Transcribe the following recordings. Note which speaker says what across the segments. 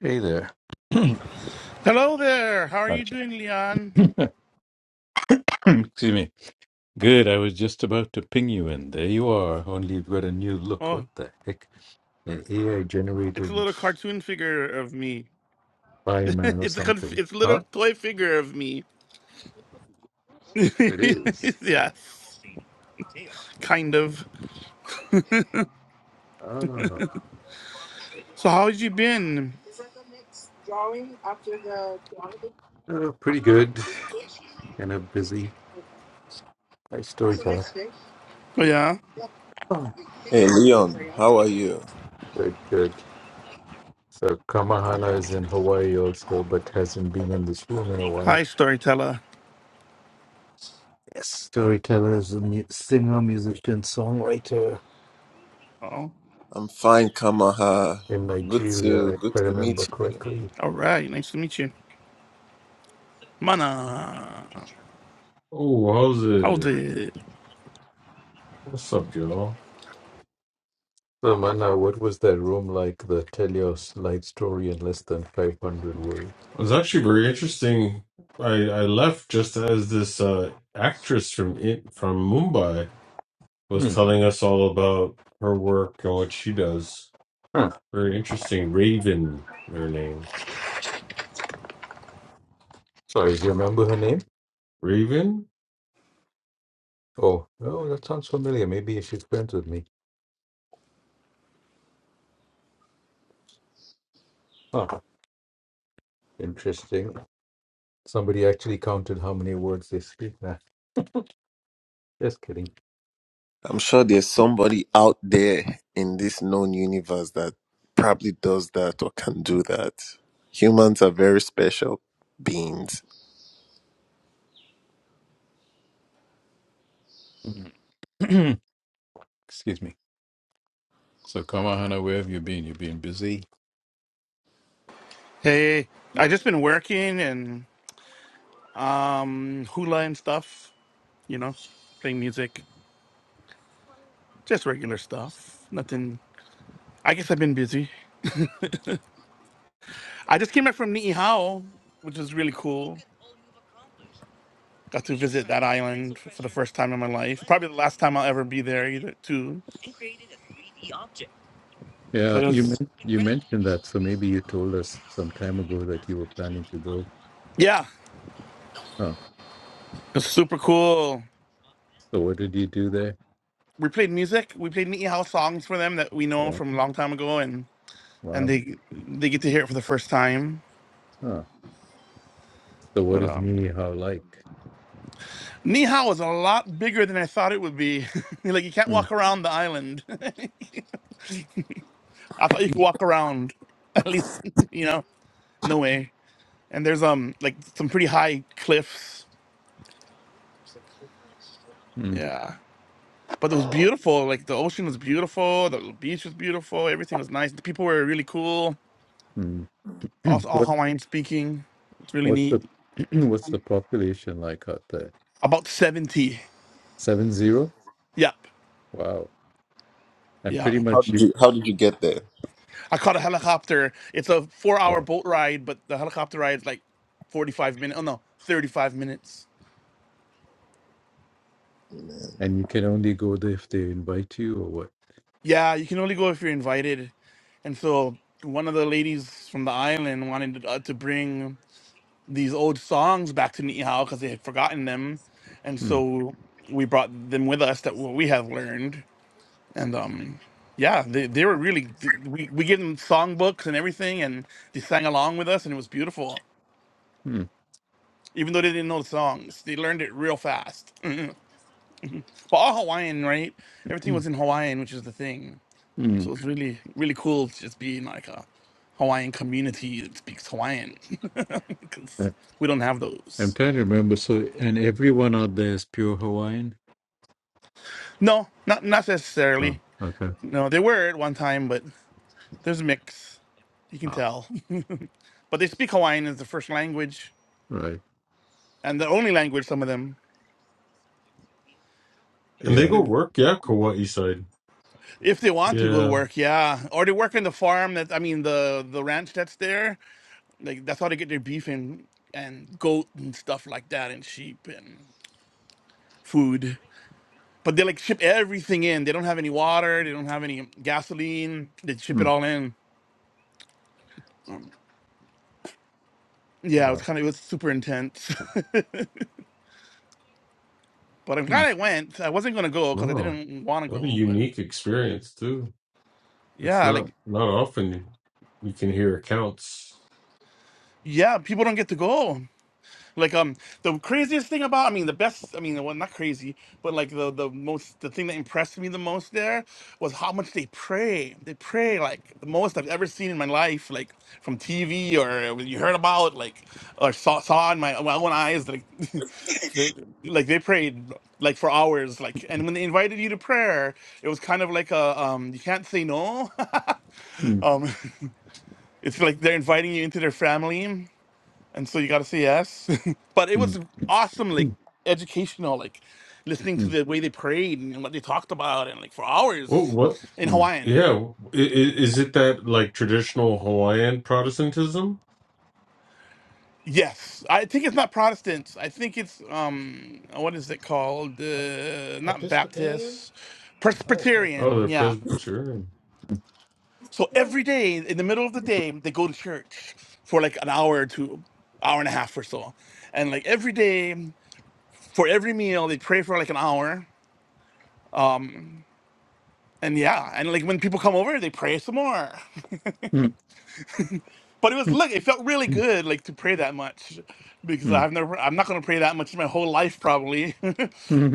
Speaker 1: Hey there.
Speaker 2: Hello there. How are you
Speaker 1: Gotcha.
Speaker 2: doing, Leon?
Speaker 1: Excuse me. Good. I was just about to ping you in. There you are. Only you've got a new look.
Speaker 2: Oh,
Speaker 1: What the heck? An AI
Speaker 2: it's a
Speaker 1: generated
Speaker 2: little cartoon figure of me.
Speaker 1: fireman or
Speaker 2: it's a conf-
Speaker 1: something.
Speaker 2: it's a little
Speaker 1: Huh?
Speaker 2: toy figure of me.
Speaker 1: It is.
Speaker 2: yeah, kind of.
Speaker 1: Oh,
Speaker 2: So how have you been?
Speaker 1: oh, pretty good. And a busy nice storyteller.
Speaker 2: Oh yeah.
Speaker 1: Oh,
Speaker 3: Hey Leon, how are you?
Speaker 1: good, good. So Kamahala is in Hawaii also, but hasn't been in this room in a while.
Speaker 2: Hi, storyteller.
Speaker 1: Yes, storyteller is a mu- singer, musician, songwriter.
Speaker 2: Oh,
Speaker 3: I'm fine, Kamaha.
Speaker 1: in
Speaker 3: Good
Speaker 1: Nigeria,
Speaker 3: to
Speaker 1: if
Speaker 3: good
Speaker 1: I
Speaker 3: to
Speaker 1: remember
Speaker 3: meet you.
Speaker 1: correctly.
Speaker 2: all right. Nice to meet you, Mana.
Speaker 4: Oh, how's
Speaker 2: How's
Speaker 4: it?
Speaker 2: it?
Speaker 4: What's up, y'all?
Speaker 1: So, Mana, what was that room like? The tell your life story in less than 500 words.
Speaker 4: It was actually very interesting. I I left just as this uh actress from it from Mumbai was
Speaker 1: Hmm.
Speaker 4: telling us all about her work and what she does.
Speaker 1: Huh.
Speaker 4: Very interesting. Raven, her name.
Speaker 1: Sorry, do you remember her name?
Speaker 4: Raven?
Speaker 1: Oh, oh, that sounds familiar. Maybe she's friends with me. Ah, interesting. Somebody actually counted how many words they speak. Nah, just kidding.
Speaker 3: I'm sure there's somebody out there in this known universe that probably does that or can do that. Humans are very special beings.
Speaker 1: Mm. Excuse me. So, Kamahana, where have you been? You've been busy.
Speaker 2: Hey, I just been working and um hula and stuff. You know, playing music, just regular stuff. Nothing. I guess I've been busy. I just came back from Niihau, which is really cool. Got to visit that island f- for the first time in my life. Probably the last time I'll ever be there either, too.
Speaker 1: Yeah,
Speaker 2: But
Speaker 1: you
Speaker 2: it's
Speaker 1: men- you mentioned that, so maybe you told us some time ago that you were planning to go.
Speaker 2: yeah,
Speaker 1: Huh.
Speaker 2: it's super cool.
Speaker 1: So what did you do there?
Speaker 2: We played music. We played Niihau songs for them that we know
Speaker 1: Wow.
Speaker 2: from a long time ago, and and
Speaker 1: Wow.
Speaker 2: they they get to hear it for the first time.
Speaker 1: Huh. So what
Speaker 2: But
Speaker 1: is
Speaker 2: um,
Speaker 1: Minihao like?
Speaker 2: Niihau is a lot bigger than I thought it would be. like you can't
Speaker 1: Mm,
Speaker 2: walk around the island. I thought you could walk around. At least you know, no way. and there's um like some pretty high cliffs.
Speaker 1: mm,
Speaker 2: Yeah. But it was beautiful. Like the ocean was beautiful, the beach was beautiful, everything was nice. The people were really cool.
Speaker 1: mm.
Speaker 2: Also all
Speaker 1: What
Speaker 2: Hawaiian speaking. It's really
Speaker 1: what's the
Speaker 2: neat.
Speaker 1: what's the population like out there?
Speaker 2: About 70.
Speaker 1: Seven zero?
Speaker 2: Yep.
Speaker 1: Wow. And
Speaker 2: Yeah.
Speaker 1: pretty
Speaker 3: How
Speaker 1: much
Speaker 3: did
Speaker 1: you
Speaker 3: you how did you get there?
Speaker 2: I caught a helicopter. It's a four hour
Speaker 1: oh,
Speaker 2: boat ride, but the helicopter ride's like 45 minutes. Oh no, 35 minutes.
Speaker 3: Man.
Speaker 1: and you can only go there if they invite you or what?
Speaker 2: Yeah, you can only go if you're invited. And so one of the ladies from the island wanted uh, to bring these old songs back to Ni'ihau because they had forgotten them, and
Speaker 1: Mm,
Speaker 2: so we brought them with us that what we have learned, and um, yeah, they they were really we we gave them songbooks and everything, and they sang along with us, and it was beautiful.
Speaker 1: mm,
Speaker 2: Even though they didn't know the songs, they learned it real fast. But all Hawaiian, right? Everything
Speaker 1: mm,
Speaker 2: was in Hawaiian, which is the thing.
Speaker 1: mm.
Speaker 2: So it's really really cool to just be in like a Hawaiian community that speaks Hawaiian, because
Speaker 1: Uh,
Speaker 2: we don't have
Speaker 1: I'm
Speaker 2: those.
Speaker 1: trying to remember. So and everyone out there is pure Hawaiian?
Speaker 2: No, not not
Speaker 1: Oh,
Speaker 2: necessarily.
Speaker 1: okay.
Speaker 2: No, they were at one time, but there's a mix. You can
Speaker 1: Ah,
Speaker 2: tell. But they speak Hawaiian as the first language
Speaker 1: right.
Speaker 2: and the only language, some of them.
Speaker 4: And they
Speaker 2: So
Speaker 1: Yeah.
Speaker 4: go
Speaker 2: they-
Speaker 4: work, yeah, Kauai side.
Speaker 2: if they want to go to
Speaker 4: Yeah.
Speaker 2: work, yeah. Or they work in the farm that I mean the the ranch that's there. Like that's how they get their beef and and goat and stuff like that and sheep and food. But they like ship everything in. They don't have any water, they don't have any gasoline. They ship it
Speaker 1: Mm.
Speaker 2: all in. Yeah, it was
Speaker 1: Wow.
Speaker 2: kind of it was super intense. But I'm glad
Speaker 1: Mm,
Speaker 2: I went. I wasn't gonna go because I
Speaker 4: Wow.
Speaker 2: didn't want to
Speaker 4: What a
Speaker 2: go. But
Speaker 4: unique experience too. It's
Speaker 2: yeah, like
Speaker 4: not not often you can hear accounts.
Speaker 2: yeah, people don't get to go. Like um, the craziest thing about I mean the best I mean well not crazy but like the the most the thing that impressed me the most there was how much they pray. They pray like the most I've ever seen in my life, like from TV or when you heard about like or saw saw in my, my own eyes like. They, like they prayed like for hours like and when they invited you to prayer it was kind of like a um you can't say no
Speaker 1: mm,
Speaker 2: Um, it's like they're inviting you into their family, and so you got to say yes. but it
Speaker 1: mm,
Speaker 2: was
Speaker 1: mm,
Speaker 2: awesome, like educational, like listening to
Speaker 1: mm,
Speaker 2: the way they prayed and what they talked about, and like for
Speaker 4: What
Speaker 2: hours
Speaker 4: what
Speaker 2: in
Speaker 1: mm,
Speaker 2: Hawaiian.
Speaker 4: Yeah, i- i- is it that like traditional Hawaiian Protestantism?
Speaker 2: Yes, I think it's not Protestants. I think it's um, what is it called?
Speaker 5: E-,
Speaker 2: Uh, not
Speaker 5: Episcopalian?
Speaker 2: Baptist,
Speaker 5: Oh, Presbyterian.
Speaker 4: Oh,
Speaker 2: Presbyterian.
Speaker 4: they're
Speaker 2: Yeah.
Speaker 4: Presbyterian.
Speaker 2: So every day in the middle of the day, they go to church for like an hour or two, hour and a half or so, and like every day. for every meal they pray for like an hour and yeah and like when people come over they pray some more
Speaker 1: mm.
Speaker 2: but it was look it felt really good like to pray that much because i've never i'm not going to pray that much in my whole life probably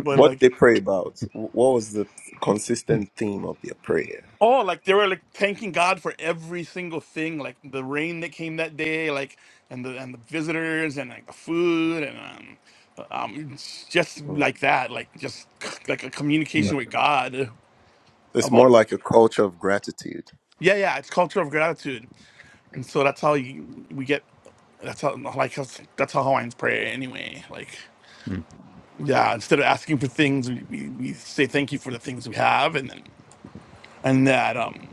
Speaker 2: but
Speaker 3: What
Speaker 2: like
Speaker 3: did they pray about? Wh- What was the consistent theme of their prayer?
Speaker 2: oh like they were like thanking god for every single thing like the rain that came that day like and the and the visitors and like the food and um um just
Speaker 3: Mm,
Speaker 2: like that like just c- like a communication
Speaker 3: right.
Speaker 2: with god
Speaker 3: So It's
Speaker 2: about
Speaker 3: more like a culture of gratitude.
Speaker 2: yeah yeah it's culture of gratitude And so that's how you, we get that's how like that's that's
Speaker 3: Right.
Speaker 2: how Hawaiians pray anyway. Like yeah, instead of asking for things, we, we, we say thank you for the things we have, and then and that um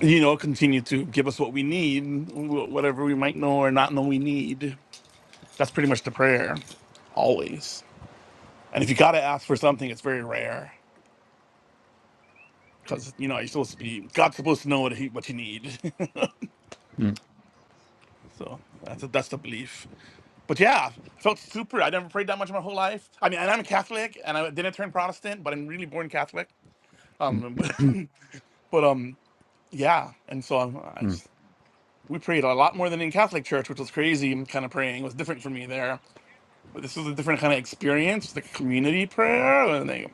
Speaker 2: you know continue to give us what we need, wh- whatever we might know or not know we need. That's pretty much the prayer, always. And if you gotta ask for something, it's very rare because you know you're supposed to be God's supposed to know what he what you need. So that's that's the belief. But yeah, I felt super. I never prayed that much in my whole life. I mean, and I'm a Catholic, and I didn't turn Protestant, but I'm really born Catholic. Um, but, um, yeah, and so I'm, I s- we prayed a lot more than in Catholic church, which was crazy. and Kind of praying It was different for me there, but this was a different kind of experience, the community prayer, and they,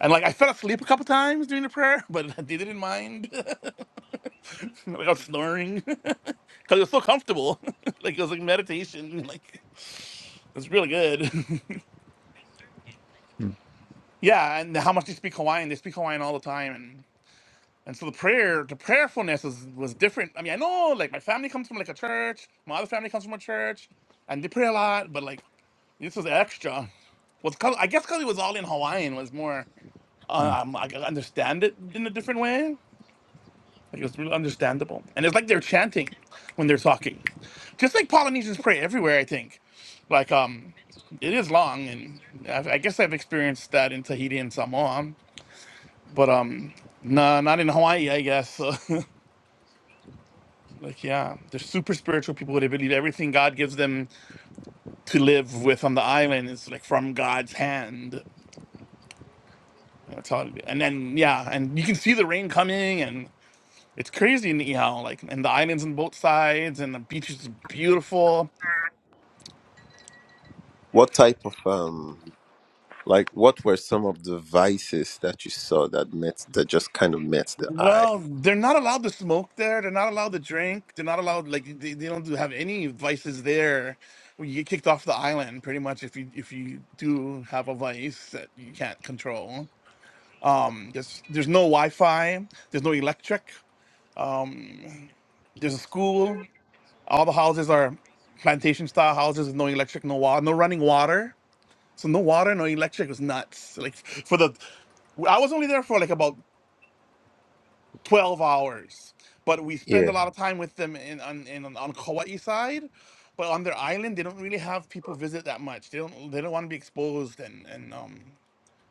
Speaker 2: and like I fell asleep a couple times during the prayer, but they didn't mind. like I was snoring because it was so comfortable, like it was like meditation, like. It's really good. yeah, and how much they speak Hawaiian. They speak Hawaiian all the time, and and so the prayer, the prayerfulness was was different. I mean, I know like my family comes from like a church, my other family comes from a church, and they pray a lot, but like this was extra. Was 'cause- I guess because it was all in Hawaiian was more um I could understand it in a different way. Like it's really understandable. And it's like they're chanting when they're talking. Just like Polynesians pray everywhere, I think. Like um it is long and I've, I guess I've experienced that in Tahiti and Samoa, but um no, not in Hawaii, I guess. So, like yeah, they're super spiritual people. They believe everything God gives them to live with on the island is like from God's hand. That's all. And then yeah, and you can see the rain coming and it's crazy in Niihau, like and the islands on both sides and the beach is beautiful
Speaker 3: What type of um Like, what were some of the vices that you saw that met that just kind of met the eye?
Speaker 2: Well, they're not allowed to smoke there. They're not allowed to drink. They're not allowed like they, they don't do- have any vices there. You get kicked off the island pretty much if you if you do have a vice that you can't control. um, There's there's no Wi-Fi. There's no electric. There's a school. All the houses are plantation style houses with no electric, no water, no running water. So no water, no electric was nuts. Like for the I was only there for like about 12 hours. But we spend a
Speaker 3: Yeah.
Speaker 2: lot of time with them in on in, on Kauai side. But on their island, they don't really have people visit that much. They don't they don't want to be exposed and and um,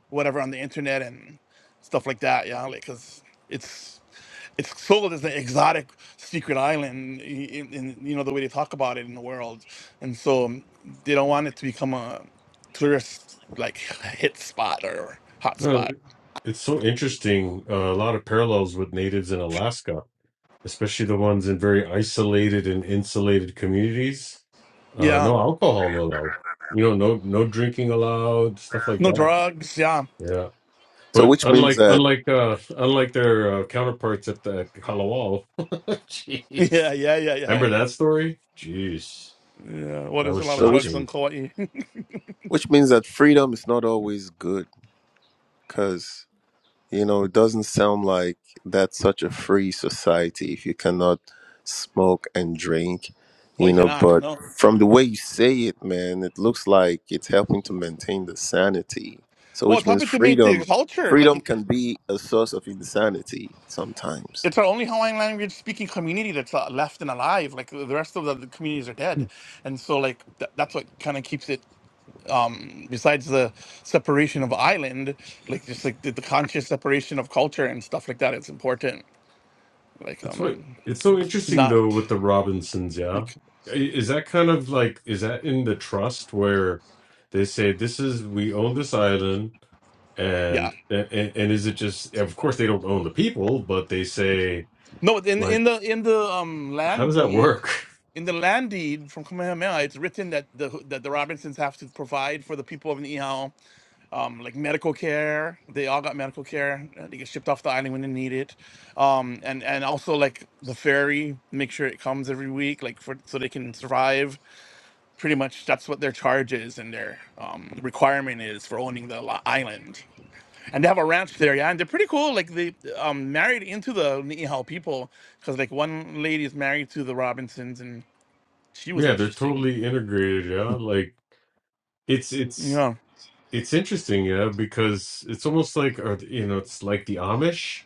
Speaker 2: whatever on the internet and stuff like that. Yeah, like because it's it's sold as an exotic secret island in, in you know the way they talk about it in the world, and so um, they don't want it to become a tourist like hit spot or hot
Speaker 4: No,
Speaker 2: spot.
Speaker 4: it's so interesting. Uh, a lot of parallels with natives in Alaska, especially the ones in very isolated and insulated communities. Uh,
Speaker 2: Yeah,
Speaker 4: no alcohol allowed. You know, no no drinking allowed, stuff like
Speaker 2: no
Speaker 4: that.
Speaker 2: drugs. Yeah,
Speaker 4: Yeah,
Speaker 3: So
Speaker 4: but
Speaker 3: which means
Speaker 4: unlike
Speaker 3: that
Speaker 4: unlike uh, unlike their uh, counterparts at the Kalawao,
Speaker 2: Yeah,
Speaker 4: jeez,
Speaker 2: yeah, yeah, yeah,
Speaker 4: remember
Speaker 2: yeah.
Speaker 4: that story? Jeez,
Speaker 2: Yeah. Well,
Speaker 4: that
Speaker 2: there's a
Speaker 4: was
Speaker 2: lot of
Speaker 3: so which
Speaker 2: drugs
Speaker 4: shocking.
Speaker 2: on Kauai.
Speaker 3: which means that freedom is not always good because you know it doesn't sound like that's such a free society if you cannot smoke and drink,
Speaker 2: oh,
Speaker 3: you
Speaker 2: you
Speaker 3: know.
Speaker 2: cannot.
Speaker 3: But
Speaker 2: No.
Speaker 3: from the way you say it, man, it looks like it's helping to maintain the sanity. So
Speaker 2: Well, it's
Speaker 3: which means
Speaker 2: happened to me
Speaker 3: freedom
Speaker 2: the culture.
Speaker 3: freedom
Speaker 2: Like,
Speaker 3: can be a source of insanity sometimes.
Speaker 2: it's our only Hawaiian language speaking community that's uh, left and alive. Like, the rest of the, the communities are dead. And so, like, that that's what kind of keeps it, um, besides the separation of island, like, just like the, the conscious separation of culture and stuff like that, it's important. Like,
Speaker 4: That's what
Speaker 2: um,
Speaker 4: it's so
Speaker 2: to
Speaker 4: interesting
Speaker 2: not,
Speaker 4: though with the Robinsons, yeah.
Speaker 2: like,
Speaker 4: I- Is that kind of like is that in the trust where they say this is we own this island
Speaker 2: yeah.
Speaker 4: and and and is it just of course they don't own the people, but they say
Speaker 2: No, in
Speaker 4: like
Speaker 2: in the in the um
Speaker 4: how
Speaker 2: land
Speaker 4: does that
Speaker 2: deed,
Speaker 4: work?
Speaker 2: in the land deed from Kamehameha, it's written that the that the Robinsons have to provide for the people of Niihau, um, like medical care. They all got medical care. uh, They get shipped off the island when they need it, um, and and also like the ferry, make sure it comes every week, like for so they can survive. Pretty much, that's what their charge is and their um, requirement is for owning the li- island and they have a ranch there, yeah, and they're pretty cool. Like they um married into the Niihau people, because like one lady is married to the Robinsons, and she was
Speaker 4: Yeah, they're
Speaker 2: interesting.
Speaker 4: totally integrated, yeah. Like it's it's
Speaker 2: Yeah,
Speaker 4: it's interesting, yeah, because it's almost like are th- you know, it's like the Amish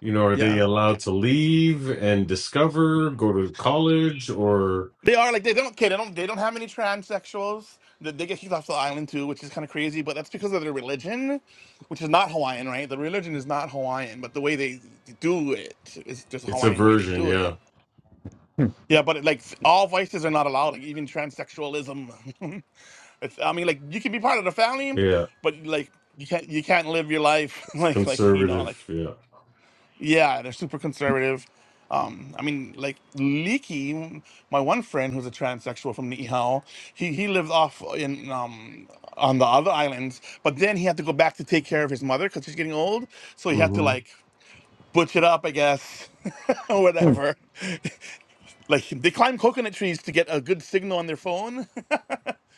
Speaker 4: you know, are they
Speaker 2: yeah,
Speaker 4: allowed to leave and discover, go to college, or
Speaker 2: they are like they don't okay, they don't they don't have any transsexuals. They, they get kicked off the island too, which is kind of crazy. But that's because of their religion, which is not Hawaiian, right? The religion is not Hawaiian, but the way they do it is just a
Speaker 4: It's a
Speaker 2: Hawaiian way they
Speaker 4: version,
Speaker 2: do it.
Speaker 4: yeah.
Speaker 2: Yeah, but like all vices are not allowed, like even transsexualism. it's, I mean, like you can be part of the family,
Speaker 4: Yeah.
Speaker 2: but like you can't you can't live your life
Speaker 4: It's
Speaker 2: like like you know
Speaker 4: conservative,
Speaker 2: like
Speaker 4: yeah.
Speaker 2: yeah, they're super conservative. Um, I mean, like Leaky, my one friend who's a transsexual from Niihau, he he lived off in um on the other islands, but then he had to go back to take care of his mother because she's getting old, so he had to
Speaker 4: hmm
Speaker 2: like butch it up, I guess, or whatever. Like they climb coconut trees to get a good signal on their phone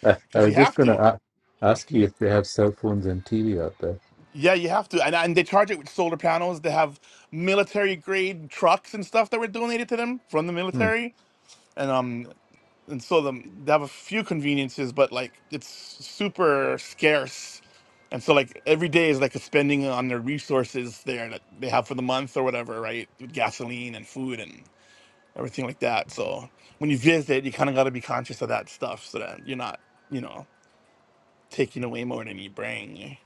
Speaker 1: I, I
Speaker 2: because
Speaker 1: was
Speaker 2: you
Speaker 1: just
Speaker 2: have
Speaker 1: going to
Speaker 2: to.
Speaker 1: a ask you if they have cell phones and TV out there.
Speaker 2: Yeah, you have to, and and they charge it with solar panels. They have military grade trucks and stuff that were donated to them from the
Speaker 1: Hmm.
Speaker 2: military, and um, and so the, they have a few conveniences, but like it's super scarce, and so like every day is like a spending on their resources there that they have for the month or whatever, right? With gasoline and food and everything like that. So when you visit, you kind of got to be conscious of that stuff so that you're not, you know. taking away more than you bring.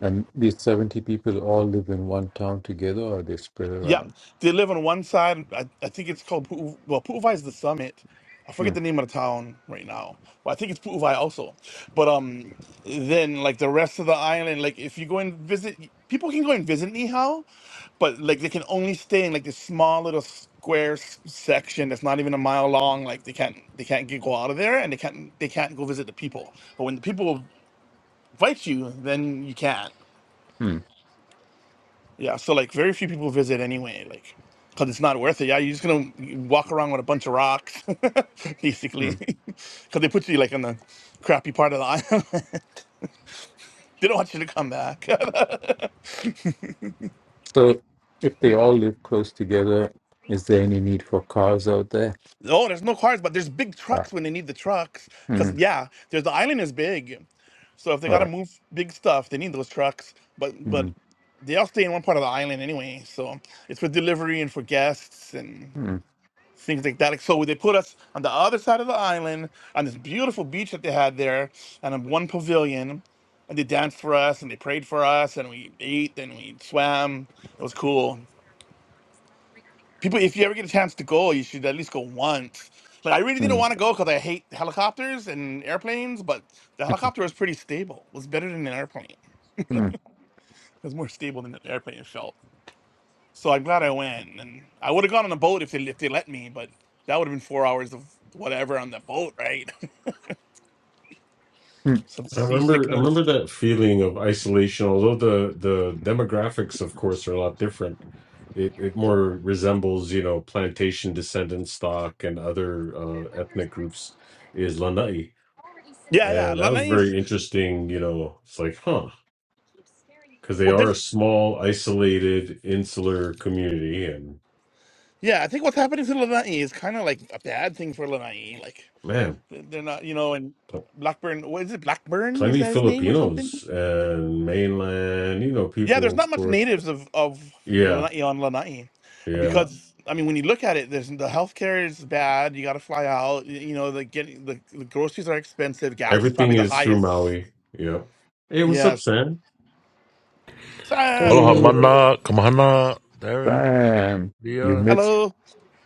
Speaker 1: And these 70 people all live in one town together or they spread
Speaker 2: Yeah,
Speaker 1: around?
Speaker 2: they live on one side. I, I think it's called Pu- well, Pu'uvai is the summit. I forget
Speaker 1: Hmm.
Speaker 2: the name of the town right now. Well, I think it's Pu'uvai also. But um, then like the rest of the island, like if you go and visit, people can go and visit Nihao, but like they can only stay in like this small little square s- section that's not even a mile long. Like they can't they can't get, go out of there, and they can't they can't go visit the people. But when the people invite you, then you can.
Speaker 1: Hmm.
Speaker 2: Yeah, so like very few people visit anyway, like because it's not worth it. Yeah, you're just gonna walk around with a bunch of rocks,
Speaker 1: Hmm.
Speaker 2: basically, because they put you like in the crappy part of the island. they don't want you to come back.
Speaker 1: So if they all live close together, is there any need for cars out there?
Speaker 2: oh, there's no cars, but there's big
Speaker 1: Ah.
Speaker 2: trucks when they need the trucks. Because
Speaker 1: Hmm.
Speaker 2: yeah, there's the island is big, so if they gotta
Speaker 1: Right.
Speaker 2: move big stuff, they need those trucks. But but
Speaker 1: Hmm.
Speaker 2: they all stay in one part of the island anyway, so it's for delivery and for guests and
Speaker 1: Hmm.
Speaker 2: things like that. Like, So they put us on the other side of the island on this beautiful beach that they had there, and on one pavilion, and they danced for us and they prayed for us and we ate and we swam. It was cool. People, if you ever get a chance to go, you should at least go once. Like I really didn't
Speaker 1: Hmm.
Speaker 2: want to go because I hate helicopters and airplanes, but the helicopter was pretty stable. It was better than an airplane. It
Speaker 1: Hmm.
Speaker 2: was more stable than an airplane it felt. So I'm glad I went, and I would have gone on a boat if they if they let me, but that would have been four hours of whatever on the boat, right?
Speaker 1: Hmm.
Speaker 2: Some
Speaker 4: I remember I
Speaker 2: seasickness.
Speaker 4: remember that feeling of isolation, although the the demographics of course are a lot different. It it more resembles, you know, plantation descendant stock and other uh, ethnic groups is Lanai.
Speaker 2: Yeah, yeah.
Speaker 4: And that was
Speaker 2: Lanai is
Speaker 4: very interesting, you know, it's like, huh, because they
Speaker 2: well.
Speaker 4: are a
Speaker 2: There's
Speaker 4: small, isolated, insular community and
Speaker 2: yeah. I think what's happening to Lanai is kind of like a bad thing for Lanai. Like
Speaker 4: man.
Speaker 2: they're not, you know, and Blackburn. What is it? Blackburn is
Speaker 4: plenty
Speaker 2: that his name or something?
Speaker 4: Filipinos and mainland, you know,
Speaker 2: Yeah. There's
Speaker 4: people,
Speaker 2: not
Speaker 4: of
Speaker 2: much
Speaker 4: course.
Speaker 2: natives of of
Speaker 4: Yeah,
Speaker 2: Lanai on Lanai,
Speaker 4: yeah.
Speaker 2: because I mean, when you look at it, there's the healthcare is bad. You got to fly out. y- You know, the getting the, the groceries are expensive. Gas is
Speaker 4: Everything
Speaker 2: probably the
Speaker 4: is through
Speaker 2: highest.
Speaker 4: Maui. Yeah. Hey, what's up,
Speaker 2: Yes.
Speaker 4: Sam?
Speaker 6: Aloha,
Speaker 2: Sam.
Speaker 6: Hello.
Speaker 1: Hey,
Speaker 6: Mana, Kamahana, Darren,
Speaker 1: Sam, you
Speaker 6: Dion.
Speaker 1: missed
Speaker 2: Hello.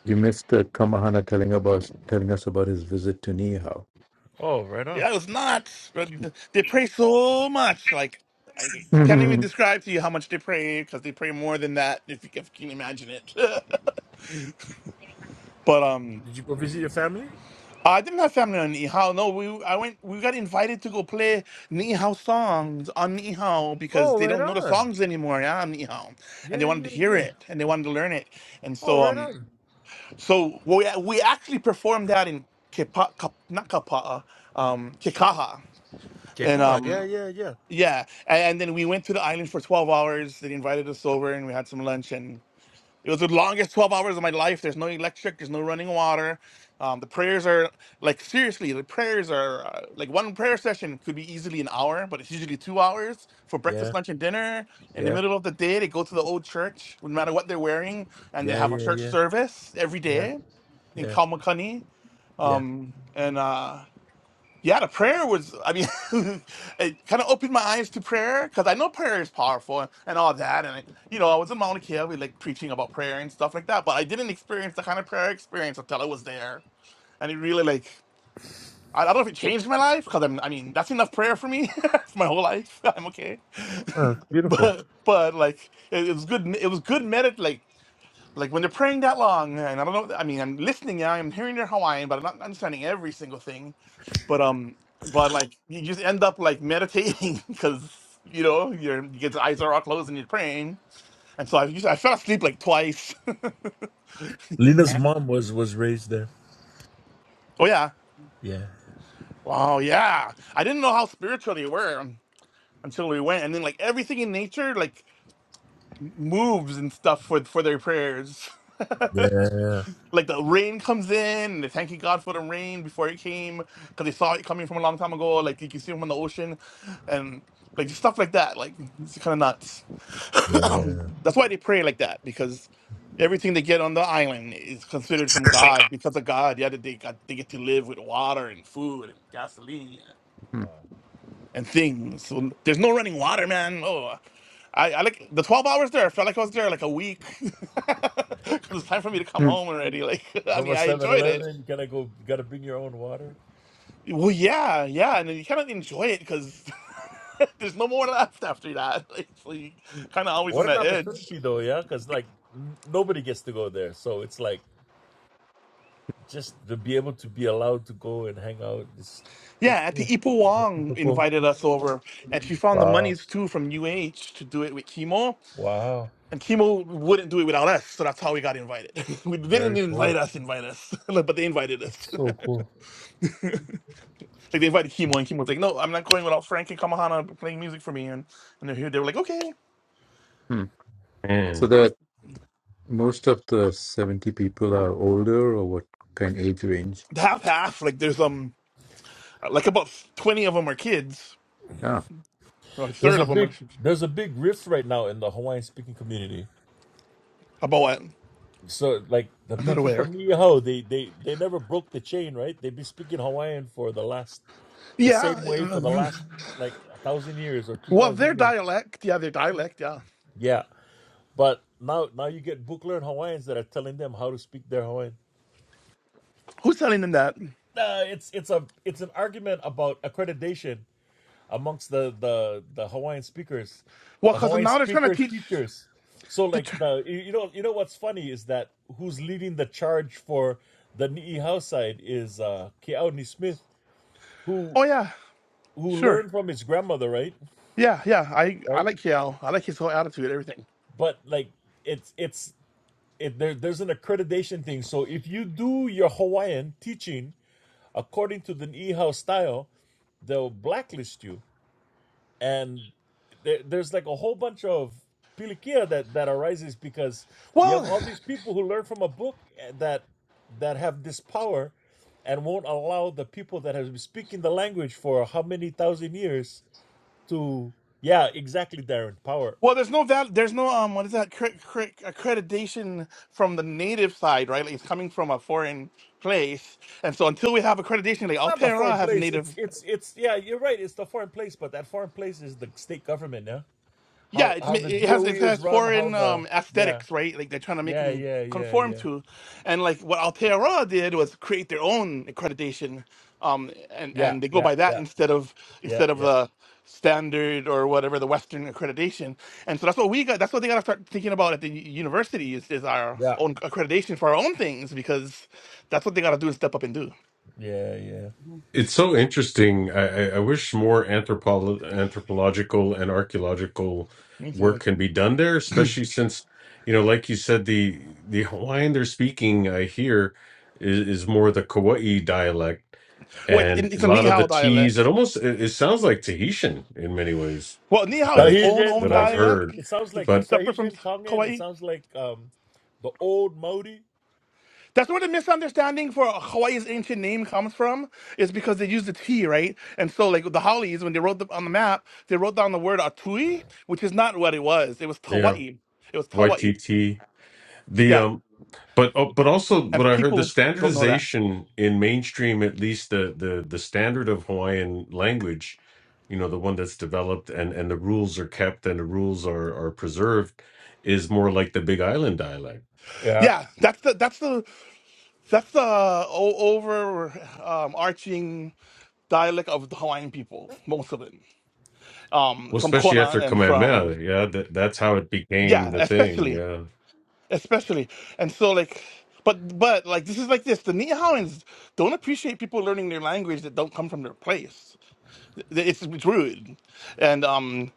Speaker 1: You missed uh, Kamahana telling about telling us about his visit to Nihao.
Speaker 6: Oh, right on.
Speaker 2: Yeah, it was nuts. But they pray so much. Like I can't even describe to you how much they pray because they pray more than that if you, if you can imagine it. but um,
Speaker 6: Did you go visit your family?
Speaker 2: I didn't have family on Nihao. No, we I went. We got invited to go play Nihao songs on Nihao because
Speaker 6: Oh,
Speaker 2: they
Speaker 6: right
Speaker 2: don't know the
Speaker 6: on.
Speaker 2: songs anymore. Yeah, on Nihao, and they
Speaker 6: Yeah,
Speaker 2: wanted to
Speaker 6: yeah,
Speaker 2: hear
Speaker 6: yeah.
Speaker 2: it and they wanted to learn it. And
Speaker 6: Oh,
Speaker 2: so
Speaker 6: right
Speaker 2: um,
Speaker 6: on.
Speaker 2: so we we actually performed that in Kepa, Kap, not Kapa, um, Kikaha. And
Speaker 6: Keka, yeah,
Speaker 2: um,
Speaker 6: yeah, yeah.
Speaker 2: Yeah, and, and then we went to the island for twelve hours. They invited us over, and we had some lunch, and it was the longest twelve hours of my life. There's no electric, there's no running water. Um, the prayers are like seriously, the prayers are uh, like one prayer session could be easily an hour, but it's usually two hours for breakfast,
Speaker 6: Yeah,
Speaker 2: lunch, and dinner. In the
Speaker 6: yeah,
Speaker 2: middle of the day, they go to the old church, no matter what they're wearing, and they
Speaker 6: yeah,
Speaker 2: have a
Speaker 6: yeah,
Speaker 2: church
Speaker 6: yeah,
Speaker 2: service every
Speaker 6: yeah,
Speaker 2: day in
Speaker 6: yeah,
Speaker 2: Kalmakani.
Speaker 6: yeah.
Speaker 2: Um, and uh, yeah, the prayer was, I mean, it kind of opened my eyes to prayer because I know prayer is powerful and, and all that. And, I, you know, I was in Mauna Kea, we like preaching about prayer and stuff like that, but I didn't experience the kind of prayer experience until I was there. And it really, like, I, I don't know if it changed my life because I'm, I mean, that's enough prayer for me for my whole life. I'm okay.
Speaker 6: Oh, beautiful.
Speaker 2: But, but like, it, it was good, it was good medit, like when they're praying that long, and I don't know. I mean, I'm listening now. I'm hearing their Hawaiian, but I'm not understanding every single thing. But um, but like you just end up like meditating because you know your your eyes are all closed and you're praying. And so I just, I fell asleep like twice.
Speaker 6: Lena's mom was was raised there.
Speaker 2: Oh yeah.
Speaker 6: Yeah,
Speaker 2: Wow, yeah. I didn't know how spiritual they were un- until we went, and then like everything in nature like m- moves and stuff for for their prayers.
Speaker 6: yeah,
Speaker 2: like the rain comes in and they're thanking God for the rain before it came because they saw it coming from a long time ago. Like you can see them on the ocean, and like just stuff like that. Like it's kind of nuts.
Speaker 6: yeah.
Speaker 2: That's why they pray like that because everything they get on the island is considered from God because of God. Yeah, they got they get to live with water and food and gasoline
Speaker 6: Wow.
Speaker 2: and things. So there's no running water, man. Oh, I, I like the 12 hours there. I felt like I was there like a week because it's time for me to come home already. Like, I
Speaker 6: Number
Speaker 2: mean, I
Speaker 6: seven
Speaker 2: enjoyed
Speaker 6: eleven.
Speaker 2: it.
Speaker 6: you gotta go, you gotta bring your own water.
Speaker 2: Well, yeah, yeah, and then you kind of enjoy it because there's no more left after that. Like, It's like kind of always on
Speaker 6: What an
Speaker 2: the edge.
Speaker 6: opportunity, though, yeah? Because, like, n- nobody gets to go there. So it's like, Just to be able to be allowed to go and hang out is
Speaker 2: Yeah,
Speaker 6: that's
Speaker 2: Auntie
Speaker 6: cool.
Speaker 2: Ipo
Speaker 6: That's
Speaker 2: Wong
Speaker 6: super cool.
Speaker 2: invited us over, and she found the
Speaker 6: Wow.
Speaker 2: monies too from UH to do it with Chemo,
Speaker 6: Wow.
Speaker 2: and Chemo wouldn't do it without us, so that's how we got invited. we they didn't
Speaker 6: Very
Speaker 2: invite
Speaker 6: cool.
Speaker 2: us, invite us, but they invited us.
Speaker 6: That's so cool.
Speaker 2: Like they invited Kimo, and Kimo was like, "No, I'm not going without Frank and Kamahana playing music for me." And and they're here. They were like, "Okay,
Speaker 1: so
Speaker 4: Man.
Speaker 1: that most of the seventy people are older, or what kind of age range?
Speaker 2: half half." Like there's um, like about twenty of them are kids,
Speaker 1: Ah,
Speaker 2: or a
Speaker 6: There's
Speaker 2: third
Speaker 6: a
Speaker 2: of them.
Speaker 6: big
Speaker 2: I should,
Speaker 6: there's a big rift right now in the Hawaiian speaking community.
Speaker 2: about what?
Speaker 6: So like the
Speaker 2: I'm not
Speaker 6: people
Speaker 2: aware.
Speaker 6: from Niihau, they they they never broke the chain, right? They've been speaking Hawaiian for the last the
Speaker 2: Yeah.
Speaker 6: same way for the last like a thousand years or two
Speaker 2: Well, their
Speaker 6: thousand years.
Speaker 2: dialect. Yeah, their dialect. Yeah.
Speaker 6: Yeah. But now now you get book learned Hawaiians that are telling them how to speak their Hawaiian.
Speaker 2: Who's telling them that?
Speaker 6: uh, it's it's a it's an argument about accreditation amongst the the the Hawaiian speakers,
Speaker 2: Well,
Speaker 6: the
Speaker 2: because
Speaker 6: Hawaiian
Speaker 2: now they're trying to
Speaker 6: speaker
Speaker 2: teach.
Speaker 6: teachers. So
Speaker 2: The
Speaker 6: like
Speaker 2: tr-
Speaker 6: the you know you know what's funny is that who's leading the charge for the Niihau side is uh Keauni Smith who
Speaker 2: oh yeah,
Speaker 6: who
Speaker 2: sure.
Speaker 6: learned from his grandmother, right?
Speaker 2: Yeah, yeah. I I
Speaker 6: Right?
Speaker 2: like Kiao. I like his whole attitude, everything.
Speaker 6: But like it's it's it, there, there's an accreditation thing. So if you do your Hawaiian teaching according to the Niihau style, they'll blacklist you and there, there's like a whole bunch of pilikia that that arises because you have
Speaker 2: Well,
Speaker 6: all these people who learn from a book eh, that that have this power and won't allow the people that have been speaking the language for how many thousand years to yeah exactly Darren power
Speaker 2: Well, there's no val- there's no um what is that cre- cre- accreditation from the native side, right? Like it's coming from a foreign place, and so until we have accreditation, like
Speaker 6: not the
Speaker 2: Altera
Speaker 6: foreign
Speaker 2: has
Speaker 6: place it's
Speaker 2: native
Speaker 6: it's it's yeah you're right it's the foreign place but that foreign place is the state government yeah
Speaker 2: Yeah,
Speaker 6: how
Speaker 2: it, ma-
Speaker 6: how the
Speaker 2: it has
Speaker 6: DOE
Speaker 2: it
Speaker 6: is
Speaker 2: has
Speaker 6: run how
Speaker 2: foreign
Speaker 6: the
Speaker 2: um
Speaker 6: yeah
Speaker 2: aesthetics, right? Like they're trying to make
Speaker 6: yeah
Speaker 2: them
Speaker 6: yeah yeah
Speaker 2: conform
Speaker 6: yeah
Speaker 2: to, and like what Altera did was create their own accreditation, um, and
Speaker 6: yeah
Speaker 2: and they go
Speaker 6: yeah
Speaker 2: by that
Speaker 6: yeah
Speaker 2: instead of
Speaker 6: yeah
Speaker 2: instead of
Speaker 6: yeah
Speaker 2: the standard or whatever the Western accreditation. And so that's what we got. That's what they got to start thinking about at the u- university is is our
Speaker 6: yeah.
Speaker 2: own accreditation for our own things because that's what they got to do and step up and do.
Speaker 6: Yeah, yeah.
Speaker 4: It's so interesting. I, I I wish more anthropo- anthropological and archaeological
Speaker 2: Me
Speaker 4: work
Speaker 2: too.
Speaker 4: can be done there, especially since, you know, like you said, the the Hawaiian they're speaking, I hear, is, is more the Kauai dialect
Speaker 2: Well, it's,
Speaker 4: and
Speaker 2: it's
Speaker 4: a
Speaker 2: a
Speaker 4: lot of
Speaker 2: Nihao
Speaker 4: the T's. It
Speaker 2: dialect.
Speaker 4: almost it, it sounds like Tahitian in many ways
Speaker 2: Well, Nihao is its
Speaker 4: that
Speaker 2: own
Speaker 6: Tahitian,
Speaker 2: own
Speaker 4: that I've
Speaker 6: Tongan.
Speaker 2: dialect,
Speaker 4: heard.
Speaker 6: It sounds like
Speaker 4: But
Speaker 2: it's separate from
Speaker 6: Tahitian, Tongan. It
Speaker 2: Kauai.
Speaker 6: sounds like um, the old Maori.
Speaker 2: That's where the misunderstanding for Hawaii's ancient name comes from, is because they used the T, right? And so, like the Hollies, when they wrote the, on the map, they wrote down the word Atui, which is not what it was. It was
Speaker 4: yeah,
Speaker 2: Hawaii. It was Hawaii.
Speaker 4: YTT. The
Speaker 2: Yeah,
Speaker 4: um, but oh, but also what
Speaker 2: and
Speaker 4: I heard the
Speaker 2: people don't know that.
Speaker 4: standardization in mainstream, at least the the the standard of Hawaiian language, you know, the one that's developed and and the rules are kept and the rules are are preserved, is more like the Big Island dialect.
Speaker 6: Yeah,
Speaker 2: Yeah, that's the that's the that's the o- over um, arching dialect of the Hawaiian people, most of it, um,
Speaker 4: Well,
Speaker 2: from
Speaker 4: especially
Speaker 2: Kona
Speaker 4: after
Speaker 2: and
Speaker 4: Kamehameha,
Speaker 2: from
Speaker 4: yeah, that, that's how it became
Speaker 2: yeah,
Speaker 4: the thing.
Speaker 2: especially.
Speaker 4: Yeah,
Speaker 2: especially and so like but but like this is like this the Nihaoans don't appreciate people learning their language that don't come from their place Th- it's, it's rude and um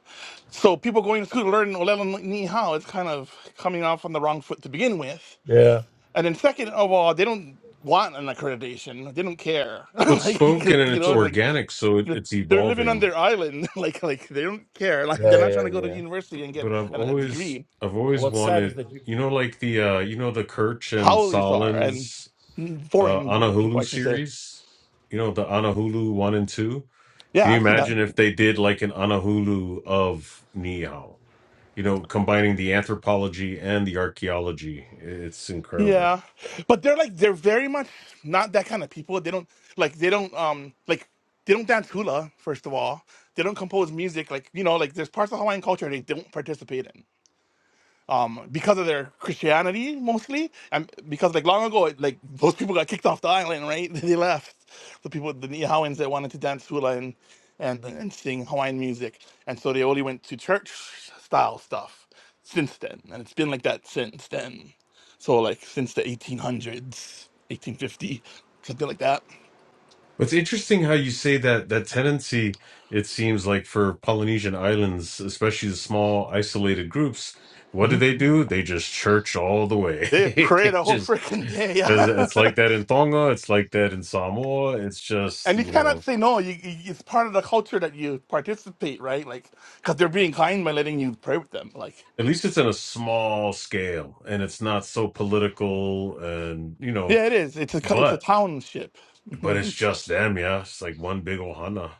Speaker 2: so people going to school to learn Olelo Ni Hao is kind of coming off on the wrong foot to begin with
Speaker 6: yeah,
Speaker 2: and then second of all they don't want an accreditation they don't care
Speaker 4: well, it's
Speaker 2: like,
Speaker 4: spoken
Speaker 2: like
Speaker 4: and
Speaker 2: you
Speaker 4: it's
Speaker 2: know like
Speaker 4: organic, so it,
Speaker 2: you know,
Speaker 4: it's
Speaker 2: they're living on
Speaker 4: evolving.
Speaker 2: their island like like they don't care like they're
Speaker 6: yeah,
Speaker 2: not
Speaker 6: yeah,
Speaker 2: trying to go to
Speaker 6: yeah.
Speaker 2: university
Speaker 4: but
Speaker 2: and get
Speaker 4: but I've
Speaker 2: a, a
Speaker 4: always
Speaker 2: degree
Speaker 4: I've always
Speaker 6: What's sad is
Speaker 4: wanted
Speaker 6: that you.
Speaker 4: you know like the uh you know the Kirch and
Speaker 2: howlies are and
Speaker 4: Solins uh
Speaker 2: foreign people,
Speaker 4: Anahulu
Speaker 2: I should say.
Speaker 4: series you know the Anahulu one and two can
Speaker 2: Yeah,
Speaker 4: you
Speaker 2: I've seen that.
Speaker 4: imagine if they did like an Anahulu of Neo you know combining the anthropology and the archaeology it's incredible
Speaker 2: Yeah, but they're like they're very much not that kind of people. They don't like they don't um like they don't dance hula first of all. They don't compose music like you know like there's parts of Hawaiian culture they don't participate in um, because of their Christianity mostly, and because like long ago, it, like those people got kicked off the island, right? they left the people, the Niihauans that wanted to dance hula and and and sing Hawaiian music, and so they only went to church style stuff since then, and it's been like that since then. So like since the 1800s, 1850, something like that.
Speaker 4: It's interesting how you say that that tendency, it seems like for Polynesian islands, especially the small isolated groups, what do
Speaker 2: hmm
Speaker 4: they do? They just church all the way.
Speaker 2: They pray
Speaker 4: They
Speaker 2: the whole
Speaker 4: just
Speaker 2: freaking day.
Speaker 4: because it's like that in Tonga, it's like that in Samoa. It's just,
Speaker 2: and you
Speaker 4: you
Speaker 2: cannot
Speaker 4: know,
Speaker 2: say no. You, you it's part of the culture that you participate, right? Like, because they're being kind by letting you pray with them. Like,
Speaker 4: at least it's in a small scale and it's not so political and, you know,
Speaker 2: yeah, it is. It's a co- it's a
Speaker 4: but
Speaker 2: township.
Speaker 4: but it's
Speaker 2: no,
Speaker 4: just them, yeah. It's like one big ohana.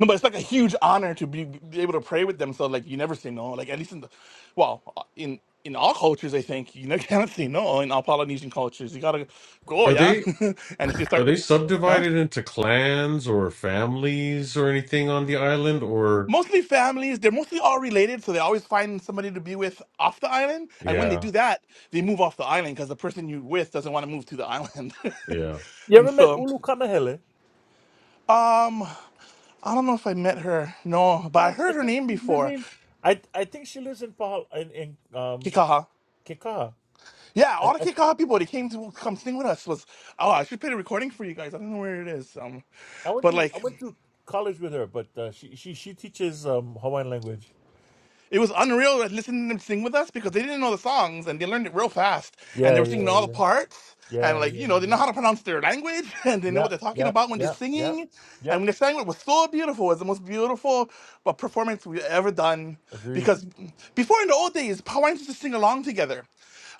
Speaker 2: but it's like a huge honor to be, be able to pray with them. So like, you never say no. Like at least in the, well, uh, in in all cultures, I think you never cannot say no. In all Polynesian cultures, you gotta go,
Speaker 4: Are they
Speaker 2: yeah. and if they
Speaker 4: Are
Speaker 2: start,
Speaker 4: they
Speaker 2: huh?
Speaker 4: subdivided into clans or families or anything on the island? Or
Speaker 2: mostly families. They're mostly all related, so they always find somebody to be with off the island. And when they
Speaker 4: yeah,
Speaker 2: do that, they move off the island because the person you with doesn't want to move to the island.
Speaker 4: yeah.
Speaker 6: You
Speaker 2: and
Speaker 6: ever met
Speaker 2: so,
Speaker 6: Ulu Kamahele?
Speaker 2: um, I don't know if I met her. No, but I
Speaker 6: Live- I
Speaker 2: heard her
Speaker 6: think
Speaker 2: name
Speaker 6: she's
Speaker 2: before,
Speaker 6: living. I I think she lives in Pahal in, in um
Speaker 2: Kikaha.
Speaker 6: Kekaha.
Speaker 2: Yeah,
Speaker 6: I,
Speaker 2: all the
Speaker 6: I think-
Speaker 2: Kikaha people they came to come sing with us was. Oh, I should play the recording for you guys. I don't know where it is. Um,
Speaker 6: I went
Speaker 2: but
Speaker 6: to I
Speaker 2: like.
Speaker 6: went to college with her, but uh, she she she teaches um Hawaiian language.
Speaker 2: It was unreal like, listening to them sing with us because they didn't know the songs and they learned it real fast. And they
Speaker 6: Yeah,
Speaker 2: were singing
Speaker 6: yeah,
Speaker 2: all the
Speaker 6: yeah,
Speaker 2: parts.
Speaker 6: yeah, yeah,
Speaker 2: And like, you
Speaker 6: yeah,
Speaker 2: know, they know how to pronounce their language and they know what
Speaker 6: yeah,
Speaker 2: they're talking
Speaker 6: yeah,
Speaker 2: about when they're
Speaker 6: yeah, yeah.
Speaker 2: singing.
Speaker 6: Yep,
Speaker 2: And when they sang it was so beautiful. It was the most beautiful uh, performance we've ever done.
Speaker 6: agreed.
Speaker 2: Because before in the old days, Hawaiians used to sing along together.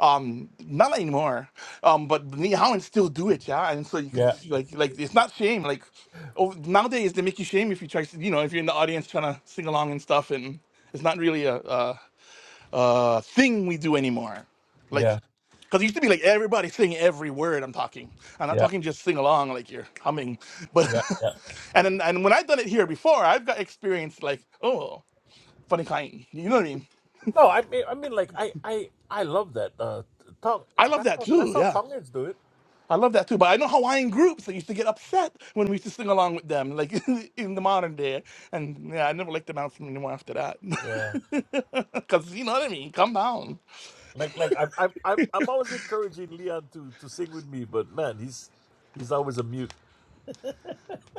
Speaker 2: Um, not anymore. Um, but the Nihawans still do it, yeah. And so you could
Speaker 6: Yeah,
Speaker 2: see, like, like it's not shame. Like, over, nowadays they make you shame if you try, to- you know, if you're in the audience trying to sing along and stuff, and it's not really a a, a thing we do anymore. Like,
Speaker 6: yeah.
Speaker 2: because it used to be like everybody sing every word I'm talking. I'm not
Speaker 6: Yeah.
Speaker 2: talking just sing along like you're humming, but
Speaker 6: Yeah, yeah.
Speaker 2: and then, and when I've done it here before, I've got experience like oh funny kind. You know what I mean?
Speaker 6: No, I mean, I mean, like, I, I, I love that. Uh, tongue.
Speaker 2: I love
Speaker 6: That's
Speaker 2: that
Speaker 6: how, that's
Speaker 2: too.
Speaker 6: how
Speaker 2: Yeah.
Speaker 6: Tongans do it.
Speaker 2: I love that too. But I know Hawaiian groups that used to get upset when we used to sing along with them, like in the modern day. And yeah, I never liked them out anymore after that.
Speaker 6: Yeah.
Speaker 2: Cause you know what I mean. Come down.
Speaker 6: Like, like, I'm, I'm, I'm, I'm always encouraging Leon to to sing with me, but man, he's, he's always a mute.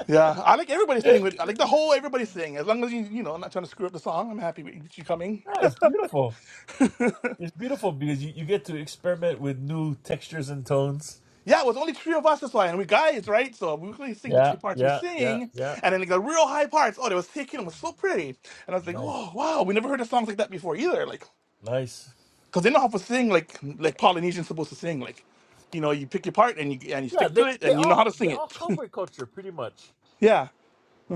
Speaker 2: Yeah, I like everybody sing. With, I like the whole everybody sing. As long as you you know, I'm not trying to screw up the song. I'm happy with you coming.
Speaker 6: No, it's beautiful. It's beautiful because you, you get to experiment with new textures and tones.
Speaker 2: Yeah, it was only three of us this why, and we guys, right? So we really sing the
Speaker 6: Yeah,
Speaker 2: three parts we
Speaker 6: yeah, yeah,
Speaker 2: sing,
Speaker 6: yeah.
Speaker 2: and then like the real high parts. Oh, they was taken. them was so pretty, and I was like,
Speaker 6: Nice,
Speaker 2: oh wow, we never heard of songs like that before either. Like.
Speaker 6: nice.
Speaker 2: because they know how to sing like like Polynesians supposed to sing. Like, you know, you pick your part and you and you
Speaker 6: Yeah,
Speaker 2: stick
Speaker 6: they,
Speaker 2: to it
Speaker 6: they
Speaker 2: and you know how
Speaker 6: all,
Speaker 2: to
Speaker 6: they
Speaker 2: sing
Speaker 6: all
Speaker 2: it.
Speaker 6: cowboy culture pretty much.
Speaker 2: yeah,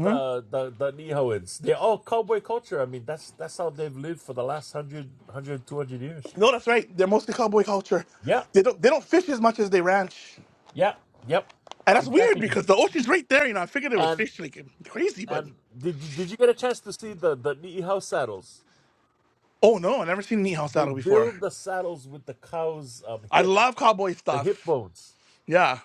Speaker 6: the the the Nihoans. They're all cowboy culture. I mean, that's that's how they've lived for the last 100, years.
Speaker 2: no, that's right. They're mostly cowboy culture.
Speaker 6: Yeah,
Speaker 2: They don't they don't fish as much as they ranch,
Speaker 6: yeah, yep,
Speaker 2: and that's weird
Speaker 6: exactly.
Speaker 2: because the ocean's right there. You know, I figured they would
Speaker 6: And
Speaker 2: fish like crazy, but
Speaker 6: and did you, did you get a chance to see the the Niho saddles?
Speaker 2: oh no, I never seen an eat house
Speaker 6: They
Speaker 2: saddle before.
Speaker 6: build the saddles with the cow's um,
Speaker 2: I
Speaker 6: hip,
Speaker 2: love cowboy
Speaker 6: the hip
Speaker 2: stuff.
Speaker 6: bones.
Speaker 2: Yeah,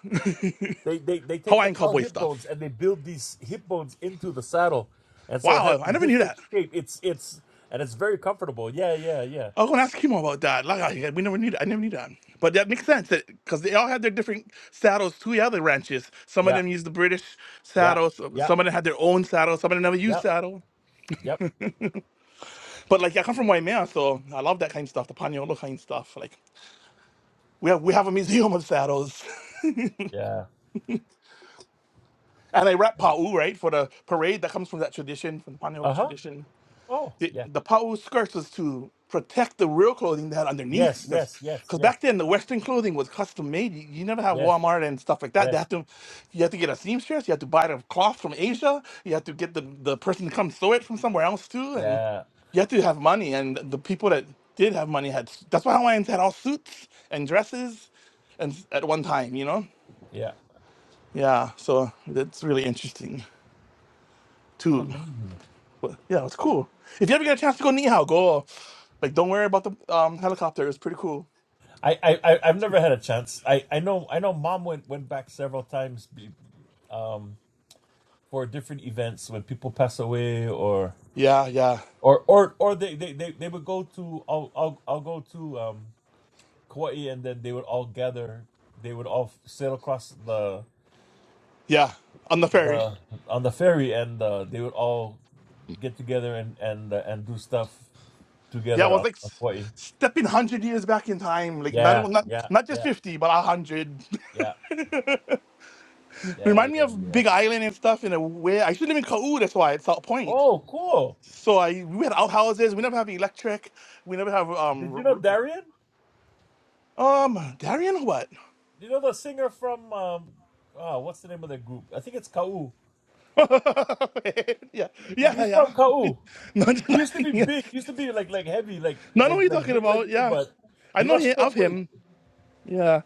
Speaker 6: They, they they take the
Speaker 2: Hawaiian
Speaker 6: cow
Speaker 2: cowboy
Speaker 6: hip bones
Speaker 2: stuff.
Speaker 6: and they build these hip bones into the saddle, and so it has
Speaker 2: Wow,
Speaker 6: a
Speaker 2: I never knew
Speaker 6: different
Speaker 2: that.
Speaker 6: shape. It's it's and it's very comfortable. Yeah, yeah, yeah,
Speaker 2: I was gonna ask Kimo about that. Like I, we never need I never knew that. But that makes sense because they all had their different saddles to the other ranches. Some of
Speaker 6: yeah,
Speaker 2: them used the British
Speaker 6: yeah,
Speaker 2: saddle, so-
Speaker 6: yeah,
Speaker 2: some of them had their own saddle, some of them never used
Speaker 6: yeah.
Speaker 2: saddle.
Speaker 6: Yep.
Speaker 2: But like I come from Waimea, so I love that kind of stuff, the Paniolo kind of stuff. Like we have we have a museum of saddles.
Speaker 6: Yeah.
Speaker 2: And I rap Pau, right, for the parade that comes from that tradition, from the Paniolo
Speaker 6: Uh huh.
Speaker 2: tradition.
Speaker 6: Oh,
Speaker 2: the,
Speaker 6: yeah.
Speaker 2: the pau skirts was to protect the real clothing they had underneath
Speaker 6: Yes,
Speaker 2: because
Speaker 6: yes, yes, yes,
Speaker 2: back then the western clothing was custom made you, you never have
Speaker 6: yes,
Speaker 2: walmart and stuff like that they
Speaker 6: yes.
Speaker 2: have to you have to get a seamstress you have to buy the cloth from asia you have to get the, the person to come sew it from somewhere else too and
Speaker 6: Yeah,
Speaker 2: you have to have money and the people that did have money had that's why hawaiians had all suits and dresses and s- at one time you know
Speaker 6: yeah.
Speaker 2: yeah so that's really interesting
Speaker 6: It's
Speaker 2: too
Speaker 6: amazing.
Speaker 2: but yeah, it's cool. If you ever get a chance to go Nihao, go. Like, don't worry about the um, helicopter. It's pretty cool.
Speaker 6: I, I, I I've never had a chance. I, I know, I know. Mom went went back several times, be- um, for different events when people pass away or
Speaker 2: Yeah, yeah,
Speaker 6: or or or they they they, they would go to I'll, I'll I'll go to um Kauai and then they would all gather. They would all sail across the
Speaker 2: yeah. On the ferry.
Speaker 6: the on the ferry and uh, they would all get together and and uh, and do stuff
Speaker 2: Yeah, it
Speaker 6: together
Speaker 2: was
Speaker 6: on
Speaker 2: like
Speaker 6: on
Speaker 2: s-
Speaker 6: Hawaii.
Speaker 2: stepping hundred years back in time. Like not
Speaker 6: Yeah,
Speaker 2: not
Speaker 6: yeah,
Speaker 2: not just
Speaker 6: yeah,
Speaker 2: fifty, but hundred.
Speaker 6: yeah, yeah,
Speaker 2: Remind me
Speaker 6: yeah,
Speaker 2: of
Speaker 6: yeah.
Speaker 2: Big Island and stuff in a way. I should live in Kau. That's why it's South Point.
Speaker 6: Oh, cool!
Speaker 2: So I we had outhouses. We never have electric. We never have
Speaker 6: Did
Speaker 2: um
Speaker 6: you know
Speaker 2: r-
Speaker 6: Darian?
Speaker 2: r- um Darien or what?
Speaker 6: You know the singer from um, oh, what's the name of that group? I think it's Kau.
Speaker 2: yeah,
Speaker 6: He's from
Speaker 2: yeah, yeah.
Speaker 6: Kau.
Speaker 2: no,
Speaker 6: He used to be
Speaker 2: nothing.
Speaker 6: big. He used to be like like heavy, like
Speaker 2: No, I know what
Speaker 6: like
Speaker 2: you're
Speaker 6: like
Speaker 2: talking
Speaker 6: big like
Speaker 2: about.
Speaker 6: me,
Speaker 2: Yeah,
Speaker 6: but
Speaker 2: I
Speaker 6: he
Speaker 2: know
Speaker 6: lost
Speaker 2: him, of
Speaker 6: stroke weight.
Speaker 2: him. Yeah,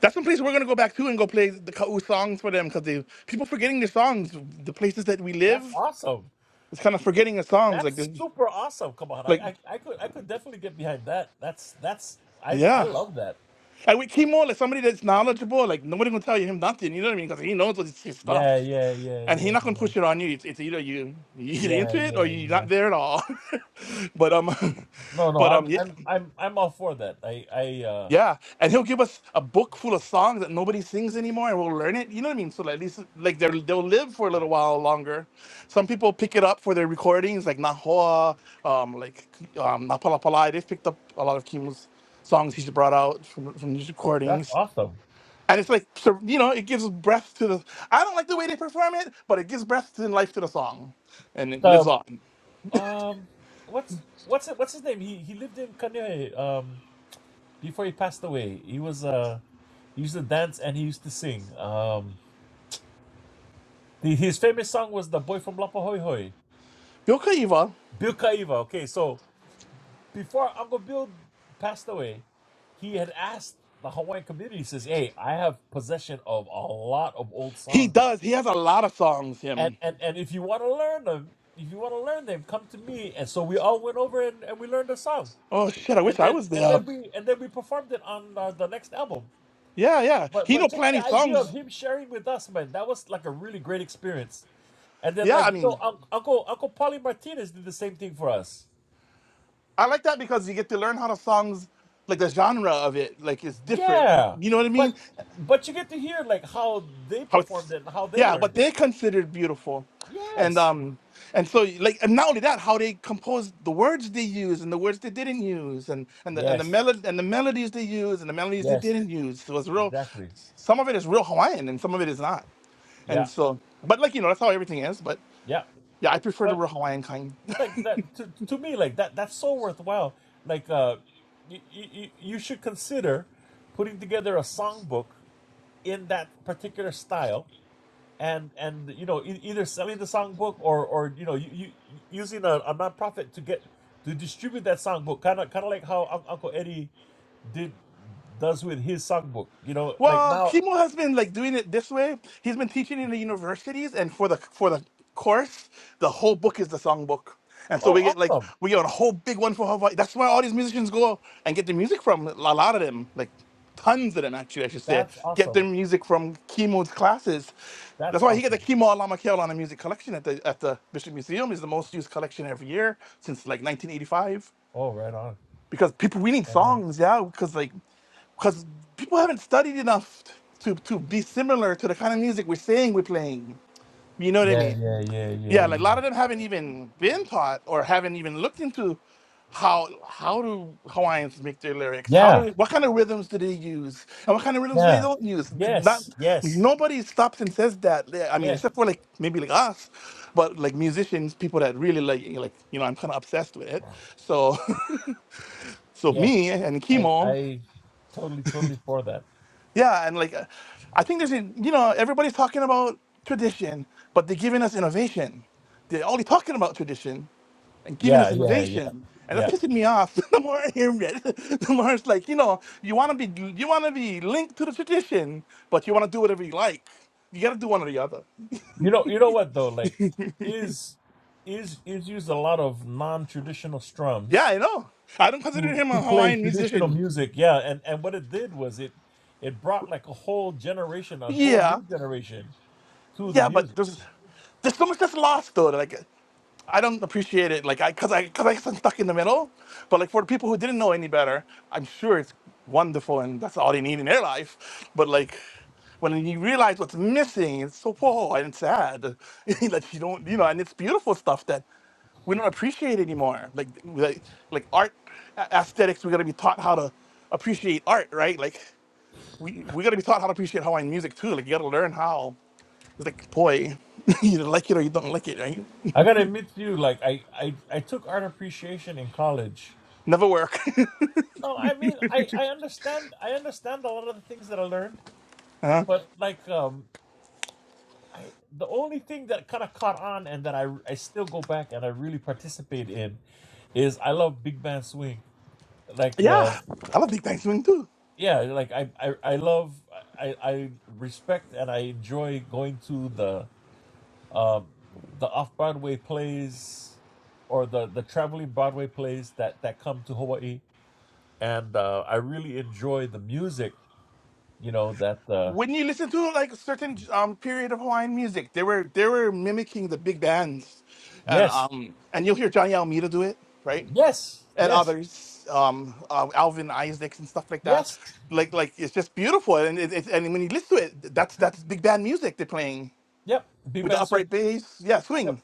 Speaker 2: that's some place we're gonna go back to and go play the Kau songs for them because they people forgetting their songs. The places that we live,
Speaker 6: That's awesome.
Speaker 2: it's kind of forgetting the songs. Like
Speaker 6: That's
Speaker 2: this,
Speaker 6: super awesome. Come on, I I,
Speaker 2: like
Speaker 6: I could I could definitely get behind that. That's that's I I
Speaker 2: yeah.
Speaker 6: love that.
Speaker 2: And with Kimo, like somebody that's knowledgeable, like nobody gonna tell you him nothing. You know what I mean? Because he knows what his, his
Speaker 6: Yeah,
Speaker 2: stuff,
Speaker 6: yeah, yeah,
Speaker 2: and he
Speaker 6: yeah,
Speaker 2: not gonna push it on you. It's, it's either you you get
Speaker 6: yeah, yeah,
Speaker 2: into it or
Speaker 6: yeah,
Speaker 2: you're
Speaker 6: yeah.
Speaker 2: not there at all. but um,
Speaker 6: No, no,
Speaker 2: but
Speaker 6: I'm
Speaker 2: um, yeah.
Speaker 6: I'm I'm I'm all for that. I I uh
Speaker 2: Yeah, and he'll give us a book full of songs that nobody sings anymore, and we'll learn it. You know what I mean? So like, at least like they'll they'll live for a little while longer. Some people pick it up for their recordings, like Nahua, um, like um, Napalapalai. They've picked up a lot of Kim's songs he's brought out from from these
Speaker 6: that's
Speaker 2: recordings,
Speaker 6: awesome.
Speaker 2: and it's like so, you know it gives breath to the. I don't like the way they perform it, but it gives breath and life to the song, and it lives
Speaker 6: The
Speaker 2: on.
Speaker 6: um what's what's it what's his name? He he lived in Kanye um before he passed away. He was uh he used to dance and he used to sing. Um the, his famous song was The Boy from Lapa Hoi Hoi.
Speaker 2: Bill Kaiva,
Speaker 6: Bill Kaiva. Okay, so before Uncle Bill passed away, he had asked the Hawaiian community, he says, Hey, I have possession of a lot of old
Speaker 2: he
Speaker 6: songs.
Speaker 2: does. He has a lot of songs.
Speaker 6: and
Speaker 2: Him.
Speaker 6: and and if you want to learn them, if you want to learn them, come to me. And so we all went over and, and we learned the song,
Speaker 2: Oh shit! I
Speaker 6: and
Speaker 2: wish I
Speaker 6: then
Speaker 2: was
Speaker 6: and
Speaker 2: there.
Speaker 6: then we and then we performed it on uh, the next album.
Speaker 2: Yeah, yeah.
Speaker 6: But
Speaker 2: He
Speaker 6: but
Speaker 2: know
Speaker 6: just
Speaker 2: plenty
Speaker 6: the idea of
Speaker 2: songs.
Speaker 6: him sharing with us, man, that was like a really great experience. And then
Speaker 2: Yeah,
Speaker 6: like
Speaker 2: I
Speaker 6: you know,
Speaker 2: mean,
Speaker 6: Unc Uncle Uncle Paulie Martinez did the same thing for us.
Speaker 2: I like that because you get to learn how the songs, like the genre of it, like it's different.
Speaker 6: Yeah,
Speaker 2: You know what I
Speaker 6: but
Speaker 2: mean?
Speaker 6: but you get to hear like how they
Speaker 2: How
Speaker 6: performed
Speaker 2: it's,
Speaker 6: it and how they
Speaker 2: yeah,
Speaker 6: learned
Speaker 2: what
Speaker 6: it.
Speaker 2: they considered beautiful, and
Speaker 6: Yes,
Speaker 2: um, and so like, and not only that, how they composed the words they use and the words they didn't use, and and the and the
Speaker 6: yes,
Speaker 2: melody and the melodies they use and the melodies they
Speaker 6: yes,
Speaker 2: didn't use. So it's real.
Speaker 6: exactly.
Speaker 2: Some of it is real Hawaiian, and some of it is not.
Speaker 6: Yeah,
Speaker 2: And so, but like you know, that's how everything is. But
Speaker 6: yeah.
Speaker 2: yeah, I prefer the
Speaker 6: But
Speaker 2: real Hawaiian kind.
Speaker 6: like that to, to me like that that's so worthwhile like uh you, you you should consider putting together a songbook in that particular style and and you know e- either selling the songbook or or you know you, you using a, a nonprofit to get to distribute that songbook kind of kind of like how Un- uncle eddie did does with his songbook you know like
Speaker 2: Well,
Speaker 6: now
Speaker 2: Kimo has been like doing it this way. He's been teaching in the universities, and for the for the course, the whole book is the songbook. And so we
Speaker 6: oh
Speaker 2: get like
Speaker 6: awesome
Speaker 2: we get a whole big one for Hawaii. That's where all these musicians go and get their music from. A lot of them, like tons of them actually, I should say,
Speaker 6: that's
Speaker 2: get
Speaker 6: awesome
Speaker 2: their music from Kimo's classes.
Speaker 6: that's
Speaker 2: That's why he got
Speaker 6: awesome
Speaker 2: the Kimo Alama Keolana music collection at the at the Bishop Museum is the most used collection every year since like 1985
Speaker 6: oh right on
Speaker 2: because people we need
Speaker 6: right on
Speaker 2: songs, yeah, because like because people haven't studied enough to to be similar to the kind of music we're saying we're playing. You know what I
Speaker 6: yeah
Speaker 2: mean?
Speaker 6: yeah yeah yeah
Speaker 2: Yeah, like a
Speaker 6: yeah
Speaker 2: lot of them haven't even been taught or haven't even looked into how how do Hawaiians make their lyrics? How
Speaker 6: yeah
Speaker 2: do what kind of rhythms do they use? And what kind of rhythms they
Speaker 6: Yeah.
Speaker 2: don't use? B- Not
Speaker 6: Yes. Yes.
Speaker 2: nobody stops and says that. Yeah, I mean,
Speaker 6: Yes.
Speaker 2: except for like maybe like us, but like musicians, people that really like you know, like you know, I'm kind of obsessed with it. So So
Speaker 6: Yes.
Speaker 2: me and
Speaker 6: I
Speaker 2: Kimon,
Speaker 6: I totally totally for that.
Speaker 2: yeah, and like, uh, I think there's, a, you know, everybody's talking about tradition, but they're giving us innovation. They're only talking about tradition and giving
Speaker 6: Yeah,
Speaker 2: us
Speaker 6: yeah, yeah.
Speaker 2: innovation, and that's
Speaker 6: Yeah.
Speaker 2: pissing me off. the more I hear it, the more it's like, you know, you want to be, you want to be linked to the tradition, but you want to do whatever you like. You got to do one or the other.
Speaker 6: You know you know what though, like is is is used a lot of non traditional
Speaker 2: Yeah,
Speaker 6: strums
Speaker 2: I know. I don't consider
Speaker 6: to
Speaker 2: him
Speaker 6: to
Speaker 2: a
Speaker 6: play
Speaker 2: Hawaiian
Speaker 6: traditional
Speaker 2: musician.
Speaker 6: music. Yeah, and, and what it did was it it brought like a whole generation, a whole
Speaker 2: Yeah,
Speaker 6: new generation to the
Speaker 2: yeah, but
Speaker 6: music.
Speaker 2: there's there's so much that's lost though. that, Like I don't appreciate it. Like I cause I cause I guess I'm stuck in the middle. But like for the people who didn't know any better, I'm sure it's wonderful and that's all they need in their life. But like when you realize what's missing, it's so whoa and it's sad. like you don't you know, and it's beautiful stuff that we don't appreciate anymore. Like like, like art a- aesthetics, we gotta be taught how to appreciate art, right? Like we we gotta be taught how to appreciate Hawaiian music too. Like you gotta learn how like poi. you like it or you don't like it, right?
Speaker 6: I gotta admit to you, like I, I, I took art appreciation in college
Speaker 2: Never work.
Speaker 6: No, I mean, I I understand. I understand a lot of the things that I learned, but like, um, I the only thing that kind of caught on and that I I still go back and I really participate in is I love big band swing. Like, uh,
Speaker 2: yeah, I love Big Bang Swing too.
Speaker 6: yeah, like I I I love I I respect and I enjoy going to the um the off Broadway plays or the the traveling Broadway plays that that come to Hawaii, and uh, I really enjoy the music. You know that. Uh,
Speaker 2: When you listen to like a certain um, period of Hawaiian music, they were they were mimicking the big bands, and
Speaker 6: Yes.
Speaker 2: um and you'll hear Johnny Almeida do it, right?
Speaker 6: Yes.
Speaker 2: And
Speaker 6: Yes.
Speaker 2: others, um, uh, Alvin Isaacs and stuff like that.
Speaker 6: Yes.
Speaker 2: Like like it's just beautiful, and it, it, and when you listen to it, that's that's big band music they're playing
Speaker 6: Yep. Big
Speaker 2: with the
Speaker 6: band swing.
Speaker 2: upright bass. Yeah,
Speaker 6: Yep.
Speaker 2: swing.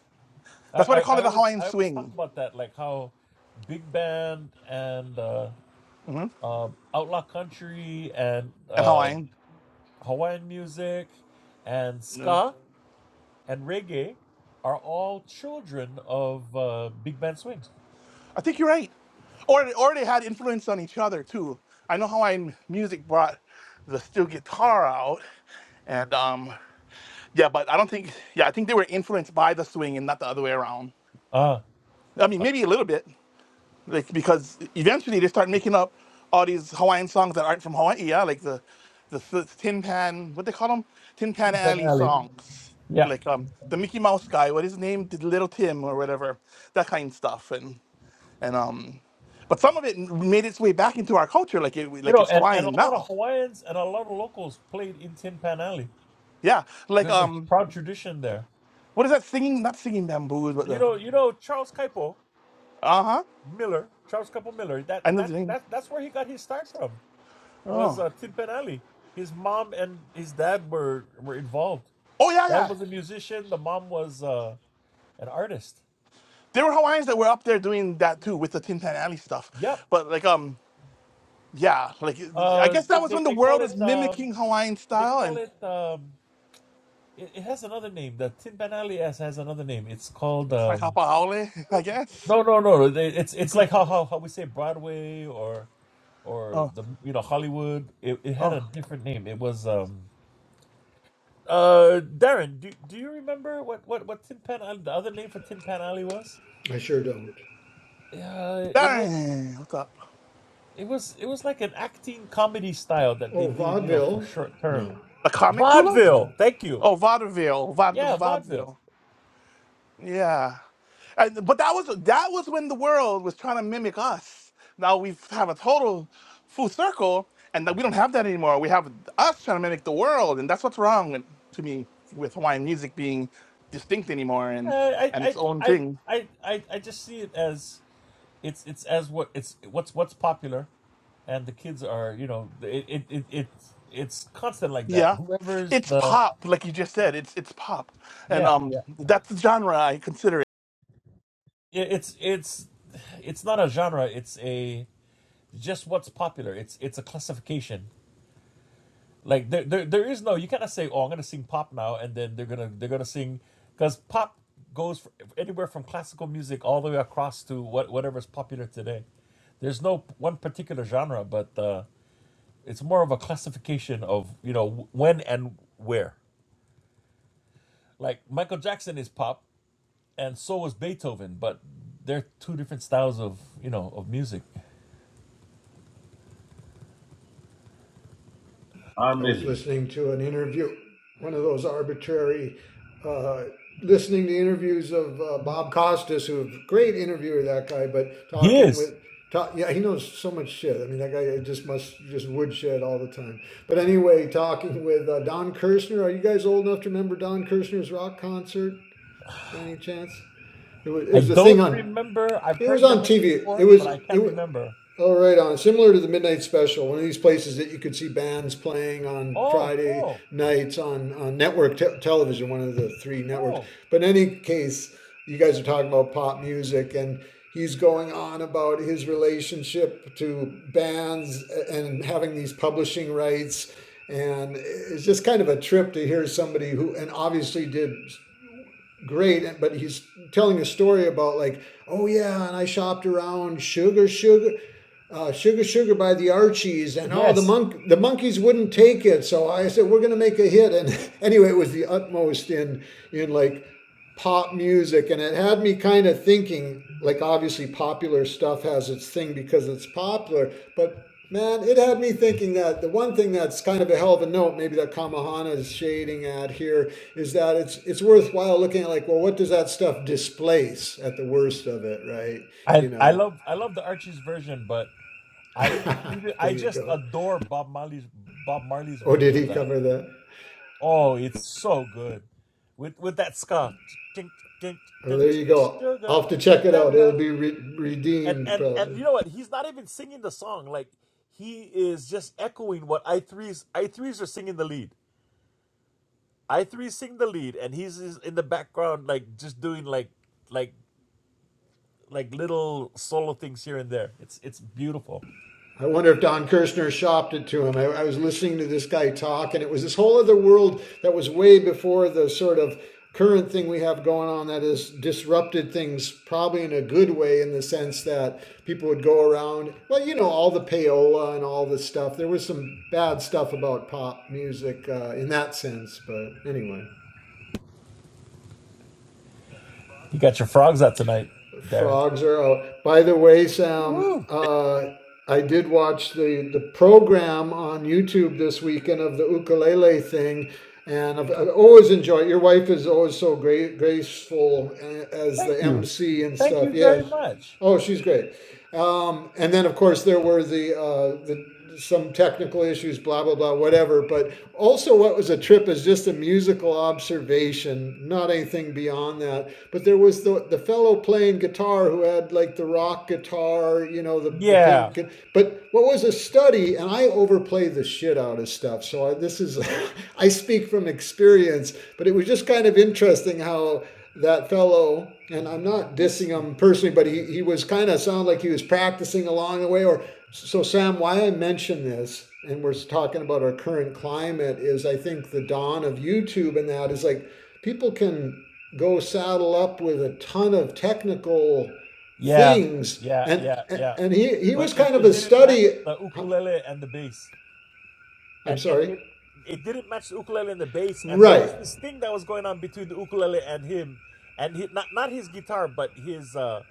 Speaker 6: I,
Speaker 2: That's why
Speaker 6: I,
Speaker 2: they call
Speaker 6: I
Speaker 2: it a
Speaker 6: always
Speaker 2: Hawaiian
Speaker 6: I always talk
Speaker 2: swing.
Speaker 6: about that, like how big band and uh, um, outlaw country and
Speaker 2: And
Speaker 6: um,
Speaker 2: Hawaiian.
Speaker 6: Hawaiian music and
Speaker 2: Yeah.
Speaker 6: ska and reggae are all children of uh, big band swing.
Speaker 2: I think you're right. Or or they had influence on each other too. I know Hawaiian music brought the steel guitar out, and um, yeah, but I don't think yeah, I think they were influenced by the swing and not the other way around.
Speaker 6: Ah.
Speaker 2: I mean, maybe a little bit, like because eventually they start making up all these Hawaiian songs that aren't from Hawaii. Yeah, like the the s- Tin Pan, what they call them, Tin Pan Alley songs,
Speaker 6: yeah.
Speaker 2: like um the Mickey Mouse guy, what his name, Little Tim or whatever, that kind of stuff, and and um, but some of it made its way back into our culture, like it
Speaker 6: You
Speaker 2: like
Speaker 6: know,
Speaker 2: it's
Speaker 6: and, and a
Speaker 2: Hawaiian
Speaker 6: lot of
Speaker 2: now.
Speaker 6: Hawaiians and a lot of locals played in Tin Pan Alley.
Speaker 2: Yeah, like
Speaker 6: There's a
Speaker 2: um,
Speaker 6: proud tradition there.
Speaker 2: what is that singing? Not singing bamboos, but
Speaker 6: You
Speaker 2: the
Speaker 6: know, you know Charles Kaipo.
Speaker 2: uh huh.
Speaker 6: Miller, Charles Campbell Miller. That
Speaker 2: I know
Speaker 6: that
Speaker 2: the name.
Speaker 6: that that's where he got his start from. Was
Speaker 2: Oh,
Speaker 6: uh, Tin Pan Alley. His mom and his dad were were involved.
Speaker 2: oh yeah,
Speaker 6: Dad
Speaker 2: yeah.
Speaker 6: was a musician. The mom was uh, an artist.
Speaker 2: There were Hawaiians that were up there doing that too with the Tin Pan Alley
Speaker 6: Yep.
Speaker 2: stuff, but like um, yeah, like I
Speaker 6: Uh,
Speaker 2: guess that
Speaker 6: they,
Speaker 2: was
Speaker 6: they
Speaker 2: when the
Speaker 6: call
Speaker 2: world was
Speaker 6: it um,
Speaker 2: mimicking Hawaiian
Speaker 6: they
Speaker 2: style
Speaker 6: call
Speaker 2: and
Speaker 6: it um, it, it has another name. The Tin Pan Alley has, has another name. It's called
Speaker 2: it's like
Speaker 6: um,
Speaker 2: Hapaole, I guess.
Speaker 6: no no no. no. They- It's it's like how how how we say Broadway or or
Speaker 2: Oh,
Speaker 6: the you know Hollywood. It, it had a
Speaker 2: oh,
Speaker 6: different name. It was um Uh, Darren, do do you remember what what what Tin Pan Alley, the other name for Tin Pan Alley was?
Speaker 5: I sure don't.
Speaker 6: Yeah, it was
Speaker 2: dang! What's up?
Speaker 6: it was it was like an acting comedy style that they
Speaker 5: Oh,
Speaker 6: did, you know, for
Speaker 5: vaudeville?
Speaker 6: short term.
Speaker 5: No.
Speaker 2: The comic hula?
Speaker 5: Oh,
Speaker 6: Vaudeville. Thank you.
Speaker 2: Oh, vaudeville, vaude-
Speaker 6: Yeah, vaudeville.
Speaker 2: vaudeville. Yeah. And, but that was that was when the world was trying to mimic us. Now we have a total full circle, and that we don't have that anymore. We have us trying to mimic the world, and that's what's wrong with, to me with Hawaiian music being distinct anymore and
Speaker 6: Uh, I
Speaker 2: and
Speaker 6: I
Speaker 2: its own
Speaker 6: I
Speaker 2: thing.
Speaker 6: I I I just see it as it's it's as what it's what's what's popular, and the kids are you know it it, it it's it's constant like that.
Speaker 2: Yeah,
Speaker 6: Whoever's
Speaker 2: it's
Speaker 6: the
Speaker 2: pop, like you just said. It's it's pop, and
Speaker 6: yeah
Speaker 2: um,
Speaker 6: yeah
Speaker 2: that's the genre I consider it.
Speaker 6: it, it's it's it's not a genre. It's a just what's popular. It's it's a classification. Like there there, there is no you cannot say oh I'm gonna sing pop now and then they're gonna they're gonna sing because pop goes fr anywhere from classical music all the way across to what whatever's popular today. There's no one particular genre, but uh, it's more of a classification of you know when and where. Like Michael Jackson is pop, and so was Beethoven, but they're two different styles of you know of music.
Speaker 4: How
Speaker 5: I was
Speaker 4: many?
Speaker 5: listening to an interview, one of those arbitrary, uh, listening to interviews of uh, Bob Costas, who's a great interviewer, that guy, but
Speaker 6: He
Speaker 5: talking with,
Speaker 6: is.
Speaker 5: ta- yeah, he knows so much shit. I mean, that guy just must, just woodshed all the time. But anyway, talking with uh, Don Kirshner. Are you guys old enough to remember Don Kirshner's rock concert by any chance? It was, it
Speaker 6: I
Speaker 5: was a thing
Speaker 6: don't
Speaker 5: on
Speaker 6: remember. I've
Speaker 5: It was
Speaker 6: heard the
Speaker 5: on
Speaker 6: name
Speaker 5: TV. It
Speaker 6: before,
Speaker 5: was
Speaker 6: but I
Speaker 5: it
Speaker 6: can't
Speaker 5: was
Speaker 6: remember.
Speaker 5: all right on similar to the midnight special. One of these places that you could see bands playing on
Speaker 6: Oh,
Speaker 5: Friday
Speaker 6: cool,
Speaker 5: nights on on network te- television, one of the three networks.
Speaker 6: cool.
Speaker 5: But in any case, you guys are talking about pop music and. He's going on about his relationship to bands and having these publishing rights and it's just kind of a trip to hear somebody who and obviously did great but he's telling a story about like oh yeah and i shopped around sugar sugar uh, sugar sugar by the archies and oh the
Speaker 6: Yes,
Speaker 5: monk the monkeys wouldn't take it so i said we're going to make a hit and anyway it was the utmost in in like pop music and it had me kind of thinking like obviously popular stuff has its thing because it's popular but man it had me thinking that the one thing that's kind of a hell of a note maybe that kamahana is shading at here is that it's it's worthwhile looking at like well what does that stuff displace at the worst of it right
Speaker 6: I
Speaker 5: you
Speaker 6: I
Speaker 5: know
Speaker 6: love I love the Archie's version, but I even
Speaker 5: there
Speaker 6: I
Speaker 5: you
Speaker 6: just
Speaker 5: go
Speaker 6: adore Bob Marley's Bob Marley's
Speaker 5: oh did
Speaker 6: version
Speaker 5: he
Speaker 6: of that.
Speaker 5: cover that
Speaker 6: Oh, it's so good with with that ska. Tink, tink,
Speaker 5: oh
Speaker 6: tink,
Speaker 5: there you go
Speaker 6: sugar,
Speaker 5: i'll have to
Speaker 6: tink,
Speaker 5: check it out
Speaker 6: tap,
Speaker 5: it'll
Speaker 6: tap.
Speaker 5: be re-
Speaker 6: And
Speaker 5: redeemed
Speaker 6: and and
Speaker 5: probably
Speaker 6: you know what? He's not even singing the song. Like he is just echoing what I threes I threes are singing the lead. I three sing the lead, and he's is in the background, like just doing like like like little solo things here and there. It's it's beautiful.
Speaker 5: I wonder if Don Kirshner shopped it to him. I, I was listening to this guy talk, and it was this whole other world that was way before the sort of current thing we have going on that has disrupted things probably in a good way in the sense that people would go around well you know all the payola and all this stuff there was some bad stuff about pop music uh, in that sense but anyway
Speaker 6: You got your frogs out tonight, Darren.
Speaker 5: frogs are out. By the way, Sam,
Speaker 6: Woohoo!
Speaker 5: uh, I did watch the, the program on YouTube this weekend of the ukulele thing, and I've, I've always enjoyed. it. Your wife is always so great, graceful uh, as
Speaker 6: Thank
Speaker 5: the
Speaker 6: you,
Speaker 5: MC and
Speaker 6: thank
Speaker 5: stuff.
Speaker 6: you very
Speaker 5: Yes.
Speaker 6: much.
Speaker 5: Oh, she's great. Um, and then, of course, there were the, uh, the some technical issues, blah blah blah, whatever. But also, what was a trip is just a musical observation, not anything beyond that. But there was the the fellow playing guitar who had like the rock guitar, you know, the the
Speaker 6: Yeah,
Speaker 5: pink. But what was a study, and I overplay the shit out of stuff. So I, this is, I speak from experience. But it was just kind of interesting how that fellow, and I'm not dissing
Speaker 6: this.
Speaker 5: him personally, but he, he was kind of sound like he was practicing along the way. Or so, Sam, why I mention this, and we're talking about our current climate, is I think the dawn of YouTube and that is like people can go saddle up with a ton of technical
Speaker 6: Yeah,
Speaker 5: things,
Speaker 6: yeah,
Speaker 5: and
Speaker 6: yeah, yeah.
Speaker 5: and he he
Speaker 6: But
Speaker 5: was
Speaker 6: it,
Speaker 5: kind of
Speaker 6: it
Speaker 5: a
Speaker 6: didn't match
Speaker 5: study.
Speaker 6: the
Speaker 5: huh,
Speaker 6: ukulele and the bass,
Speaker 5: I'm
Speaker 6: and and
Speaker 5: sorry,
Speaker 6: it it didn't match the ukulele and the bass. And there
Speaker 5: right?
Speaker 6: was this thing that was going on between the ukulele and him, and he, not not his guitar, but his. uh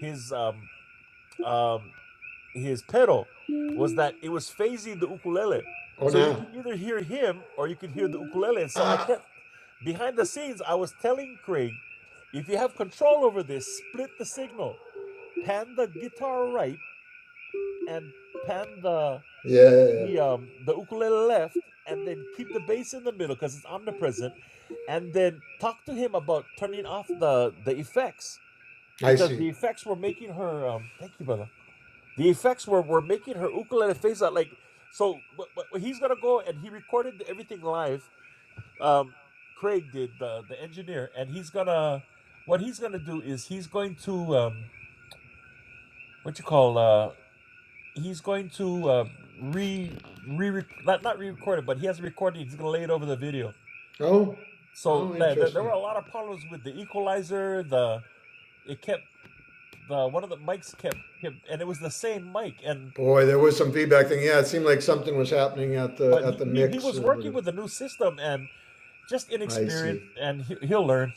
Speaker 6: his um um his pedal was that it was phasing the ukulele.
Speaker 5: Oh,
Speaker 6: So you
Speaker 5: now,
Speaker 6: could either hear him or you could hear the ukulele. And so I
Speaker 5: ah,
Speaker 6: kept behind the scenes I was telling Craig, if you have control over this, split the signal. Pan the guitar right and pan the
Speaker 5: yeah, yeah,
Speaker 6: the
Speaker 5: yeah.
Speaker 6: um the ukulele left and then keep the bass in the middle because it's omnipresent and then talk to him about turning off the the effects
Speaker 5: I
Speaker 6: because
Speaker 5: see.
Speaker 6: the effects were making her um thank you brother The effects were were making her ukulele face out like so. But, but he's gonna go and he recorded everything live. Um, Craig did the the engineer, and he's gonna what he's gonna do is he's going to um, what you call uh, he's going to uh, re re not not re-record it, but he has a recording. He's gonna lay it over the video.
Speaker 5: Oh,
Speaker 6: So
Speaker 5: oh,
Speaker 6: there, there were
Speaker 5: interesting.
Speaker 6: a lot of problems with the equalizer. The it kept the one of the mics kept, kept and it was the same mic and
Speaker 5: Boy, there was some feedback thing. Yeah, it seemed like something was happening at the
Speaker 6: but
Speaker 5: at
Speaker 6: he,
Speaker 5: the
Speaker 6: he he
Speaker 5: mix
Speaker 6: was
Speaker 5: or
Speaker 6: working
Speaker 5: whatever.
Speaker 6: with a new system and. just
Speaker 5: I see.
Speaker 6: inexperienced, and he, he'll learn.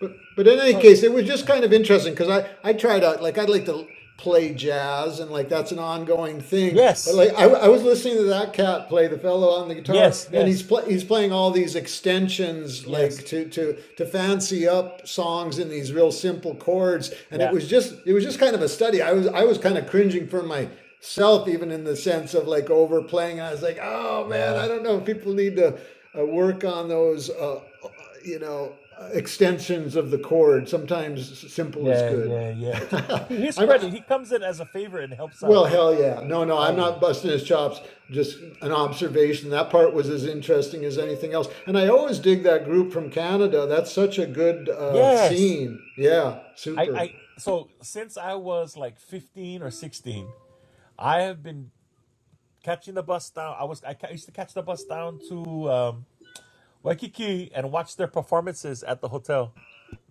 Speaker 5: But but in any
Speaker 6: Oh,
Speaker 5: case, it was just kind of interesting because I I tried out like I'd like to play jazz and like that's an ongoing thing. But
Speaker 6: yes,
Speaker 5: like I, I was listening to that cat play the fellow on the guitar
Speaker 6: yes,
Speaker 5: and he's
Speaker 6: yes,
Speaker 5: play he's playing all these extensions like
Speaker 6: yes,
Speaker 5: to to to fancy up songs in these real simple chords and it
Speaker 6: yeah,
Speaker 5: was just it was just kind of a study. I was I was kind of cringing for my self, even in the sense of like overplaying. I was like, oh man,
Speaker 6: yeah,
Speaker 5: I don't know. People need to uh, work on those, uh, uh, you know, extensions of the chord. Sometimes simple is
Speaker 6: yeah,
Speaker 5: good.
Speaker 6: yeah, yeah. To, to his
Speaker 5: I'm
Speaker 6: credit, he comes in as a favorite and helps
Speaker 5: well,
Speaker 6: out
Speaker 5: hell yeah. No, no, I'm
Speaker 6: always.
Speaker 5: not busting his chops. Just an observation. That part was as interesting as anything else. And I always dig that group from Canada. That's such a good uh,
Speaker 6: Yes,
Speaker 5: scene. Yeah,
Speaker 6: I,
Speaker 5: super.
Speaker 6: I. So since I was like fifteen or sixteen, I have been catching the bus down. I was I ca- used to catch the bus down to um, Waikiki and watch their performances at the hotel,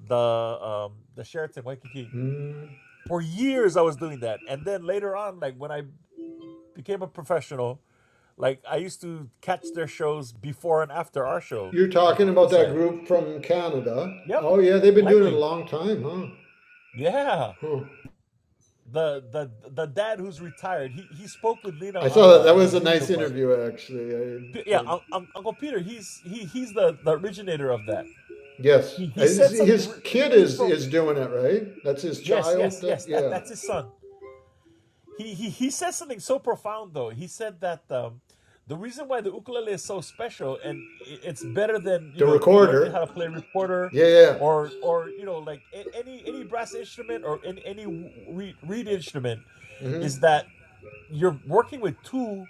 Speaker 6: the um, the Sheraton Waikiki.
Speaker 5: Mm.
Speaker 6: For years, I was doing that, and then later on, like when I became a professional. Like I used to catch their shows before and after our show
Speaker 5: You're
Speaker 6: at the
Speaker 5: talking about that
Speaker 6: poolside.
Speaker 5: group from Canada.
Speaker 6: Yep,
Speaker 5: Oh yeah, they've been doing it a
Speaker 6: Langley.
Speaker 5: long time, huh?
Speaker 6: Yeah,
Speaker 5: Huh.
Speaker 6: the the the dad who's retired. He he spoke with Lena
Speaker 5: I
Speaker 6: on
Speaker 5: saw
Speaker 6: the
Speaker 5: that. That
Speaker 6: on the
Speaker 5: was a
Speaker 6: video,
Speaker 5: nice
Speaker 6: but
Speaker 5: interview, actually. I
Speaker 6: P- yeah,
Speaker 5: enjoyed.
Speaker 6: Un- Un- Uncle Peter. He's he he's the the originator of that.
Speaker 5: Yes,
Speaker 6: He
Speaker 5: Uh,
Speaker 6: he
Speaker 5: his,
Speaker 6: said something
Speaker 5: his
Speaker 6: re- re-
Speaker 5: kid
Speaker 6: really
Speaker 5: is
Speaker 6: from.
Speaker 5: is doing it, right? That's his
Speaker 6: Yes,
Speaker 5: child.
Speaker 6: yes,
Speaker 5: That
Speaker 6: yes. That
Speaker 5: yeah,
Speaker 6: that's his son. he, he he says something so profound though. He said that um, the reason why the ukulele is so special and it's better than you
Speaker 5: the
Speaker 6: know learning
Speaker 5: recorder.
Speaker 6: how to play recorder
Speaker 5: Yeah, yeah.
Speaker 6: or or you know like any any brass instrument or in, any reed, reed instrument
Speaker 5: hmm
Speaker 6: is that you're working with two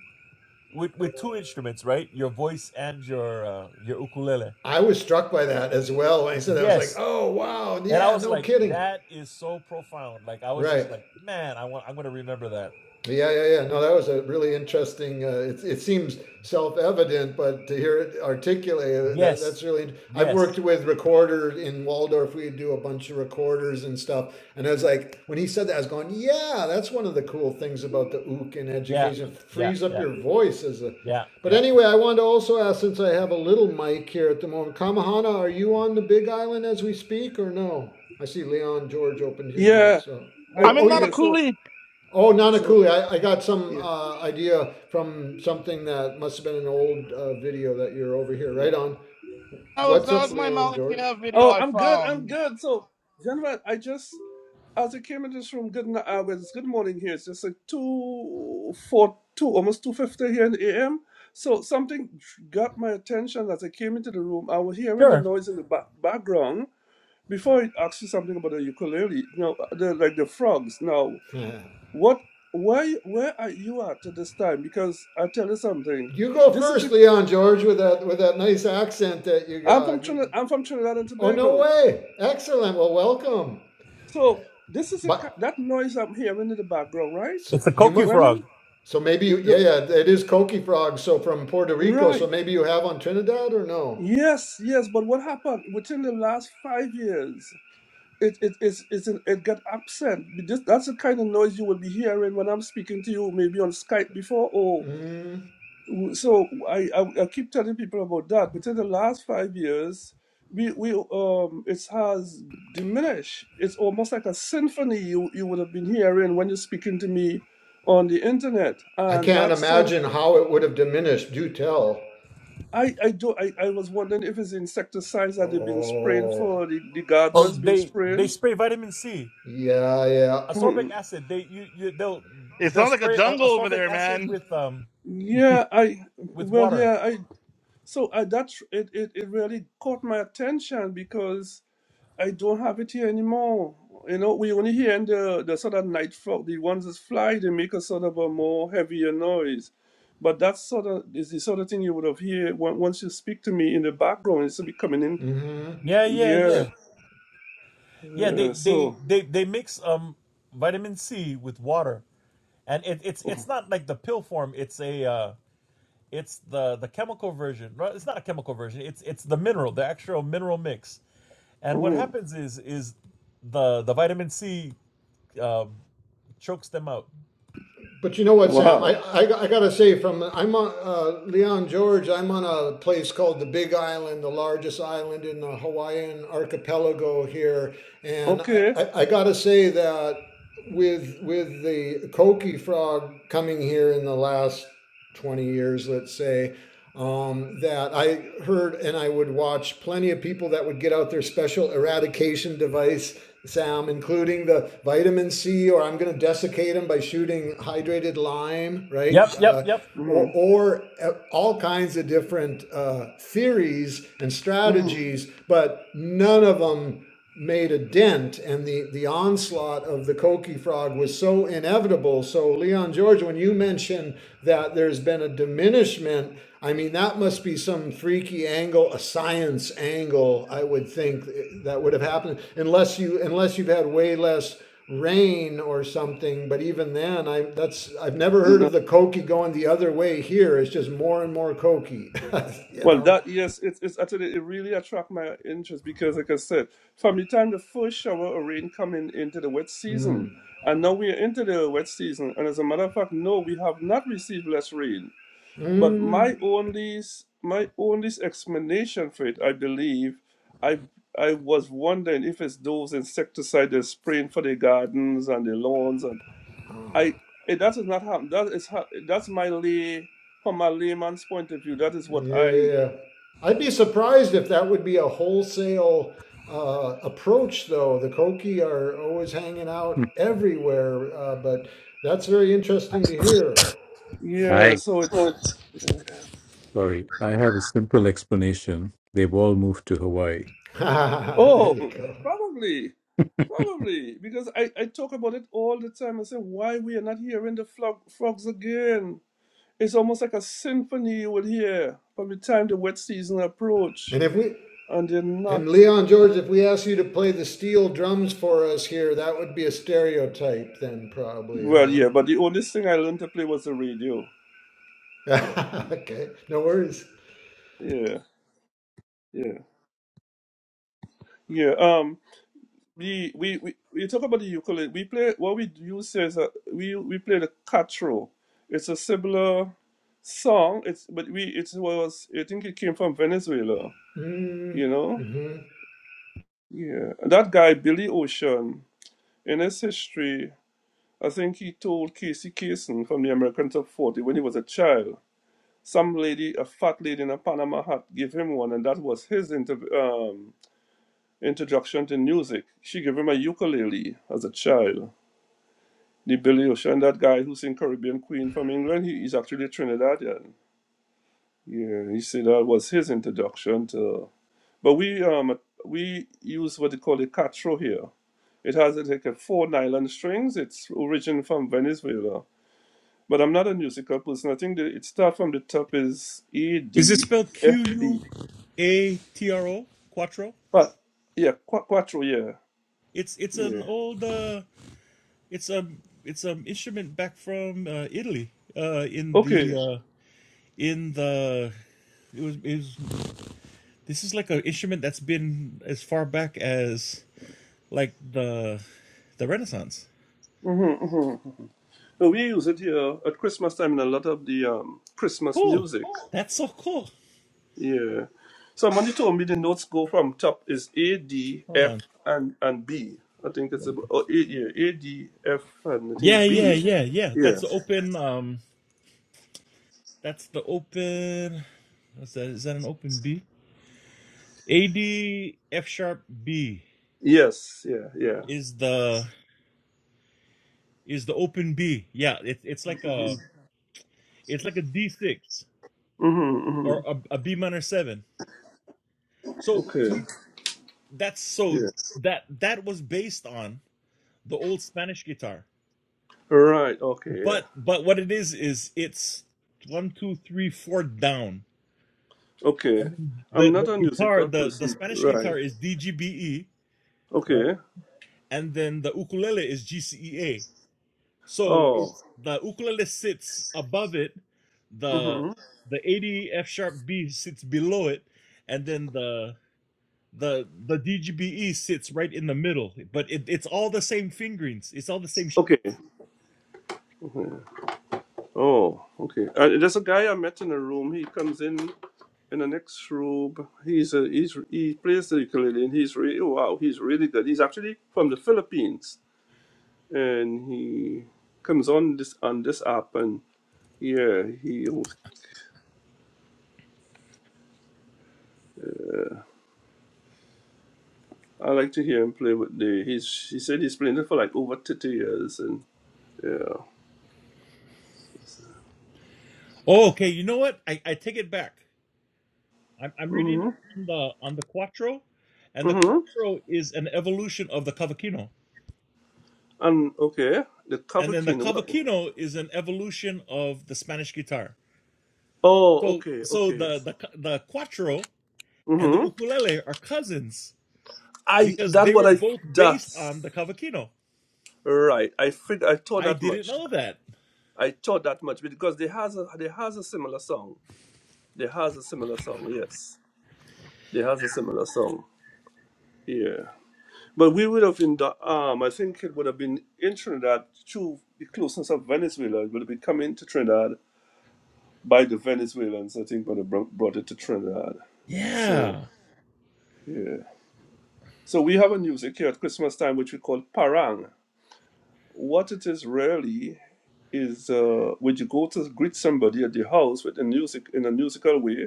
Speaker 6: with, with two instruments, right? Your voice and your uh, your ukulele.
Speaker 5: I was struck by that as well when I said that. I was like,
Speaker 6: Yes.
Speaker 5: oh wow,
Speaker 6: And I
Speaker 5: yeah,
Speaker 6: was
Speaker 5: no
Speaker 6: like,
Speaker 5: kidding.
Speaker 6: that is so profound. Like I was
Speaker 5: Right.
Speaker 6: just like, man, I want I'm gonna remember that.
Speaker 5: Yeah, yeah, yeah. No, that was a really interesting. Uh, it it seems self-evident, but to hear it articulated, that, that's
Speaker 6: Yes.
Speaker 5: really. I've worked
Speaker 6: Yes.
Speaker 5: with recorders in Waldorf. We do a bunch of recorders and stuff, and I was like, when he said that, I was going, "Yeah, that's one of the cool things about the ook in
Speaker 6: Yeah,
Speaker 5: education.
Speaker 6: yeah,
Speaker 5: Frees up
Speaker 6: yeah,
Speaker 5: your voice as a."
Speaker 6: yeah,
Speaker 5: But
Speaker 6: yeah.
Speaker 5: anyway, I wanted to also ask, since I have a little mic here at the moment, Kamahana, are you on the Big Island as we speak, or no? I see Leon George opened his mic,
Speaker 7: Yeah,
Speaker 5: so.
Speaker 7: I
Speaker 2: I'm
Speaker 5: Oh,
Speaker 2: in
Speaker 5: oh, you
Speaker 7: yeah. So
Speaker 2: Nanakuli.
Speaker 5: Oh, Nana
Speaker 7: so
Speaker 5: Cooley. I, I got some
Speaker 7: yeah
Speaker 5: uh, idea from something that must have been an old uh, video that you're over here.
Speaker 7: yeah.
Speaker 5: Right on.
Speaker 2: That
Speaker 7: So,
Speaker 2: was
Speaker 5: What's up,
Speaker 7: so.
Speaker 5: Leon George?
Speaker 2: that video
Speaker 7: Oh,
Speaker 2: I
Speaker 7: I'm good. I'm
Speaker 2: found.
Speaker 7: good. So, gentlemen, I just as I came in this room, good n- uh, well, it's good morning here. It's just like two four two almost two fifty here in the AM. So something got my attention as I came into the room. I was hearing the
Speaker 6: Sure.
Speaker 7: noise in the back, background. Before I asked you something about the ukulele, you know, uh, the, like the frogs. Now, what? Why? Where are you at at this time? Because I tell you something.
Speaker 5: you go
Speaker 7: This is
Speaker 5: first, Leon George, with that with that nice accent that you
Speaker 7: I'm from
Speaker 5: got. You-
Speaker 7: Trinidad. I'm from Trinidad and
Speaker 5: Oh no
Speaker 7: Tobago.
Speaker 5: way! Excellent. Well, welcome.
Speaker 7: So this is a, ki-
Speaker 5: But
Speaker 7: that noise I'm hearing in the background, right?
Speaker 5: so
Speaker 6: It's a
Speaker 5: you
Speaker 6: koku
Speaker 5: must.
Speaker 7: When
Speaker 6: frog.
Speaker 7: you
Speaker 5: So maybe you, yeah,
Speaker 7: the-
Speaker 5: yeah, it is Coqui Frog. So from Puerto Rico. So
Speaker 7: right,
Speaker 5: maybe you have on Trinidad or no?
Speaker 7: yes, yes. But what happened within the last five years? It it is it's an, it got absent. But This, that's the kind of noise you will be hearing when I'm speaking to you, maybe on Skype before or
Speaker 5: Mm,
Speaker 7: so I, I I keep telling people about that. Within the last five years, we we um it has diminished. It's almost like a symphony you you would have been hearing when you're speaking to me on the internet.
Speaker 5: I
Speaker 7: And
Speaker 5: can't
Speaker 7: that song,
Speaker 5: imagine how it would have diminished. Do tell.
Speaker 7: I I do I, I was wondering if it's insecticides that they've been spraying
Speaker 5: Oh,
Speaker 7: for the the
Speaker 6: Oh,
Speaker 7: gardeners been
Speaker 6: they they
Speaker 7: spraying.
Speaker 6: spray vitamin C,
Speaker 5: Yeah, yeah.
Speaker 6: ascorbic acid. They you, you they'll
Speaker 2: It
Speaker 6: they'll
Speaker 2: sounds like a
Speaker 6: spray a-
Speaker 2: jungle over
Speaker 6: ascorbic
Speaker 2: there,
Speaker 6: acid
Speaker 2: man.
Speaker 6: with um
Speaker 7: yeah, I
Speaker 6: with
Speaker 7: well
Speaker 6: water.
Speaker 7: yeah I so I that it, it it really caught my attention because. I don't have it here anymore. You know, we only hear in the, the sort of night frog, the ones that fly, they make a sort of a more heavier noise. But that sort of is the sort of thing you would have heard on- once you speak to me in the background. It's be coming in.
Speaker 5: hmm
Speaker 6: Yeah, yeah,
Speaker 7: Yeah.
Speaker 6: yeah, yeah.
Speaker 7: yeah
Speaker 6: They they
Speaker 7: so,
Speaker 6: they they mix um vitamin C with water, and it, it's
Speaker 7: oh,
Speaker 6: it's not like the pill form. It's a uh, it's the the chemical version. Right? It's not a chemical version. It's it's the mineral, the actual mineral mix. And what
Speaker 7: oh,
Speaker 6: happens is is the the vitamin C um chokes them out.
Speaker 5: But you know what, Sam?
Speaker 7: wow.
Speaker 5: I, I, I gotta say, from I'm on uh, Leon George. I'm on a place called the Big Island, the largest island in the Hawaiian archipelago here, and I,
Speaker 7: Okay.
Speaker 5: I, I gotta say that with with the koki frog coming here in the last twenty years, let's say. Um, that I heard, and I would watch plenty of people that would get out their special eradication device Sam, including the vitamin C, or I'm going to desiccate them by shooting hydrated lime, right?
Speaker 6: Yep, yep,
Speaker 5: Uh,
Speaker 6: yep.
Speaker 5: or,
Speaker 7: Mm-hmm.
Speaker 5: or uh, all kinds of different uh, theories and
Speaker 7: mm-hmm.
Speaker 5: strategies, but none of them made a dent. And the, the onslaught of the Koki frog was so inevitable. So Leon George, when when you mention that there's been a diminishment, I mean, that must be some freaky angle, a science angle, I would think that would have happened unless you unless you've had way less rain or something. But even then, I that's I've never heard of the Koki going the other way here. It's just more and more Koki, you
Speaker 7: Well,
Speaker 5: know.
Speaker 7: that yes, it's it's actually it really attract my interest because, like I said, from the time the first shower of rain coming into the wet
Speaker 5: Mm.
Speaker 7: season, and now we are into the wet season, and as a matter of fact, no, we have not received less rain. But
Speaker 5: Mm.
Speaker 7: my only s- my only explanation for it, I believe, I I was wondering if it's those insecticides they're spraying for the gardens and the lawns, and I it, that has not happened. That is ha- that's my lay from a layman's point of view, that is what
Speaker 5: Yeah.
Speaker 7: I
Speaker 5: yeah. I'd be surprised if that would be a wholesale uh, approach, though. The Koki are always hanging out
Speaker 1: hmm.
Speaker 5: everywhere, uh, but that's very interesting to hear.
Speaker 7: Yeah,
Speaker 1: I
Speaker 7: so it's yeah.
Speaker 1: sorry, I have a simple explanation. They've all moved to Hawaii.
Speaker 5: there
Speaker 7: Oh,
Speaker 5: you go.
Speaker 7: probably, probably because I I talk about it all the time. I say why we are not hearing the flog, frogs again. It's almost like a symphony you would hear from the time the wet season approach,
Speaker 5: And if we
Speaker 7: and they're not.
Speaker 5: and Leon George, if we asked you to play the steel drums for us here, that would be a stereotype, then probably,
Speaker 7: Well,
Speaker 5: huh?
Speaker 7: yeah, but the only thing I learned to play was the radio.
Speaker 5: okay, no worries.
Speaker 7: Yeah, yeah, yeah. um, we we we you talk about the ukulele. We play what we use is a, we we play the catro. It's a similar song. It's but we it was I think it came from Venezuela. You know,
Speaker 5: Mm-hmm.
Speaker 7: yeah. That guy Billy Ocean in his history, I think he told Casey Kasem from the American Top Forty when he was a child. Some lady, a fat lady in a Panama hat, gave him one, and that was his inter- um, introduction to music. She gave him a ukulele as a child the Billy Ocean, that guy who sing Caribbean Queen from England, he, he's actually Trinidadian. Yeah, Yeah, he said that was his introduction to. But we um we use what they call a catro here. It has uh, like a four nylon strings. It's origin from Venezuela. But I'm not a musical person. I think that it starts from the top is E
Speaker 6: Is it
Speaker 7: D
Speaker 6: spelled
Speaker 7: F
Speaker 6: Q U
Speaker 7: B.
Speaker 6: A T R O? Quattro?
Speaker 7: But yeah, qua- quattro. Yeah,
Speaker 6: It's it's an
Speaker 7: yeah.
Speaker 6: old uh it's a it's an instrument back from uh, Italy. Uh in the
Speaker 7: Okay.
Speaker 6: uh in the it was it was this is like an instrument that's been as far back as like the the Renaissance.
Speaker 7: hmm hmm So we use it here at Christmas time in a lot of the um, Christmas
Speaker 6: Cool.
Speaker 7: music.
Speaker 6: That's so cool.
Speaker 7: Yeah. So Mandy told me the notes go from top is A, D,
Speaker 6: Hold
Speaker 7: F,
Speaker 6: on.
Speaker 7: and and B. I think that's about oh, A, yeah, A, D, F, and I
Speaker 6: Yeah,
Speaker 7: think
Speaker 6: yeah,
Speaker 7: B.
Speaker 6: yeah, yeah.
Speaker 7: Yeah.
Speaker 6: That's the open um that's the open what's that? Is that an open B? A D F sharp B
Speaker 7: Yes. Yeah. Yeah.
Speaker 6: is the is the open B. Yeah, it's it's like a
Speaker 7: hmm
Speaker 6: it's like a D six
Speaker 7: hmm
Speaker 6: or a, a B minor seven. So
Speaker 7: Okay.
Speaker 6: we that's so
Speaker 7: Yeah.
Speaker 6: that that was based on the old Spanish guitar.
Speaker 7: Right. Okay. Yeah.
Speaker 6: But but what it is is it's one two three four down,
Speaker 7: Okay.
Speaker 6: and then the
Speaker 7: I'm not a
Speaker 6: the guitar
Speaker 7: musical
Speaker 6: the the
Speaker 7: person.
Speaker 6: Spanish
Speaker 7: Right.
Speaker 6: guitar is D G B E right,
Speaker 7: Okay.
Speaker 6: and then the ukulele is G C E A So
Speaker 7: Oh.
Speaker 6: it's the ukulele sits above it, the
Speaker 7: hmm
Speaker 6: the A D F sharp B sits below it, and then the the the DGBE sits right in the middle. But it, it's all the same fingerings. It's all the same. Sh-
Speaker 7: Okay. Okay. Oh. Okay. Uh, there's a guy I met in a room. He comes in. in the next room, he's a, he's he plays the ukulele and he's really wow, he's really good. He's actually from the Philippines and he comes on this on this app and yeah, he uh, I like to hear him play with the he's he said he's playing it for like over thirty years and yeah.
Speaker 6: oh, okay. You know what? I, I take it back. I'm I'm reading up
Speaker 7: Mhm.
Speaker 6: on the on the quattro, and the
Speaker 7: Mhm.
Speaker 6: quattro is an evolution of the cavaquinho,
Speaker 7: And okay, the
Speaker 6: and then the
Speaker 7: Cavaquinho. What?
Speaker 6: cavaquinho is an evolution of the Spanish guitar.
Speaker 7: Oh,
Speaker 6: So
Speaker 7: okay,
Speaker 6: so
Speaker 7: okay.
Speaker 6: the the the quattro and the
Speaker 7: Mhm.
Speaker 6: ukulele are cousins
Speaker 7: I
Speaker 6: because
Speaker 7: that
Speaker 6: they
Speaker 7: what
Speaker 6: were
Speaker 7: I
Speaker 6: both based on the
Speaker 7: that's
Speaker 6: cavaquinho.
Speaker 7: right. I think I thought
Speaker 6: I
Speaker 7: that
Speaker 6: didn't
Speaker 7: much.
Speaker 6: know that.
Speaker 7: I thought that much because they has a, they has a similar song. They has a similar song. Yes, they has a similar song. Yeah, but we would have in the um. I think it would have been in Trinidad through the closeness of Venezuela. It would have been coming to Trinidad by the Venezuelans. I think would have bro- brought it to Trinidad. So
Speaker 6: Yeah.
Speaker 7: yeah. So we have a music here at Christmas time which we call parang. What it is really is uh, when you go to greet somebody at the house with a music in a musical way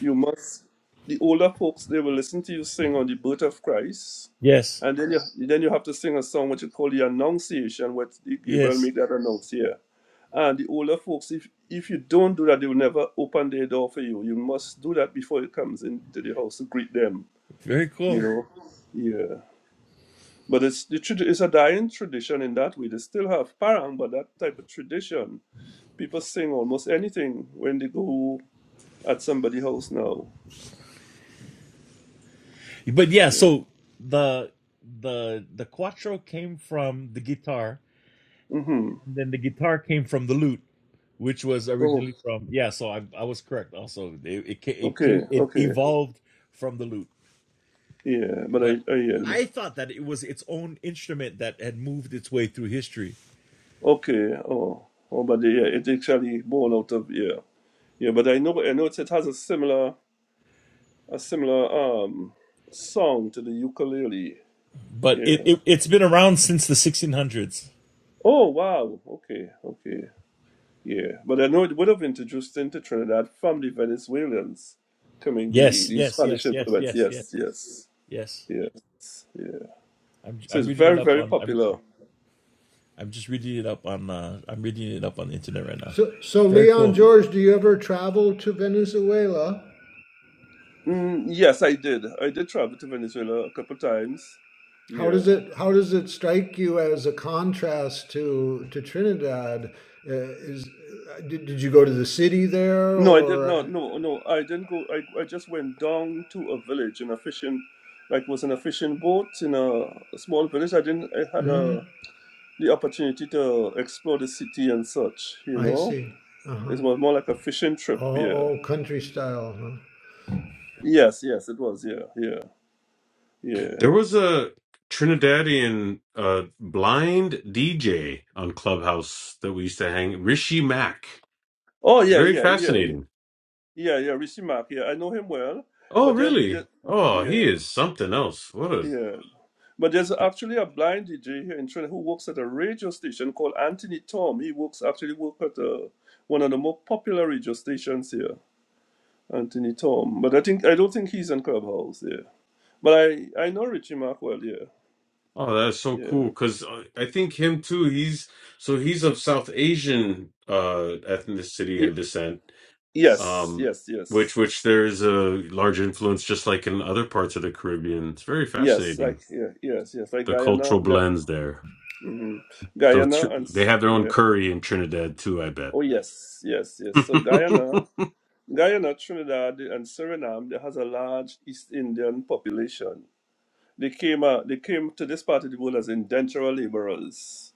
Speaker 7: You must, the older folks, they will listen to you sing on the birth of Christ.
Speaker 6: Yes.
Speaker 7: And then you, then you have to sing a song which you call the Annunciation, which the Gabriel
Speaker 6: Yes.
Speaker 7: make that announce here. And the older folks, if, if you don't do that, they will never open their door for you. You must do that before it comes into the house to greet them,
Speaker 6: Very
Speaker 7: you
Speaker 6: cool.
Speaker 7: know. Yeah. But it's, the, trad- it's a dying tradition in that way. They still have parang, but that type of tradition. People sing almost anything when they go at somebody's house now.
Speaker 6: But yeah,
Speaker 7: Yeah.
Speaker 6: so the the the quattro came from the guitar,
Speaker 7: Mm-hmm.
Speaker 6: and then the guitar came from the lute, which was
Speaker 7: Oh.
Speaker 6: originally from yeah. So I I was correct. Also, it it it
Speaker 7: Okay,
Speaker 6: came it
Speaker 7: okay.
Speaker 6: evolved from the lute,
Speaker 7: Yeah, but I,
Speaker 6: but
Speaker 7: I yeah.
Speaker 6: I
Speaker 7: but-
Speaker 6: thought that it was its own instrument that had moved its way through history
Speaker 7: Okay, oh, oh, but yeah, it actually born out of yeah, yeah. But I know, I know it, it has a similar, a similar um song to the ukulele.
Speaker 6: but it,
Speaker 7: Yeah.
Speaker 6: it it's been around since the 1600s.
Speaker 7: Oh wow. Okay, okay. Yeah, but I know it would have introduced into Trinidad from the Venezuelans, coming the
Speaker 6: Yes,
Speaker 7: the
Speaker 6: yes,
Speaker 7: Spanish
Speaker 6: yes, yes,
Speaker 7: influence.
Speaker 6: yes, yes,
Speaker 7: Yes, yes,
Speaker 6: yes.
Speaker 7: yes, yeah.
Speaker 6: I'm
Speaker 7: So
Speaker 6: I'm
Speaker 7: it's
Speaker 6: reading it
Speaker 7: very
Speaker 6: up
Speaker 7: very
Speaker 6: on I'm
Speaker 7: popular.
Speaker 6: I'm just reading it up on uh I'm reading it up on the internet right now.
Speaker 5: So, so
Speaker 6: Very
Speaker 5: Leon
Speaker 6: cool.
Speaker 7: Mm-hmm.
Speaker 5: George, do you ever travel to Venezuela?
Speaker 7: Mm, yes, I did. I did travel to Venezuela a couple times.
Speaker 5: How does
Speaker 7: Yeah.
Speaker 5: it how does it strike you as a contrast to to Trinidad? Uh, is uh, did, did you go to the city there
Speaker 7: No, I did not.
Speaker 5: or?
Speaker 7: No, no, I didn't go. I, I just went down to a village in a fishing, like was in a fishing boat in a, a small village. I didn't. I had
Speaker 5: Mm,
Speaker 7: a the opportunity to explore the city and such. You
Speaker 5: I
Speaker 7: know,
Speaker 5: see. Uh huh.
Speaker 7: it was more like a fishing trip.
Speaker 5: Oh,
Speaker 7: Yeah.
Speaker 5: oh, country style. Huh?
Speaker 7: Yes, yes, it was. Yeah, yeah, yeah.
Speaker 4: There was a Trinidadian uh, blind DJ on Clubhouse that we used to hang. Rishi Mack,
Speaker 7: Oh, yeah,
Speaker 4: very
Speaker 7: yeah, yeah, yeah,
Speaker 4: fascinating.
Speaker 7: yeah. yeah Rishi Mark. Yeah, I know him well,
Speaker 4: Oh,
Speaker 7: but just,
Speaker 4: really?
Speaker 7: just
Speaker 4: Oh, he
Speaker 7: yeah,
Speaker 4: is something else. What a
Speaker 7: yeah. But there's actually a blind DJ here in Trinidad who works at a radio station called Anthony Tom. He works actually work at uh one of the more popular radio stations here, Anthony Tom. But I think I don't think he's on Clubhouse. Yeah, but I I know Richie Mark well. Yeah,
Speaker 4: oh, that's so cool.
Speaker 7: yeah,
Speaker 4: Because I think him too. He's so he's of South Asian uh, ethnicity
Speaker 7: yeah.
Speaker 4: and descent
Speaker 7: Yes,
Speaker 4: um,
Speaker 7: yes, yes,
Speaker 4: which which there is a large influence, just like in other parts of the Caribbean. It's very
Speaker 7: yes.
Speaker 4: fascinating
Speaker 7: Like yeah, yes, yes. Like
Speaker 4: the
Speaker 7: Guyana,
Speaker 4: cultural
Speaker 7: Ga-
Speaker 4: blends there.
Speaker 7: mhm.
Speaker 4: So tr-
Speaker 7: Guyana, and
Speaker 4: they
Speaker 7: S-
Speaker 4: have their own
Speaker 7: yeah.
Speaker 4: curry in Trinidad too, I bet.
Speaker 7: Oh yes, yes, yes. So Guyana. Guyana, Trinidad, and Suriname, there has a large East Indian population They came, uh, they came to this part of the world as indentured laborers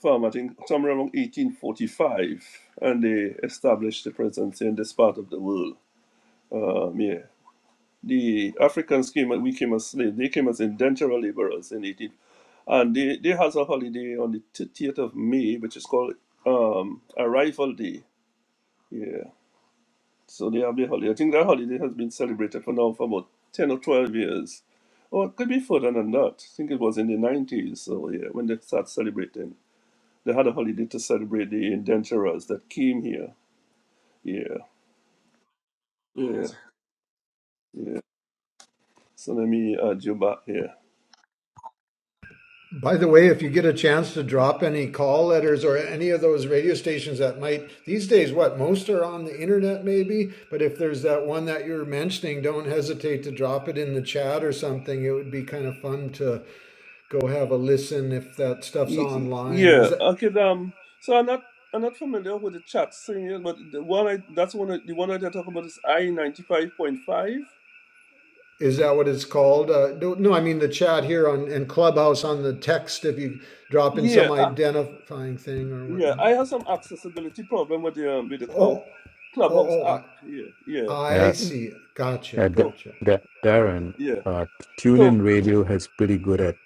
Speaker 7: from, I think, somewhere around 1845, and they established their presence in this part of the world. Um, yeah. The Africans came, and we came as slaves. They came as indentured laborers in 18... And they, they has a holiday on the 30th of May, which is called um, Arrival Day. Yeah. So the Abbey Holiday, I think that holiday has been celebrated for now for about 10 or 12 years. Or it could be further than that. I think it was in the 90s, so yeah, when they started celebrating. They had a holiday to celebrate the indenturers that came here. Yeah, yeah, yeah. So let me add you back here.
Speaker 5: By the way, if you get a chance to drop any call letters or any of those radio stations that might these days, what most are on the internet, maybe. But if there's that one that you're mentioning, don't hesitate to drop it in the chat or something. It would be kind of fun to go have a listen if that stuff's
Speaker 7: Y- y-
Speaker 5: online. Is
Speaker 7: Yeah,
Speaker 5: that
Speaker 7: okay, um, so I'm not, I'm not familiar with the chat thing here, but the one I, that's one, I, the one I did talk about is I-95.5.
Speaker 5: is that what it's called? Uh, do, no, I mean the chat here on and Clubhouse on the text. If you drop in
Speaker 7: Yeah,
Speaker 5: some
Speaker 7: uh,
Speaker 5: identifying thing or
Speaker 7: Yeah,
Speaker 5: whatnot.
Speaker 7: I have some accessibility problem with the um, with the cloud
Speaker 5: Oh, oh,
Speaker 7: clubhouse
Speaker 5: oh!
Speaker 7: app. Yeah, yeah.
Speaker 5: I, I
Speaker 1: Yeah,
Speaker 5: see. Gotcha,
Speaker 1: uh, Da-
Speaker 7: So
Speaker 5: gotcha.
Speaker 1: Da- Darren,
Speaker 7: yeah,
Speaker 1: uh,
Speaker 7: so
Speaker 1: TuneIn Radio has pretty good at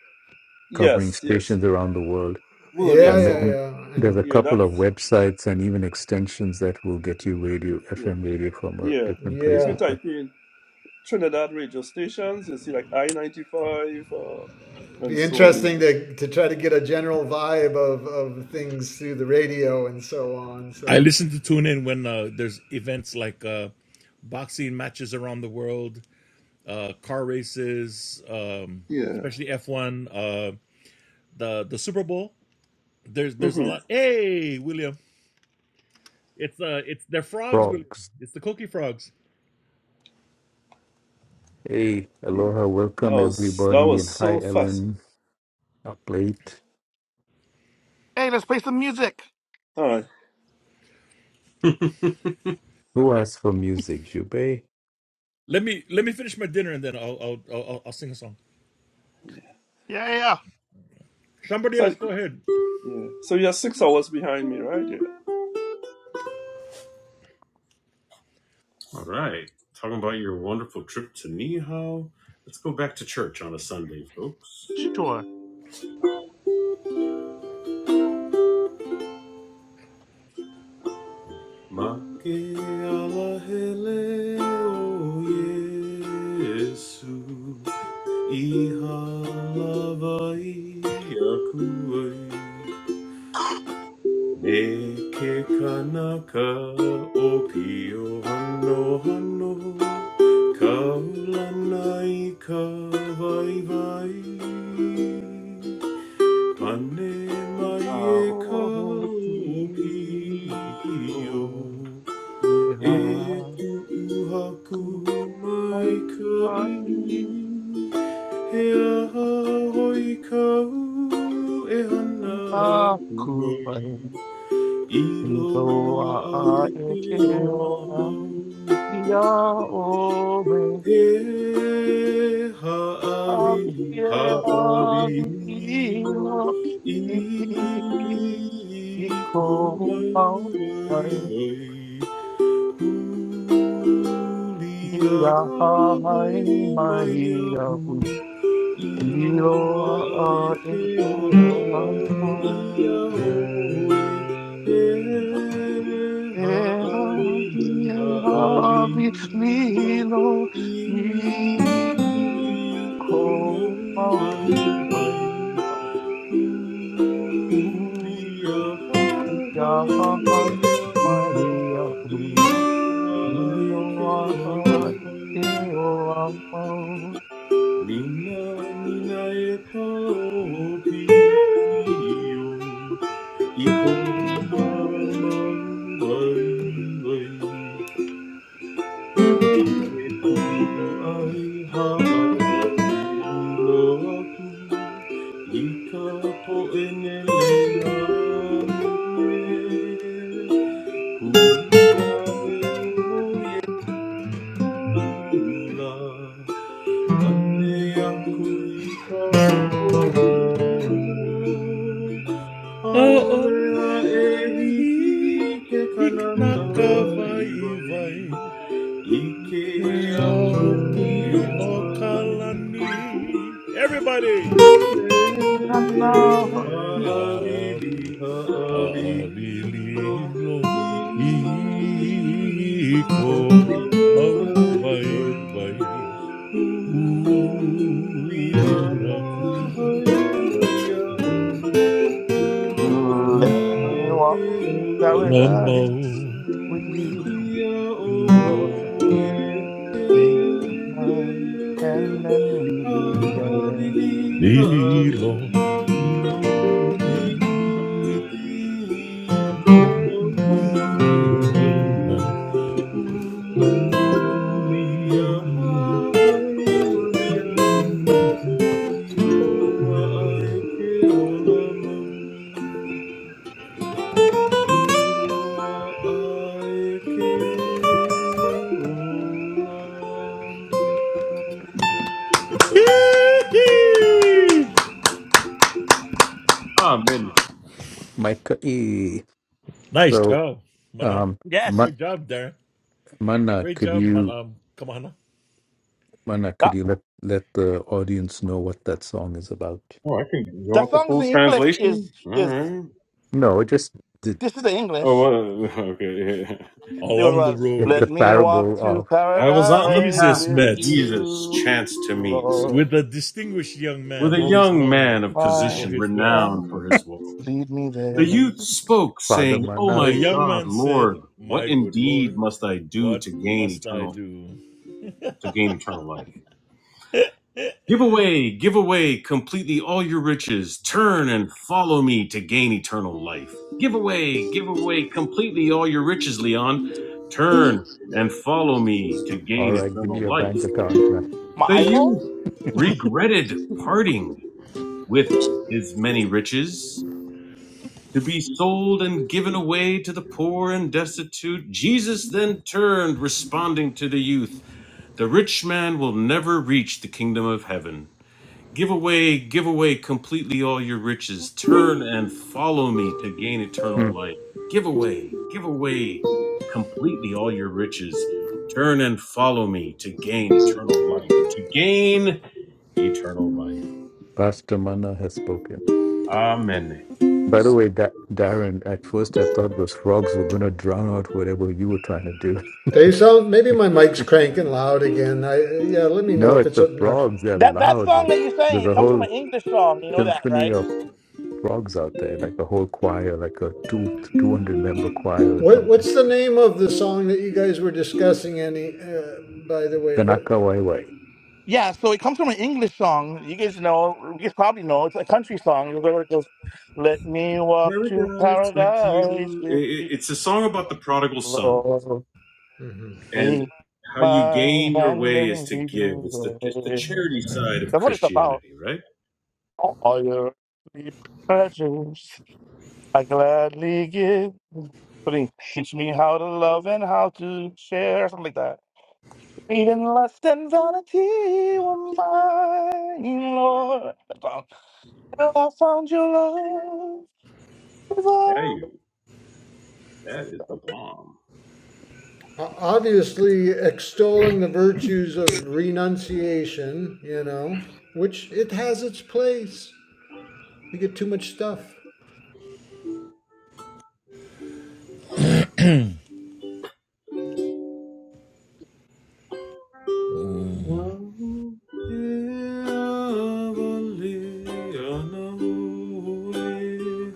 Speaker 1: covering
Speaker 7: yes, yes,
Speaker 1: stations
Speaker 7: yeah.
Speaker 1: around the world.
Speaker 7: Well, yeah.
Speaker 5: Yeah,
Speaker 1: And
Speaker 5: yeah,
Speaker 7: So
Speaker 1: then
Speaker 5: yeah. I
Speaker 1: there's
Speaker 5: know.
Speaker 1: a
Speaker 7: yeah,
Speaker 1: couple of
Speaker 7: that's
Speaker 1: websites and even extensions that will get you radio,
Speaker 7: yeah,
Speaker 1: FM radio from uh,
Speaker 7: yeah.
Speaker 1: different
Speaker 7: If you
Speaker 1: places.
Speaker 5: Yeah,
Speaker 1: The
Speaker 7: type in Trinidad radio stations, you see like I ninety five uh,
Speaker 5: It'd
Speaker 7: and
Speaker 5: be
Speaker 7: so
Speaker 5: interesting
Speaker 7: on.
Speaker 5: to to try to get a general vibe of of things through the radio and so on.
Speaker 6: I
Speaker 5: So
Speaker 6: listen to tune in when uh, there's events like uh, boxing matches around the world, uh, car races, um,
Speaker 7: Yeah, yeah.
Speaker 6: especially F1, uh, the the Super Bowl. There's there's a
Speaker 7: Mm-hmm.
Speaker 6: lot. Hey, William, it's uh it's they're frogs, William.
Speaker 1: frogs.
Speaker 6: It's the cookie frogs.
Speaker 1: Hey,
Speaker 7: Yeah.
Speaker 1: aloha,
Speaker 7: That
Speaker 1: welcome
Speaker 7: was that
Speaker 1: everybody,
Speaker 7: was
Speaker 1: and hi,
Speaker 7: so fast.
Speaker 1: Ellen. Up late.
Speaker 2: Hey, let's play some music.
Speaker 7: All right.
Speaker 1: Who asked for music, Jube?
Speaker 6: Let me let me finish my dinner and then I'll I'll I'll, I'll sing a song.
Speaker 7: Yeah.
Speaker 2: Yeah, yeah. yeah.
Speaker 6: Somebody
Speaker 7: So
Speaker 6: else, go ahead.
Speaker 7: yeah. So you're six hours behind me, right? Yeah.
Speaker 4: All right, talking about your wonderful trip to Niihau. Let's go back to church on a Sunday, folks.
Speaker 2: Sure.
Speaker 4: Make alahele o Yesu ihalavai akuai Neke kanaka o pio hano hano Kaulanai kawai vai Pane
Speaker 2: It's
Speaker 4: mai e ka
Speaker 2: all
Speaker 4: o
Speaker 2: Oh, please, Lord, if
Speaker 4: e
Speaker 2: I could find what you
Speaker 4: He aha hoi kau e hana
Speaker 2: are,
Speaker 4: aku
Speaker 2: could find
Speaker 4: mai I
Speaker 2: me, though
Speaker 4: loa a e
Speaker 2: I am
Speaker 4: ke ona
Speaker 2: ill and
Speaker 4: mau
Speaker 2: we are over.
Speaker 4: E
Speaker 2: Have
Speaker 4: ha'avili,
Speaker 2: you, have
Speaker 4: ha'avilimo,
Speaker 2: you, Lord?
Speaker 4: ikonai,
Speaker 2: He called out, I, we are
Speaker 4: huliahai
Speaker 2: high,
Speaker 4: mayau,
Speaker 2: my You
Speaker 4: iloa'ai
Speaker 2: are a
Speaker 4: keolapai
Speaker 2: hero.
Speaker 4: iaoi. E
Speaker 2: Ehavi,
Speaker 4: ha'avili,
Speaker 2: ehavi,
Speaker 4: ha'avilimo,
Speaker 2: lilo,
Speaker 4: Ikona
Speaker 2: ni, ko, au, wai, u, ya, ha, han, wai, ya, u, lilo, a, a, e, o,
Speaker 4: mangai Hariku ai haawi loa aku i ka poʻenele ahu e. Huli Lula, ande yakuika otu.
Speaker 6: Oh,
Speaker 4: Aolea
Speaker 6: ole
Speaker 4: ehiki
Speaker 6: ahi
Speaker 4: ke kanaka iwai. Ike ampuni o kalani.
Speaker 6: Everybody.
Speaker 4: E
Speaker 2: a, o,
Speaker 6: Eh,
Speaker 4: haaviri haaviringo. I
Speaker 6: iko mau vai
Speaker 4: komaku
Speaker 6: vai. Lambo
Speaker 4: Ulia hai maya u ilua
Speaker 2: Let me
Speaker 4: ai
Speaker 2: walk
Speaker 4: ke
Speaker 2: in
Speaker 4: ola
Speaker 2: paradise with you.
Speaker 4: ulia
Speaker 2: You
Speaker 4: o
Speaker 2: will
Speaker 4: e
Speaker 2: take
Speaker 4: he
Speaker 2: my hand and lead
Speaker 4: ha
Speaker 2: me there.
Speaker 4: avili ha
Speaker 6: Nilo
Speaker 4: avili no i i
Speaker 6: o
Speaker 4: kono mai
Speaker 6: mai
Speaker 4: mai.
Speaker 6: nai.
Speaker 4: Maria, Maria, Iloa ai ke ola Iloa ai ke ola Amen.
Speaker 1: Micah E.
Speaker 6: Nice
Speaker 1: So,
Speaker 6: job, Mana.
Speaker 1: um,
Speaker 2: Yes.
Speaker 1: Ma-
Speaker 6: Great job, Darren.
Speaker 1: Mana,
Speaker 6: Great
Speaker 1: could
Speaker 6: job,
Speaker 1: you,
Speaker 6: Mana. Um, come on. huh?
Speaker 1: Mana,
Speaker 2: That,
Speaker 1: could you let let the audience know what that song is about?
Speaker 4: Oh, I can go
Speaker 2: that
Speaker 4: with the
Speaker 2: song's in
Speaker 4: full
Speaker 2: English is
Speaker 4: translation. All
Speaker 2: is
Speaker 4: right.
Speaker 1: No, just the,
Speaker 2: this is the
Speaker 4: Oh,
Speaker 2: English.
Speaker 4: well, okay. Yeah.
Speaker 2: It
Speaker 6: Along the
Speaker 2: was
Speaker 1: it's the
Speaker 6: road,
Speaker 2: Let me walk
Speaker 1: parable
Speaker 2: to
Speaker 1: of
Speaker 4: I was on the
Speaker 2: paradise
Speaker 4: path
Speaker 6: Jesus
Speaker 2: with
Speaker 4: that
Speaker 6: met.
Speaker 4: Jesus
Speaker 2: you,
Speaker 4: chanced to meet
Speaker 2: Lord.
Speaker 6: with a distinguished young
Speaker 4: with
Speaker 6: man
Speaker 4: a
Speaker 6: who
Speaker 2: Take
Speaker 6: was
Speaker 4: young
Speaker 6: known
Speaker 4: man of
Speaker 2: my
Speaker 6: for
Speaker 4: position
Speaker 6: his wealth.
Speaker 4: renowned for
Speaker 2: hand,
Speaker 4: his wealth.
Speaker 2: lead me there.
Speaker 4: The youth spoke,
Speaker 1: Father
Speaker 4: saying, "O
Speaker 1: Mana.
Speaker 6: The
Speaker 4: my
Speaker 6: young
Speaker 4: God,
Speaker 6: man said,
Speaker 4: Lord, what
Speaker 6: My good
Speaker 4: indeed
Speaker 6: lord,
Speaker 4: must I do to
Speaker 6: what
Speaker 4: gain
Speaker 6: must I
Speaker 4: eternal
Speaker 6: do?
Speaker 4: to gain eternal life? Give away, give away completely all your riches. Turn and follow me to gain eternal life. Give away, give away completely all your riches, Leon. Turn and follow me to
Speaker 1: All
Speaker 4: gain
Speaker 1: right, give me
Speaker 4: eternal
Speaker 1: your bank
Speaker 4: life."
Speaker 1: account, man.
Speaker 4: The
Speaker 2: My
Speaker 4: youth
Speaker 2: iPhone?
Speaker 4: regretted parting with his many riches to be sold and given away to the poor and destitute. Jesus then turned, responding to the youth The rich man will never reach the kingdom of heaven. Give away, give away completely all your riches. Turn and follow me to gain eternal life. Give away, give away completely all your riches. Turn and follow me to gain eternal life. To gain eternal life.
Speaker 1: Pastor Mana has spoken.
Speaker 4: Amen.
Speaker 1: By the way, da- Darren, at first I thought those frogs were going to drown out whatever you were trying to do.
Speaker 5: they sound. Maybe my mic's cranking loud again. I yeah. Let me know
Speaker 1: No,
Speaker 5: if
Speaker 1: it's
Speaker 5: it's
Speaker 1: the
Speaker 5: obnoxious.
Speaker 1: frogs. They're
Speaker 2: That that
Speaker 1: loud.
Speaker 2: song
Speaker 1: There's
Speaker 2: that you sang,
Speaker 1: there's
Speaker 2: it
Speaker 1: a
Speaker 2: comes from
Speaker 1: whole
Speaker 2: an English song. You know that,
Speaker 1: symphony
Speaker 2: right?
Speaker 1: of frogs out there, like a whole choir, like a two 200 member choir or
Speaker 5: What
Speaker 1: something.
Speaker 5: what's the name of the song that you guys were discussing? Any, uh, by the way, what?
Speaker 1: Kanaka Wai Wai.
Speaker 2: Yeah, so it comes from an English song. You guys know, you guys probably know. It's a country song. It goes, it goes, "Let me walk to
Speaker 4: Paradise with
Speaker 2: paradise
Speaker 4: you. I-
Speaker 2: with
Speaker 4: I-
Speaker 2: you,
Speaker 4: It's a song about the prodigal son
Speaker 2: Lord.
Speaker 5: Mhm.
Speaker 4: and
Speaker 2: Take
Speaker 4: how you
Speaker 2: my
Speaker 4: gain your
Speaker 2: hand
Speaker 4: way is
Speaker 2: and
Speaker 4: to
Speaker 2: lead me
Speaker 4: give. It's the it's the
Speaker 2: there."
Speaker 4: charity side of
Speaker 2: That's what it's about.
Speaker 4: Christianity, right?
Speaker 2: All your sweet pleasures. I gladly give. Something, Teach me how to love and how to share, something like that. Even lust and vanity were mine, Lord. That song. Till I found your
Speaker 4: Yeah,
Speaker 2: love.
Speaker 4: you. That is the bomb.
Speaker 5: O- Obviously, extolling the virtues of renunciation. You know, which it has its place. We get too much stuff.
Speaker 6: Uh,
Speaker 4: Oh, heavenly, unknown.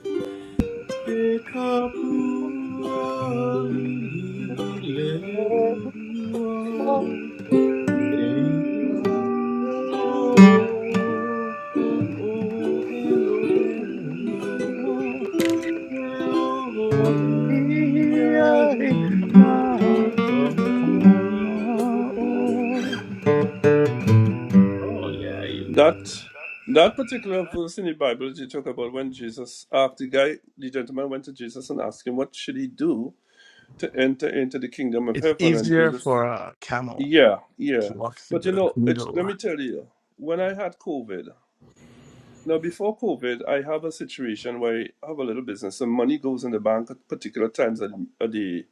Speaker 2: Now, come on now. Oh.
Speaker 4: Oh yeah, you.
Speaker 7: That that particular verse in the Bible that you talk about when Jesus asked the guy, the gentleman went to Jesus and asked him, What should he do to enter into the kingdom of
Speaker 2: It's
Speaker 7: heaven? And
Speaker 2: easier for
Speaker 7: Jesus
Speaker 2: a camel
Speaker 7: Yeah,
Speaker 2: to
Speaker 7: yeah.
Speaker 2: walk through
Speaker 7: But you
Speaker 2: the
Speaker 7: know, it let
Speaker 2: needle.
Speaker 7: me tell you, when I had COVID, now before COVID, I have a situation where I have a little business and money goes in the bank at particular times of of the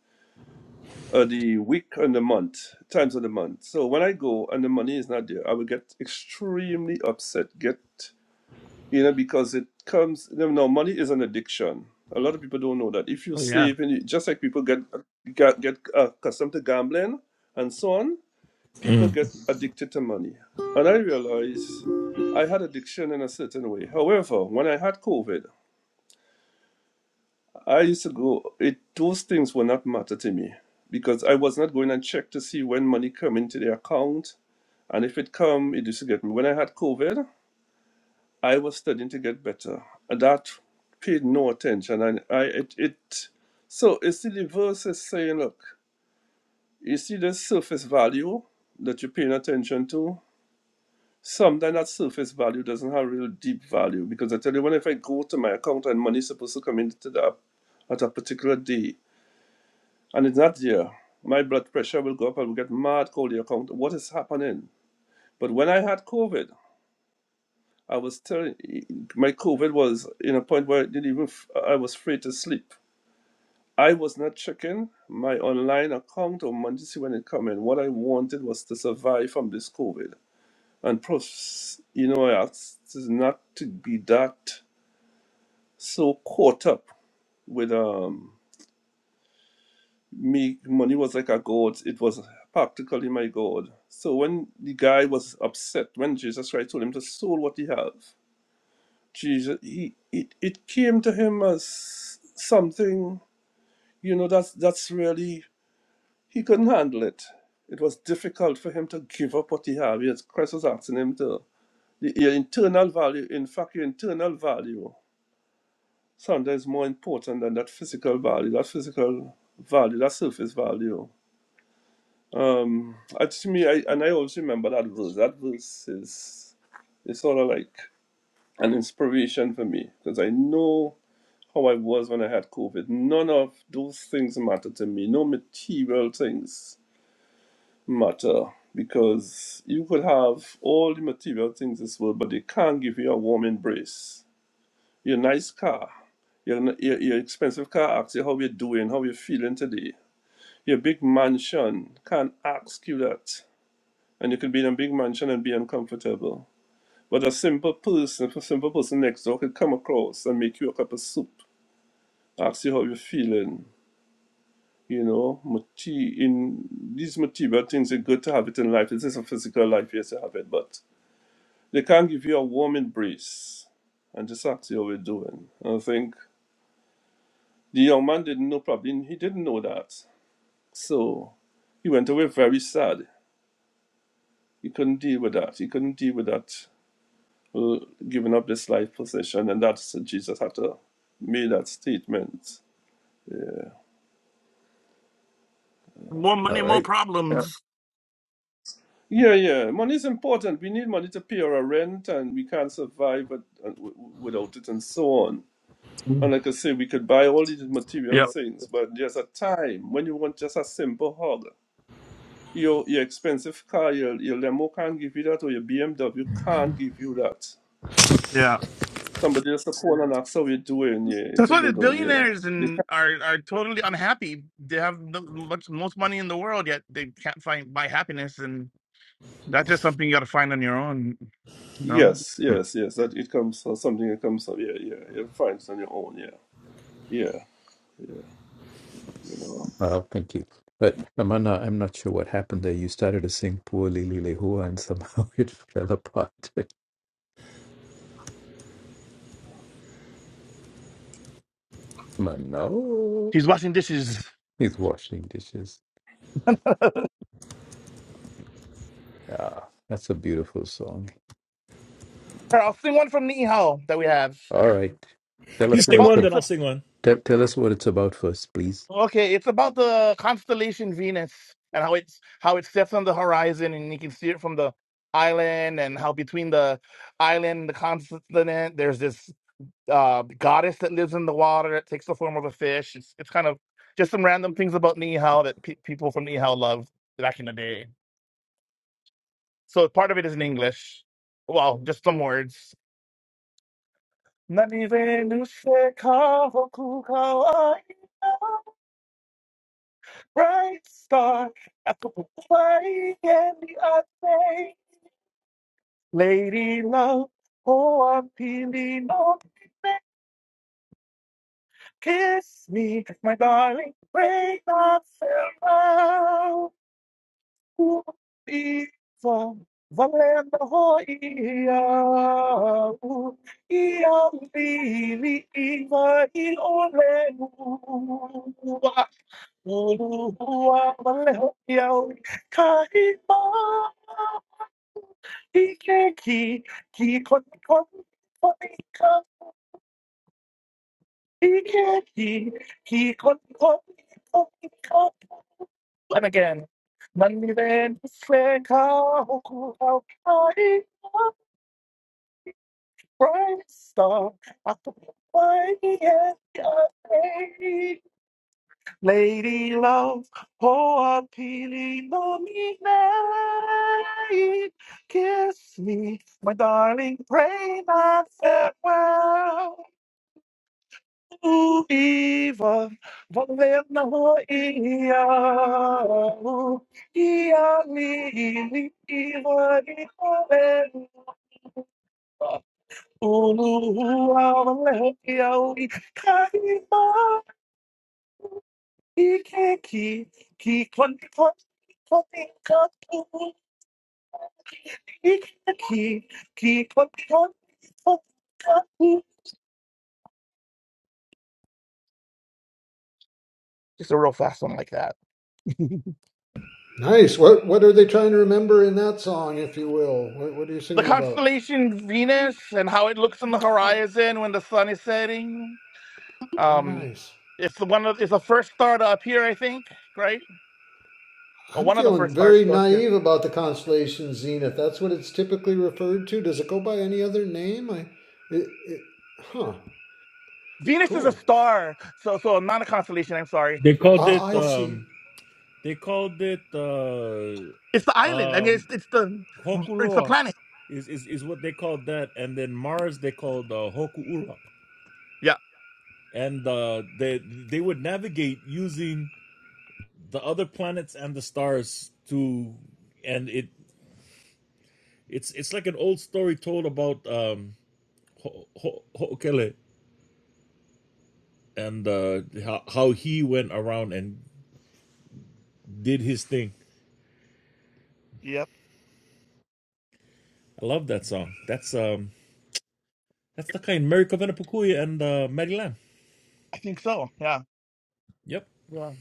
Speaker 7: of the week and the month, times of the month. So when I go and the money is not there, I will get extremely upset, get you know, because it comes, no, no, money is an addiction. A lot of people don't know that. If you
Speaker 2: Oh, yeah.
Speaker 7: save, and you, just like people get get, get uh, accustomed to gambling and so on, people
Speaker 6: mm.
Speaker 7: get addicted to money. And I realized I had addiction in a certain way. However, when I had COVID, I used to go. It those things were not matter to me because I was not going and check to see when money come into the account, and if it come, it used to get me. When I had COVID, I was studying to get better. And that paid no attention. And I it, it so it's the verse is saying, look, you see the surface value that you're paying attention to. Sometimes that surface value doesn't have real deep value because I tell you, when if I go to my account and money's supposed to come into that at a particular day and it's not there, my blood pressure will go up. I will get mad, call the account. What is happening? But when I had COVID, I was telling my COVID was in a point where I didn't even f- I was free to sleep. I was not checking my online account or money to see when it come in. What I wanted was to survive from this COVID. And plus, you know, I asked is not to be that so caught up with um me money was like a god it was practically my god so when the guy was upset when jesus christ told him to sold what he have. Jesus, he it, it came to him as something, you know, that's that's really he couldn't handle it. It was difficult for him to give up what he had. Yes, Christ was asking him to the- your internal value, in fact your internal value sometimes more important than that physical value, that physical value, that surface value. Um I to me I and I always remember that verse. That verse is it's sort of like an inspiration for me because I know how I was when I had COVID. None of those things matter to me. No material things matter because you could have all the material things in this world, but they can't give you a warm embrace. Your nice car, your, n- your, your expensive car asks you how you're doing, how you're feeling today. Your big mansion can't ask you that. And you could be in a big mansion and be uncomfortable. But a simple person, a simple person next door could come across and make you a cup of soup, ask you how you're feeling, You know, mati in these material things are good to have it in life. This is a physical life, yes, to have it, but they can't give you a warm embrace and just ask you how you're doing. And I think the young man didn't know probably he didn't know that. So he went away very sad. He couldn't deal with that. He couldn't deal with that uh, giving up this life position and that's Jesus had to make that statement.
Speaker 2: More
Speaker 1: All
Speaker 2: money, more
Speaker 1: right. Yeah.
Speaker 2: problems.
Speaker 7: Yeah, yeah. Money is important. We need money to pay our rent, and we can't survive but, uh, w- w- without it, and so on. And like I say, we could buy all these material
Speaker 2: Yeah,
Speaker 7: things, but there's a time when you want just a simple hug. Your your expensive car, your your limo can't give you that, or your BMW can't give you that.
Speaker 2: yeah.
Speaker 7: Somebody just call and ask how you're doing. Yeah, if
Speaker 2: That's
Speaker 7: you
Speaker 2: why the
Speaker 7: build on, yeah.
Speaker 2: billionaires
Speaker 7: They
Speaker 2: and
Speaker 7: can
Speaker 2: are are totally unhappy. They have the much most money in the world, yet they can't find buy happiness, and that's just something you got to find on your own. You know,
Speaker 7: Yes,
Speaker 1: Hmm.
Speaker 7: yes, yes. That it comes or something. It comes from yeah, yeah. You find it on your own. Yeah, yeah, yeah. You know.
Speaker 1: Well, thank you. But Amanda, I'm not sure what happened there. You started to sing Poor Lili Lehua and somehow it fell apart. Mano,
Speaker 2: she's washing dishes.
Speaker 1: he's washing dishes. Yeah, that's a beautiful song.
Speaker 2: Here, I'll sing one from Nihao that we have.
Speaker 1: All right, tell
Speaker 6: You
Speaker 1: us
Speaker 2: It's
Speaker 1: what
Speaker 6: sing
Speaker 2: about
Speaker 1: it's
Speaker 6: one,
Speaker 1: ab-
Speaker 6: then
Speaker 2: it's a,
Speaker 6: I'll sing one.
Speaker 1: tell, tell us what it's about first, please.
Speaker 2: okay. It's about the constellation Venus and how it's how it sets on the horizon, and you can see it from the island, and how between the island and the continent, there's this. uh, goddess that lives in the water that takes the form of a fish. It's it's kind of just some random things about Nihao that pe- people from Nihao loved back in the day. So part of it is in English. Well, just some words. "何故にせかわくかわいいの Bright star, apple pie and the other lady love. Oh, I'm feeling no Kiss me, my darling, break that spell. Uiva, valendo roia, u, ia vili, iva, il olelua, ulua, valendo iau, kaima, ike ki, ki kon kon, poika, ike ki kon kon, poika, and again, money then friend call out party bright star. I could be at Lady love, oh appealing on me night. Kiss me, my darling, pray not farewell. U iwa valena ia u ia lili iwa i valena ulu valena ia u i kaima i keki ki konti konti konti katu i keki ki konti konti konti katu. Just a real fast one like that.
Speaker 5: Nice. What what are they trying to remember in that song, if you will? What what are you
Speaker 2: The
Speaker 5: singing about?
Speaker 2: constellation Venus and how it looks on the horizon when the sun is setting.
Speaker 5: Oh,
Speaker 2: Um,
Speaker 5: nice.
Speaker 2: it's the one of it's the first star to appear, I think, right? Or
Speaker 5: I'm
Speaker 2: one of the
Speaker 5: feeling
Speaker 2: first stars
Speaker 5: very
Speaker 2: to appear.
Speaker 5: naive about the constellation Zenith. That's what it's typically referred to. Does it go by any other name? I, it, it, huh.
Speaker 2: Venus is a
Speaker 5: Cool.
Speaker 2: star, so so not a constellation. I'm sorry.
Speaker 6: They
Speaker 2: Hold
Speaker 6: called
Speaker 2: on,
Speaker 5: Ah,
Speaker 2: this-
Speaker 6: it
Speaker 5: I see.
Speaker 6: um they called it uh
Speaker 2: It's the island. I mean, it's
Speaker 6: um
Speaker 2: it's the it's the
Speaker 6: Hokuloa
Speaker 2: planet.
Speaker 6: is, is, is what they called that, and then Mars they called uh, Hokuura. And uh, they they would navigate using the other planets and the stars to and it It's it's like an old story told about um Ho- Ho- Ho'okele and uh, how how he went around and did his thing.
Speaker 2: Yeah,
Speaker 6: I love that song. That's um that's the kind Mary Covenant Pukuya and uh, Mary Lam.
Speaker 2: I think so. Yeah,
Speaker 6: Yep,
Speaker 2: yeah.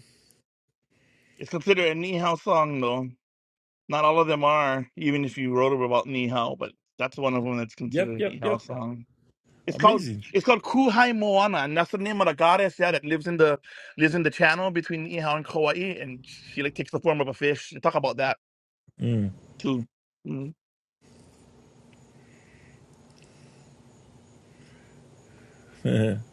Speaker 2: It's considered a Nihao song, though. Not all of them are, even if you wrote about Nihao, but that's one of them that's
Speaker 6: yep,
Speaker 2: considered a
Speaker 6: yep, yep.
Speaker 2: Nihao song. It's called
Speaker 6: Amazing.
Speaker 2: it's called Kuhai Moana, and that's the name of the goddess yeah, that lives in the lives in the channel between Niihau and Kauai, and she like takes the form of a fish. They talk about that
Speaker 6: Mm.
Speaker 2: too. Mm.
Speaker 6: the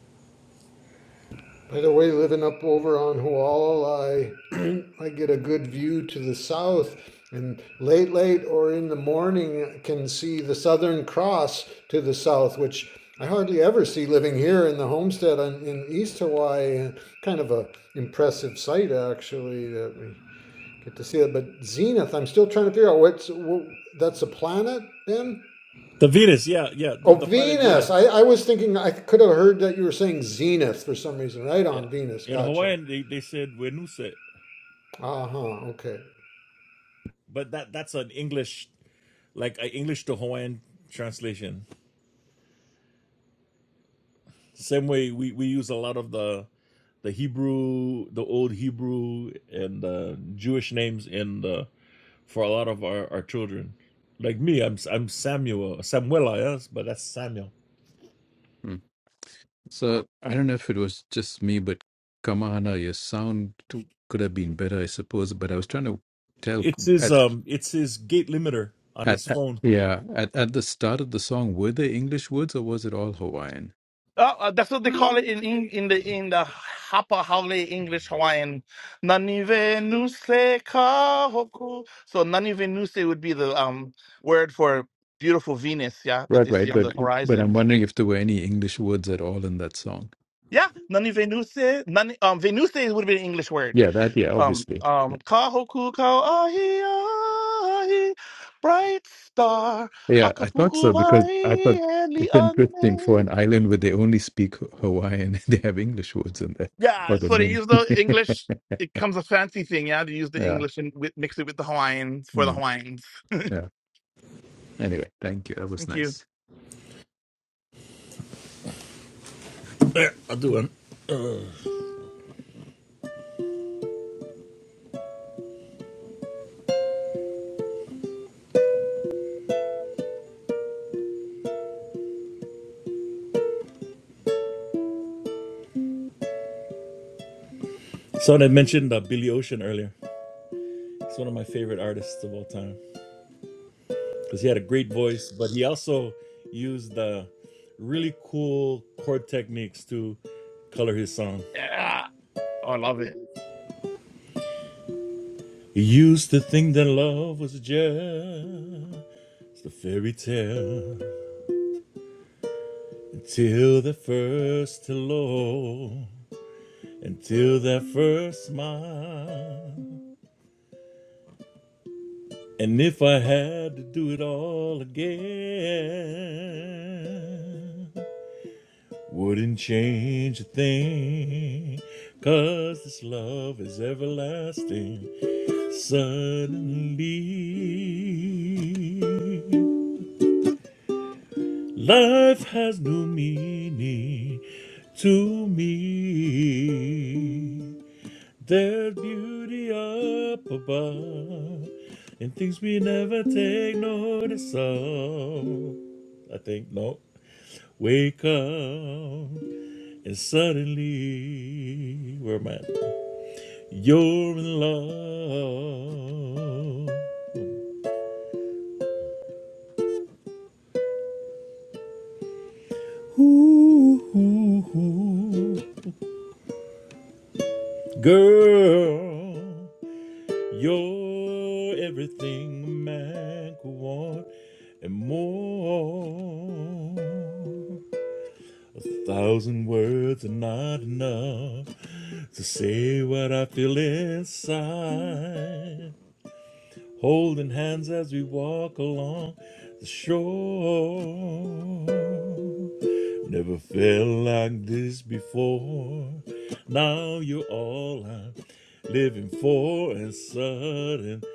Speaker 5: By the way, living up over on Huala, I I get a good view to the south, and late, late or in the morning can see the Southern Cross to the south, which I hardly ever see living here in the homestead on, in East Hawaii. Kind of a impressive sight, actually, that we get to see it. But Zenith, I'm still trying to figure out what's wh- that's a planet, then.
Speaker 6: Venus, yeah, yeah, the,
Speaker 5: Oh,
Speaker 6: the planet Venus.
Speaker 5: Venus. I, I was thinking, I could have heard that you were saying Zenith for some reason, right
Speaker 6: Yeah.
Speaker 5: on Venus.
Speaker 6: In
Speaker 5: Gotcha.
Speaker 6: Hawaiian, they, they said Wenuse,
Speaker 5: Uh huh. Okay.
Speaker 6: but that that's an English like an English to Hawaiian translation. The Same way we, we use a lot of the the Hebrew, the old Hebrew and uh, Jewish names in the for a lot of our, our children. Like me, I'm I'm Samuel, Samuela, yes, but that's Samuel.
Speaker 1: Hmm. So I don't know if it was just me, but Kamahana, your sound too, could have been better, I suppose. But I was trying to tell
Speaker 6: It's his
Speaker 1: at
Speaker 6: um, it's his gate limiter on
Speaker 1: at,
Speaker 6: his
Speaker 1: at
Speaker 6: phone.
Speaker 1: yeah at, at the start of the song, were there English words or was it all Hawaiian?
Speaker 2: Oh, uh, that's what they call it in Eng- in the in the Hapa Haole English Hawaiian. Nanive nuse kahoku. So Nanive nuse would be the um word for beautiful Venus, yeah, that
Speaker 1: Right,
Speaker 2: they see
Speaker 1: right,
Speaker 2: on
Speaker 1: but
Speaker 2: the
Speaker 1: But I'm
Speaker 2: horizon.
Speaker 1: wondering if there were any English words at all in that song.
Speaker 2: Yeah, Nanive nuse. Nani um Venuse would be an English word.
Speaker 1: yeah, that yeah,
Speaker 2: Um,
Speaker 1: obviously.
Speaker 2: um, Kahoku kau Ahi Ahi, Bright Star,
Speaker 1: Yeah, I thought so because I
Speaker 2: Akapu'uvai,
Speaker 1: thought
Speaker 2: and
Speaker 1: it's
Speaker 2: the
Speaker 1: interesting for an island where they only speak Hawaiian, they have English words in there or
Speaker 2: Yeah,
Speaker 1: the
Speaker 2: so they
Speaker 1: meaning.
Speaker 2: use the English. It comes a fancy thing, yeah. They use the
Speaker 1: yeah,
Speaker 2: English and with, mix it with the Hawaiians for the
Speaker 1: mm,
Speaker 2: Hawaiians.
Speaker 1: yeah. Anyway, thank you. That was
Speaker 2: Thank you.
Speaker 1: nice.
Speaker 6: There, I'll do it. Someone had mentioned uh, Billy Ocean earlier. He's one of my favorite artists of all time because he had a great voice, but he also used uh, really cool chord techniques to color his song.
Speaker 2: Yeah, oh, I love it.
Speaker 6: He used to think that love was just a fairy tale until that first hello, until that first smile. And if I had to do it all again, wouldn't change a thing, 'cause this love is everlasting. Suddenly. Life has no meaning to me. There's beauty up above and things we never take notice of. I think, no. Wake up and suddenly, where am I? You're in love. Ooh, ooh, ooh. Girl. You're everything a man could want and more. A thousand words are not enough to say what I feel inside holding hands as we walk along the shore. Never felt like this before. Now you're all I'm living for, and suddenly.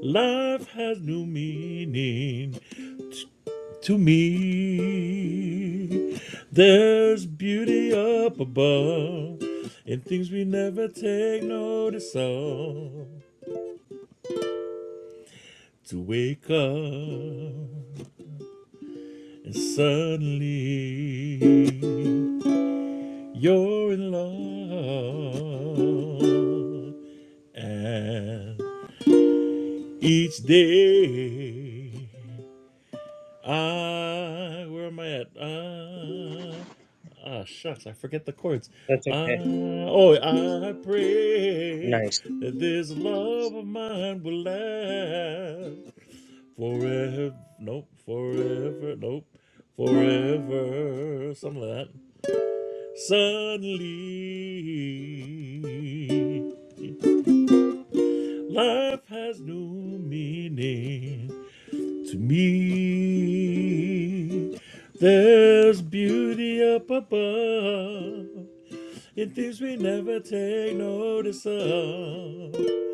Speaker 6: Life has new meaning t- to me. There's beauty up above and things we never take notice of. To wake up and suddenly you're in love, and each day. I, where am I at? I, ah, shucks, I forget the chords.
Speaker 8: That's
Speaker 6: I,
Speaker 8: okay.
Speaker 6: oh, I pray
Speaker 8: Nice,
Speaker 6: that this love of mine will last forever. Nope, forever. Nope, forever. Something like that. Suddenly, life has new meaning. To me, there's beauty up above in things we never take notice of. To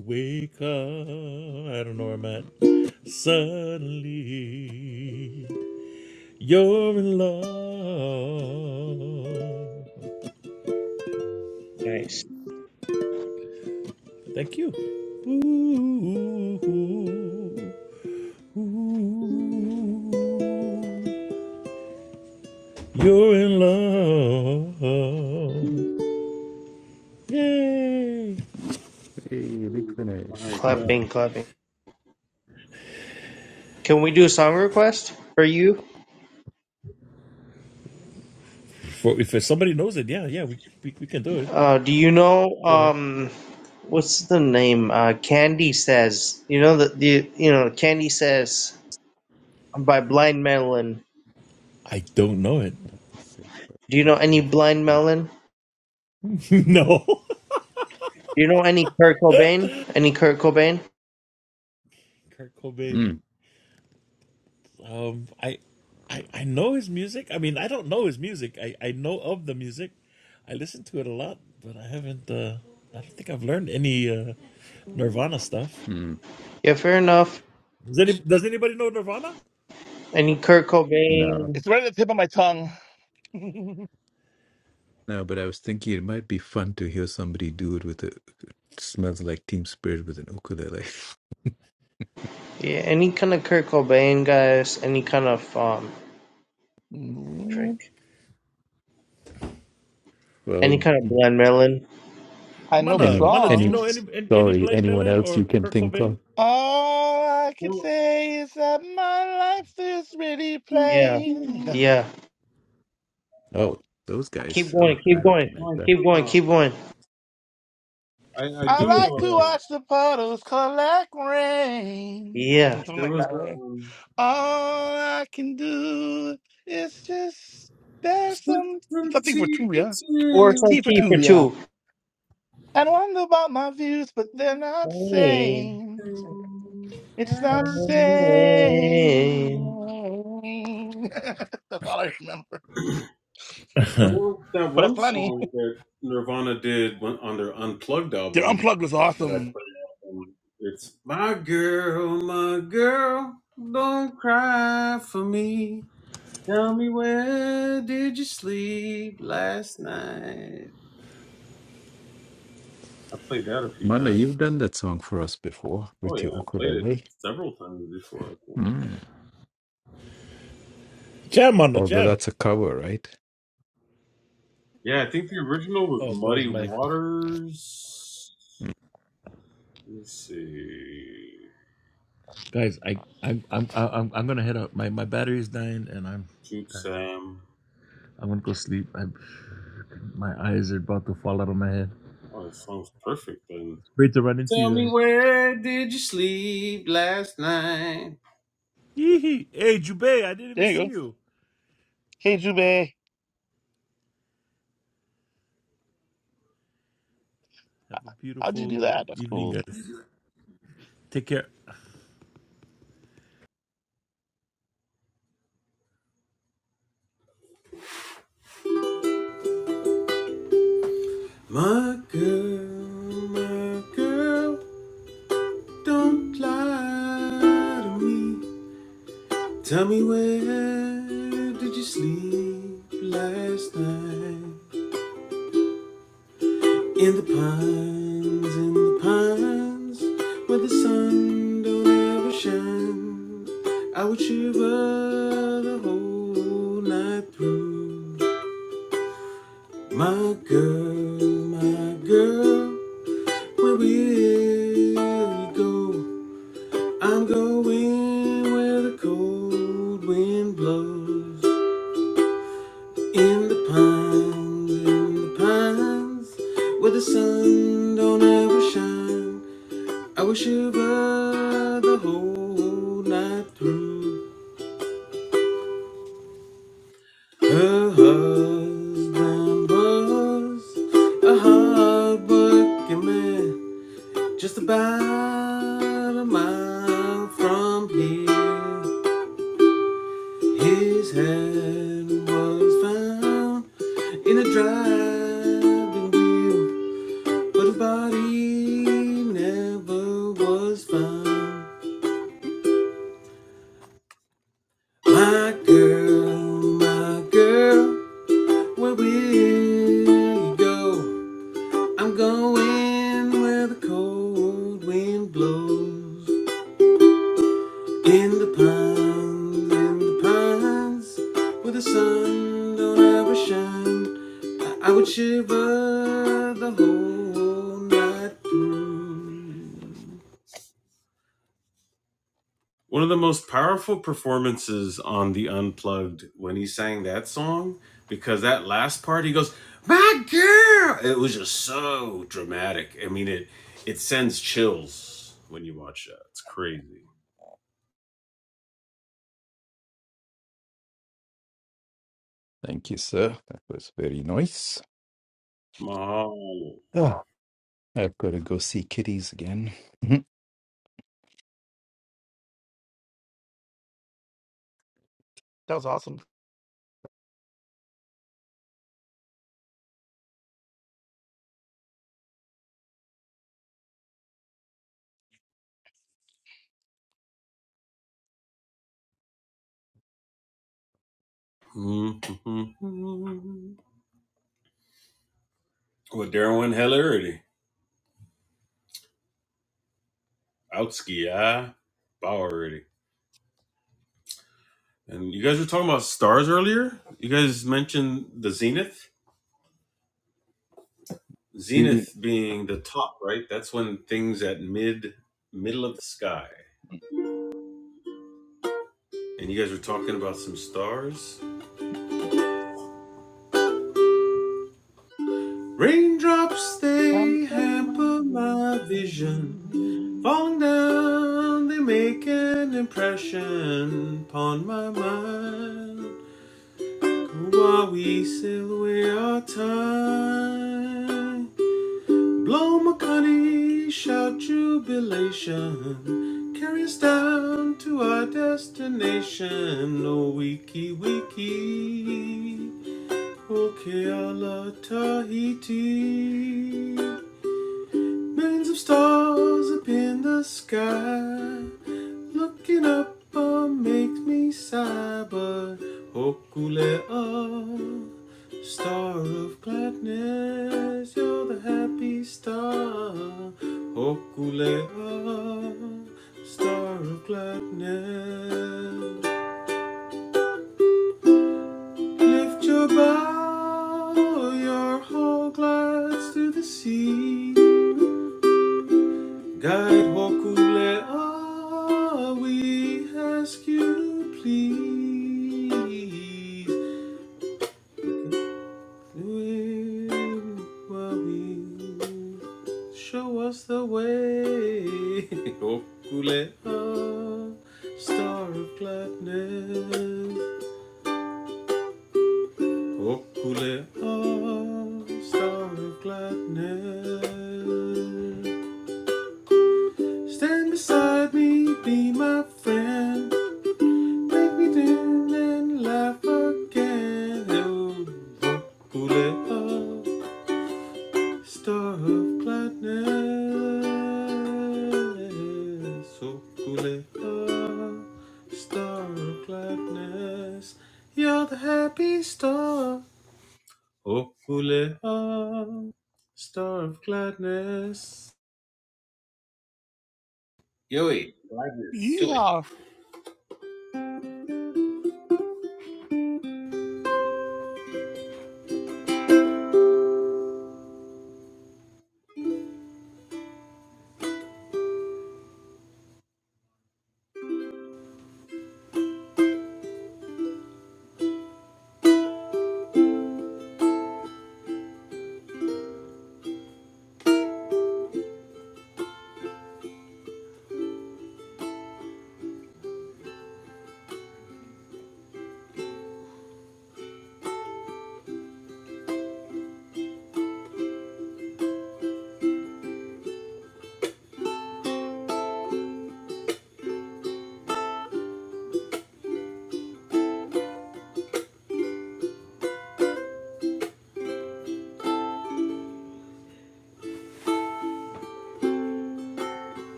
Speaker 6: wake up, I don't know where I'm at. Suddenly, you're in love.
Speaker 8: nice.
Speaker 6: Thank you. Ooh, ooh, ooh. You're in love. Yay!
Speaker 1: Hey, big
Speaker 4: My
Speaker 1: finish.
Speaker 4: God.
Speaker 8: Clapping, clapping. Can we do a song request for you?
Speaker 6: For if somebody knows it, yeah, yeah, we we, we can do it.
Speaker 8: Uh, do you know
Speaker 6: Sure.
Speaker 8: um what's the name? Uh, Candy says. You know the the you know Candy says by Blind Melon.
Speaker 6: I don't know it.
Speaker 8: Do you know any Blind Melon?
Speaker 6: no,
Speaker 8: Do you know any Kurt Cobain? Any Kurt Cobain?
Speaker 6: Kurt Cobain.
Speaker 1: mm,
Speaker 6: Um, I, I I know his music. I mean, I don't know his music. I I know of the music. I listen to it a lot, but I haven't. Uh, I don't think I've learned any uh, Nirvana stuff.
Speaker 1: mm.
Speaker 8: Yeah, fair enough.
Speaker 6: Does any Does anybody know Nirvana?
Speaker 8: Any Kurt
Speaker 1: No,
Speaker 8: Cobain?
Speaker 2: It's very. Um,
Speaker 1: no, but I was thinking it might be fun to hear somebody do it with a smells like team spirit with an ukulele.
Speaker 8: Yeah, any kind of Kurt Cobain guys. Any kind of um, frick,
Speaker 2: mm,
Speaker 8: any
Speaker 1: Well,
Speaker 8: kind of Blind Melon.
Speaker 2: I know the
Speaker 6: Mana,
Speaker 1: any
Speaker 6: Mana, do you
Speaker 1: any
Speaker 6: know any
Speaker 2: songs.
Speaker 6: any, any
Speaker 1: sorry,
Speaker 6: Blind
Speaker 1: anyone
Speaker 6: Melon
Speaker 1: else
Speaker 6: or
Speaker 1: you can
Speaker 6: Kurt
Speaker 1: think of?
Speaker 6: Cobain?
Speaker 2: All I could
Speaker 4: Well,
Speaker 2: say is that my life is really
Speaker 8: Yeah,
Speaker 2: plain.
Speaker 8: yeah.
Speaker 1: Oh, those
Speaker 8: Keep
Speaker 1: guys. Oh,
Speaker 8: going, keep
Speaker 1: I
Speaker 8: going,
Speaker 1: recognize
Speaker 4: my
Speaker 8: keep going,
Speaker 4: God.
Speaker 8: keep going.
Speaker 4: I I
Speaker 2: I
Speaker 4: do.
Speaker 1: that.
Speaker 2: like to
Speaker 4: Uh,
Speaker 2: watch the puddles collect rain.
Speaker 8: Yeah.
Speaker 2: Something
Speaker 4: There
Speaker 2: like
Speaker 4: was
Speaker 2: that. right?
Speaker 4: um
Speaker 2: All I can do is just there's
Speaker 4: slip
Speaker 2: some
Speaker 4: from
Speaker 2: something for
Speaker 4: tea
Speaker 2: two, yeah.
Speaker 8: or some
Speaker 4: to
Speaker 2: Tea for
Speaker 8: tea for
Speaker 2: two, yeah.
Speaker 8: two.
Speaker 2: And wonder about my views, but they're not
Speaker 8: Same,
Speaker 2: sane.
Speaker 4: and
Speaker 2: It's not
Speaker 4: I-
Speaker 2: sane.
Speaker 8: same.
Speaker 2: that's all I remember.
Speaker 4: well, there was that
Speaker 2: But that's
Speaker 4: one
Speaker 2: funny.
Speaker 4: song that Nirvana did when- on their Unplugged
Speaker 2: Their
Speaker 4: album
Speaker 2: unplugged was
Speaker 4: that I
Speaker 2: awesome.
Speaker 4: played. Um, It's my girl, my girl, don't cry for me. Tell me where did you sleep last night? I played that a few
Speaker 1: Manda,
Speaker 4: times.
Speaker 1: you've done that song for us before
Speaker 4: Oh
Speaker 1: with your
Speaker 4: yeah, I played it
Speaker 1: ukulele.
Speaker 4: several times before.
Speaker 1: Mm.
Speaker 6: jam, Mana,
Speaker 1: Although
Speaker 6: jam.
Speaker 1: that's a cover, right?
Speaker 4: Yeah, I think the original was
Speaker 6: Oh, guys,
Speaker 4: Muddy
Speaker 6: my.
Speaker 4: Waters.
Speaker 1: Mm.
Speaker 4: Let me see.
Speaker 6: Guys, I I'm I'm I'm, I'm gonna head out. My my battery's dying, and I'm
Speaker 4: Shoot Sam.
Speaker 6: I'm gonna go sleep. I'm, my eyes are about to fall out of my head.
Speaker 4: Oh, that song's perfect then.
Speaker 6: It's Great to run into
Speaker 4: Tell
Speaker 6: you
Speaker 4: me
Speaker 6: guys.
Speaker 4: where did you sleep last night?
Speaker 6: Yee-hee. Hey, Jubei, I didn't even
Speaker 2: There you
Speaker 6: see
Speaker 2: go.
Speaker 6: you.
Speaker 2: Hey Jube,
Speaker 6: Have a
Speaker 2: how'd you
Speaker 6: beautiful
Speaker 2: do that? That's
Speaker 6: evening,
Speaker 2: cool.
Speaker 6: guys. Take care.
Speaker 4: My girl, my girl, don't lie to me. Tell me where did you sleep last night? In the pines, in the pines, where the sun don't ever shine, I would shiver the whole night through. My girl, my girl, where will you go? I'm going where the cold wind blows. In the pines, in the pines, where the sun don't ever shine. I wish you were the whole night through. Her husband was a hard working man, just about a mile from here. His head was found in a driving wheel, but his body never was found. My girl, my girl. Where will you go? I'm going where the cold wind blows. In the pines, in the pines, where the sun don't ever shine. I, I would shiver the whole night through. One of the most powerful performances on the Unplugged when he sang that song, because that last part he goes, "My girl," it was just so dramatic. I mean, it it sends chills when you watch that. It's crazy.
Speaker 1: Thank you, sir. That was very nice.
Speaker 4: Mahalo.
Speaker 1: Oh, I've got to go see kitties again.
Speaker 2: That was awesome.
Speaker 4: Mhm. With Darwin Hellerity, Outski, ah, Bowerity. And you guys were talking about stars earlier. You guys mentioned the Zenith.
Speaker 1: The,
Speaker 4: Zenith being the top, right? That's when things at mid middle of the sky. And you guys were talking about some stars. Raindrops
Speaker 2: I'm
Speaker 4: they
Speaker 2: so
Speaker 4: hamper
Speaker 2: lonely.
Speaker 4: my vision. Falling down, they make an impression upon my mind. While we sail away our time. Blow Makani, shout jubilation. Carry us down to our destination. Oh, wiki wiki. Okeala Tahiti. Millions of stars up in the sky. Looking up uh, makes me sigh, but Hokulea, star of gladness, you're the happy star. Hokulea, star of gladness. Lift your bow, your whole glass to the sea. Guide Hokule, ah, we ask you to please do it while we- show us the way. Hokule, ah, star of gladness. Hokule, ah, star of gladness. Stand beside me, be my friend. Make me dance and laugh again. Oh, Bubblehead, star of gladness. Oh, Bubblehead, star of gladness. You're the happy star. Oh, Bubblehead, star of gladness. Yoi, gladness. So,
Speaker 2: Yeah.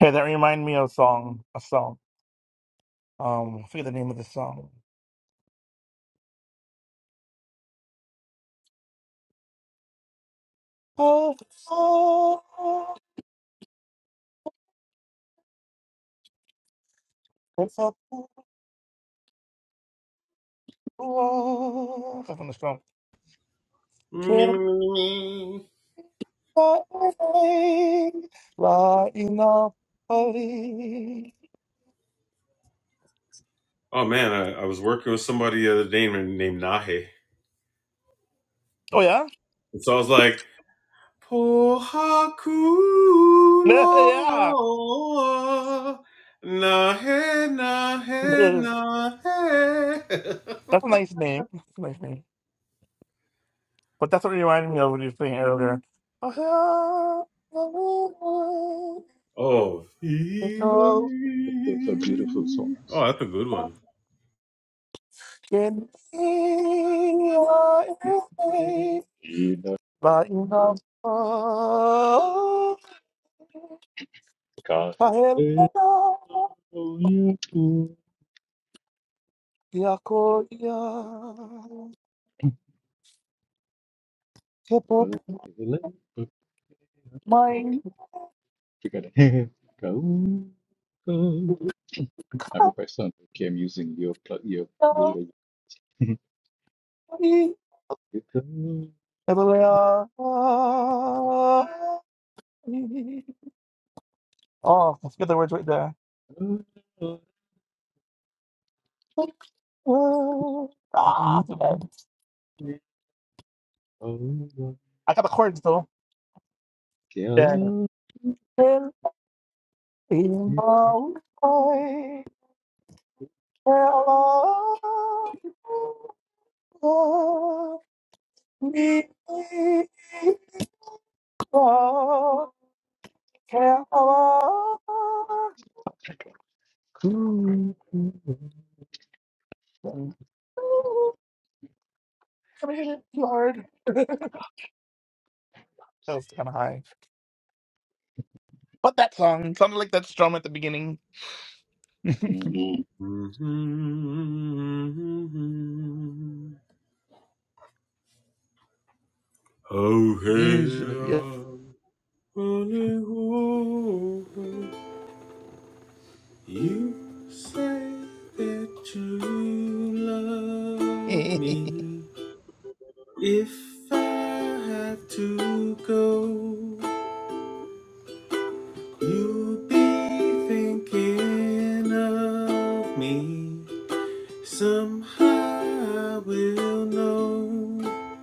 Speaker 2: Hey, that remind me of a song. A song. Um, I forget the name of the song. Oh, oh, oh, it's a pool. That's on the song.
Speaker 4: Me, me,
Speaker 2: Can't
Speaker 4: me, me, me.
Speaker 2: buy anything, lying up early.
Speaker 4: Oh man, I, I was working with somebody the other day named named Nahe.
Speaker 2: Oh yeah,
Speaker 4: And so I was like, Pohaku
Speaker 2: yeah, yeah.
Speaker 4: loa, nahe nahe
Speaker 2: Yeah.
Speaker 4: nahe.
Speaker 2: That's a nice name. That's a nice name. But that's what it reminded me of when you were saying earlier. Oh,
Speaker 4: Oh, Iwai.
Speaker 2: yeah.
Speaker 1: those are beautiful songs.
Speaker 4: oh, that's a good one.
Speaker 2: Can be I
Speaker 1: Ina
Speaker 2: by enough
Speaker 1: kahele kauya ku
Speaker 2: Yakoya Hip Hop
Speaker 1: kahele papaya. Okay,
Speaker 2: Mind
Speaker 1: we got it. Kau I hope I sound okay. I'm using your plug. Your You come
Speaker 2: Everywhere Oh, I forget the words right there.
Speaker 1: over
Speaker 2: Ah, too bad. I got the chords though. Yeah. Lord.
Speaker 1: Cool.
Speaker 2: That was kind of high. But that song sounded like that strum at the beginning.
Speaker 1: Mm.
Speaker 4: Mhm. Oh, hey, uh, only hope. you say that you love me. If I had to go, you'd be thinking of me. Somehow I will know.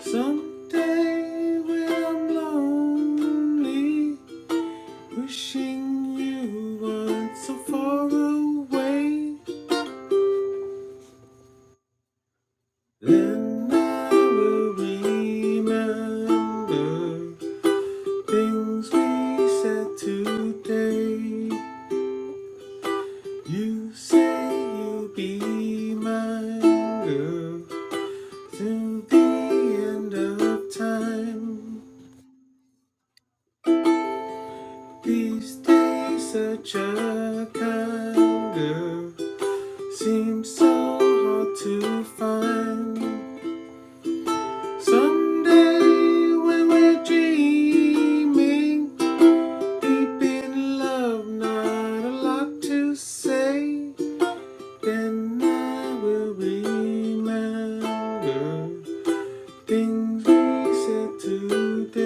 Speaker 4: Someday when I'm lonely, wishing you weren't so far away. Then I will remember Things we said today. You say you'll be mine, girl, till the end of time. These days, such a kind girl seems so hard to find. Someday, when we're dreaming deep in love, not a lot to say. Then I will remember things we said today.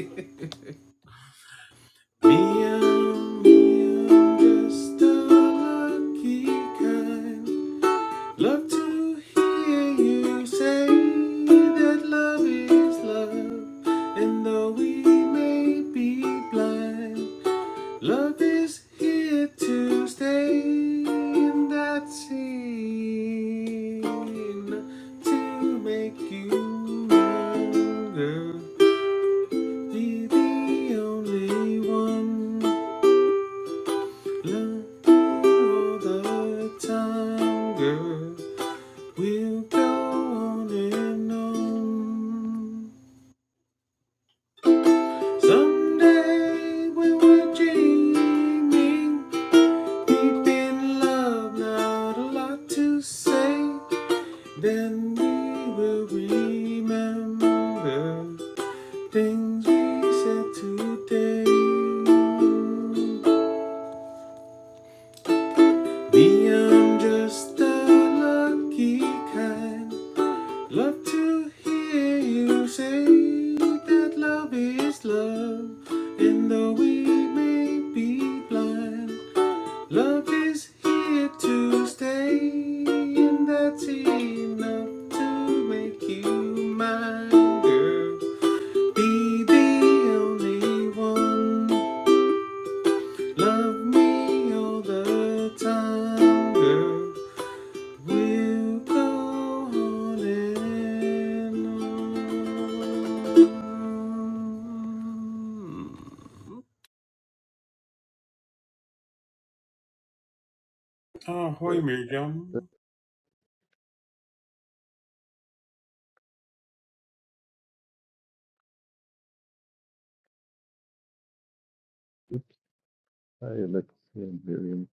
Speaker 4: Me, I'm, me, I'm just a lucky kind. Love to hear you say that love is love, and though we may be blind. Love is here to stay, and that's seen to make you longer. Be the only one, love you all the time, girl. We'll go on and on. Someday when we're dreaming. Deep in love, not a lot to say. Then we will remember things we said today. Beyond just the lucky kind, love to hear you say that love is love. And though we may be blind, Love is here to stay, and that's enough to make you mine, girl. Be the only one. Love me all the time, girl. We'll go on and on. Oh, hoy,
Speaker 1: So that
Speaker 4: Miriam.
Speaker 1: is by Alexia Miriam.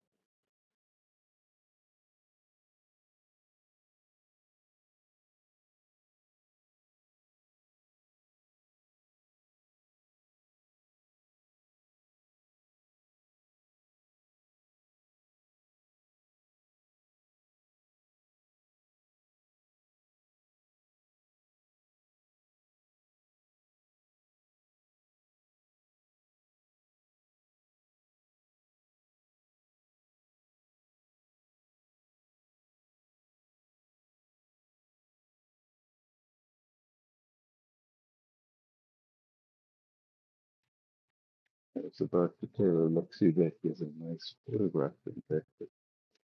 Speaker 1: I was about to tell Alexia that he has a nice photograph in there, but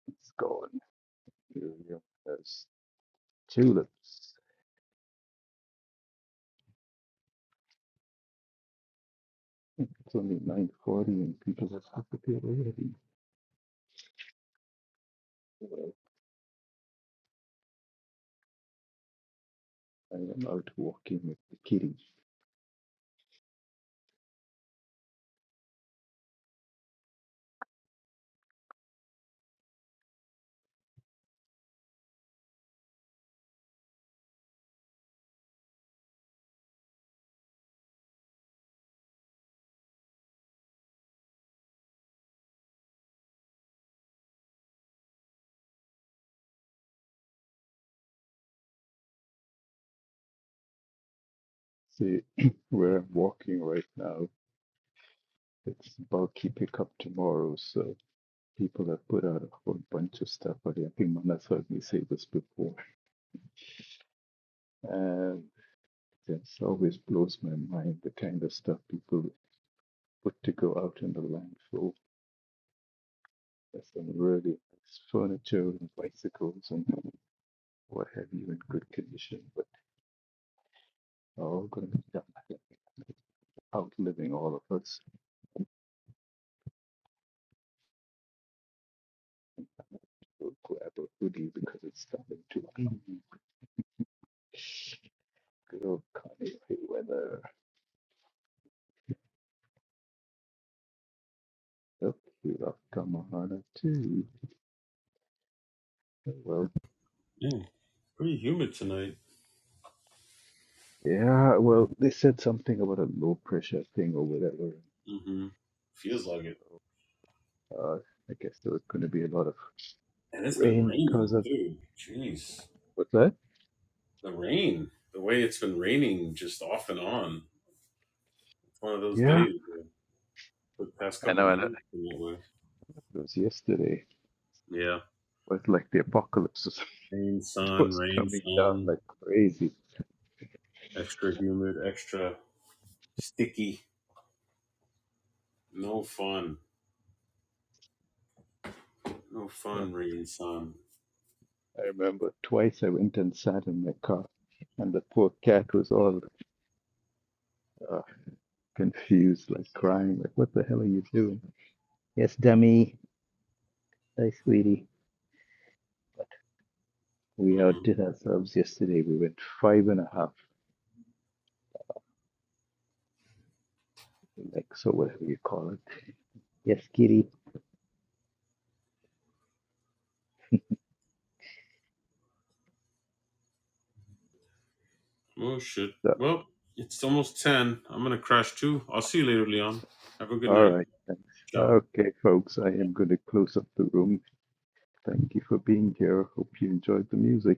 Speaker 1: it's gone. Miriam has tulips. It's only 9.40 and people have disappeared already. Well, I am out walking with the kitty. See, where I'm walking right now, it's bulky pickup tomorrow, so people have put out a whole bunch of stuff already. I think Mana's heard me say this before. And it always blows my mind the kind of stuff people put to go out in the landfill. There's some really nice furniture and bicycles and what have you in good condition, but are all going to be done. outliving all of us. We'll grab a hoodie because it's starting to Good country weather. Look, you love Kamahana too. Well,
Speaker 4: Yeah, pretty humid tonight.
Speaker 1: yeah, well, they said something about a low pressure thing or whatever.
Speaker 4: Mm-hmm. Feels like it.
Speaker 1: Uh, I guess there was going to be a lot of
Speaker 4: And it's been
Speaker 1: rain because
Speaker 4: raining,
Speaker 1: of that.
Speaker 4: dude. Jeez.
Speaker 1: What's that?
Speaker 4: The rain, the way it's been raining just off and on. It's one of those
Speaker 1: Yeah,
Speaker 4: days. where- The past
Speaker 1: and
Speaker 4: couple
Speaker 1: I know.
Speaker 4: days has been that way.
Speaker 1: It was yesterday.
Speaker 4: Yeah.
Speaker 1: It was like the apocalypse. or something.
Speaker 4: Rain,
Speaker 1: It
Speaker 4: sun,
Speaker 1: was
Speaker 4: rain,
Speaker 1: coming down
Speaker 4: sun.
Speaker 1: like crazy.
Speaker 4: Extra humid, extra sticky. No fun. No
Speaker 1: Yep.
Speaker 4: fun, rain, sun.
Speaker 1: I remember twice I went and sat in my car, and the poor cat was all uh, confused, like crying, like, "What the hell are you doing?" Yes, Demi. Hi, sweetie. We
Speaker 4: Mm.
Speaker 1: outdid ourselves yesterday. We went five and a half legs or whatever you call it. Yes, kitty.
Speaker 4: Oh, shit.
Speaker 1: So,
Speaker 4: Well, it's almost 10. I'm going to crash too. I'll see you later, Leon. Have a good
Speaker 1: all
Speaker 4: night.
Speaker 1: right. Thanks.
Speaker 4: Ciao.
Speaker 1: Okay, folks, I am going to close up the room. Thank you for being here. Hope you enjoyed the music.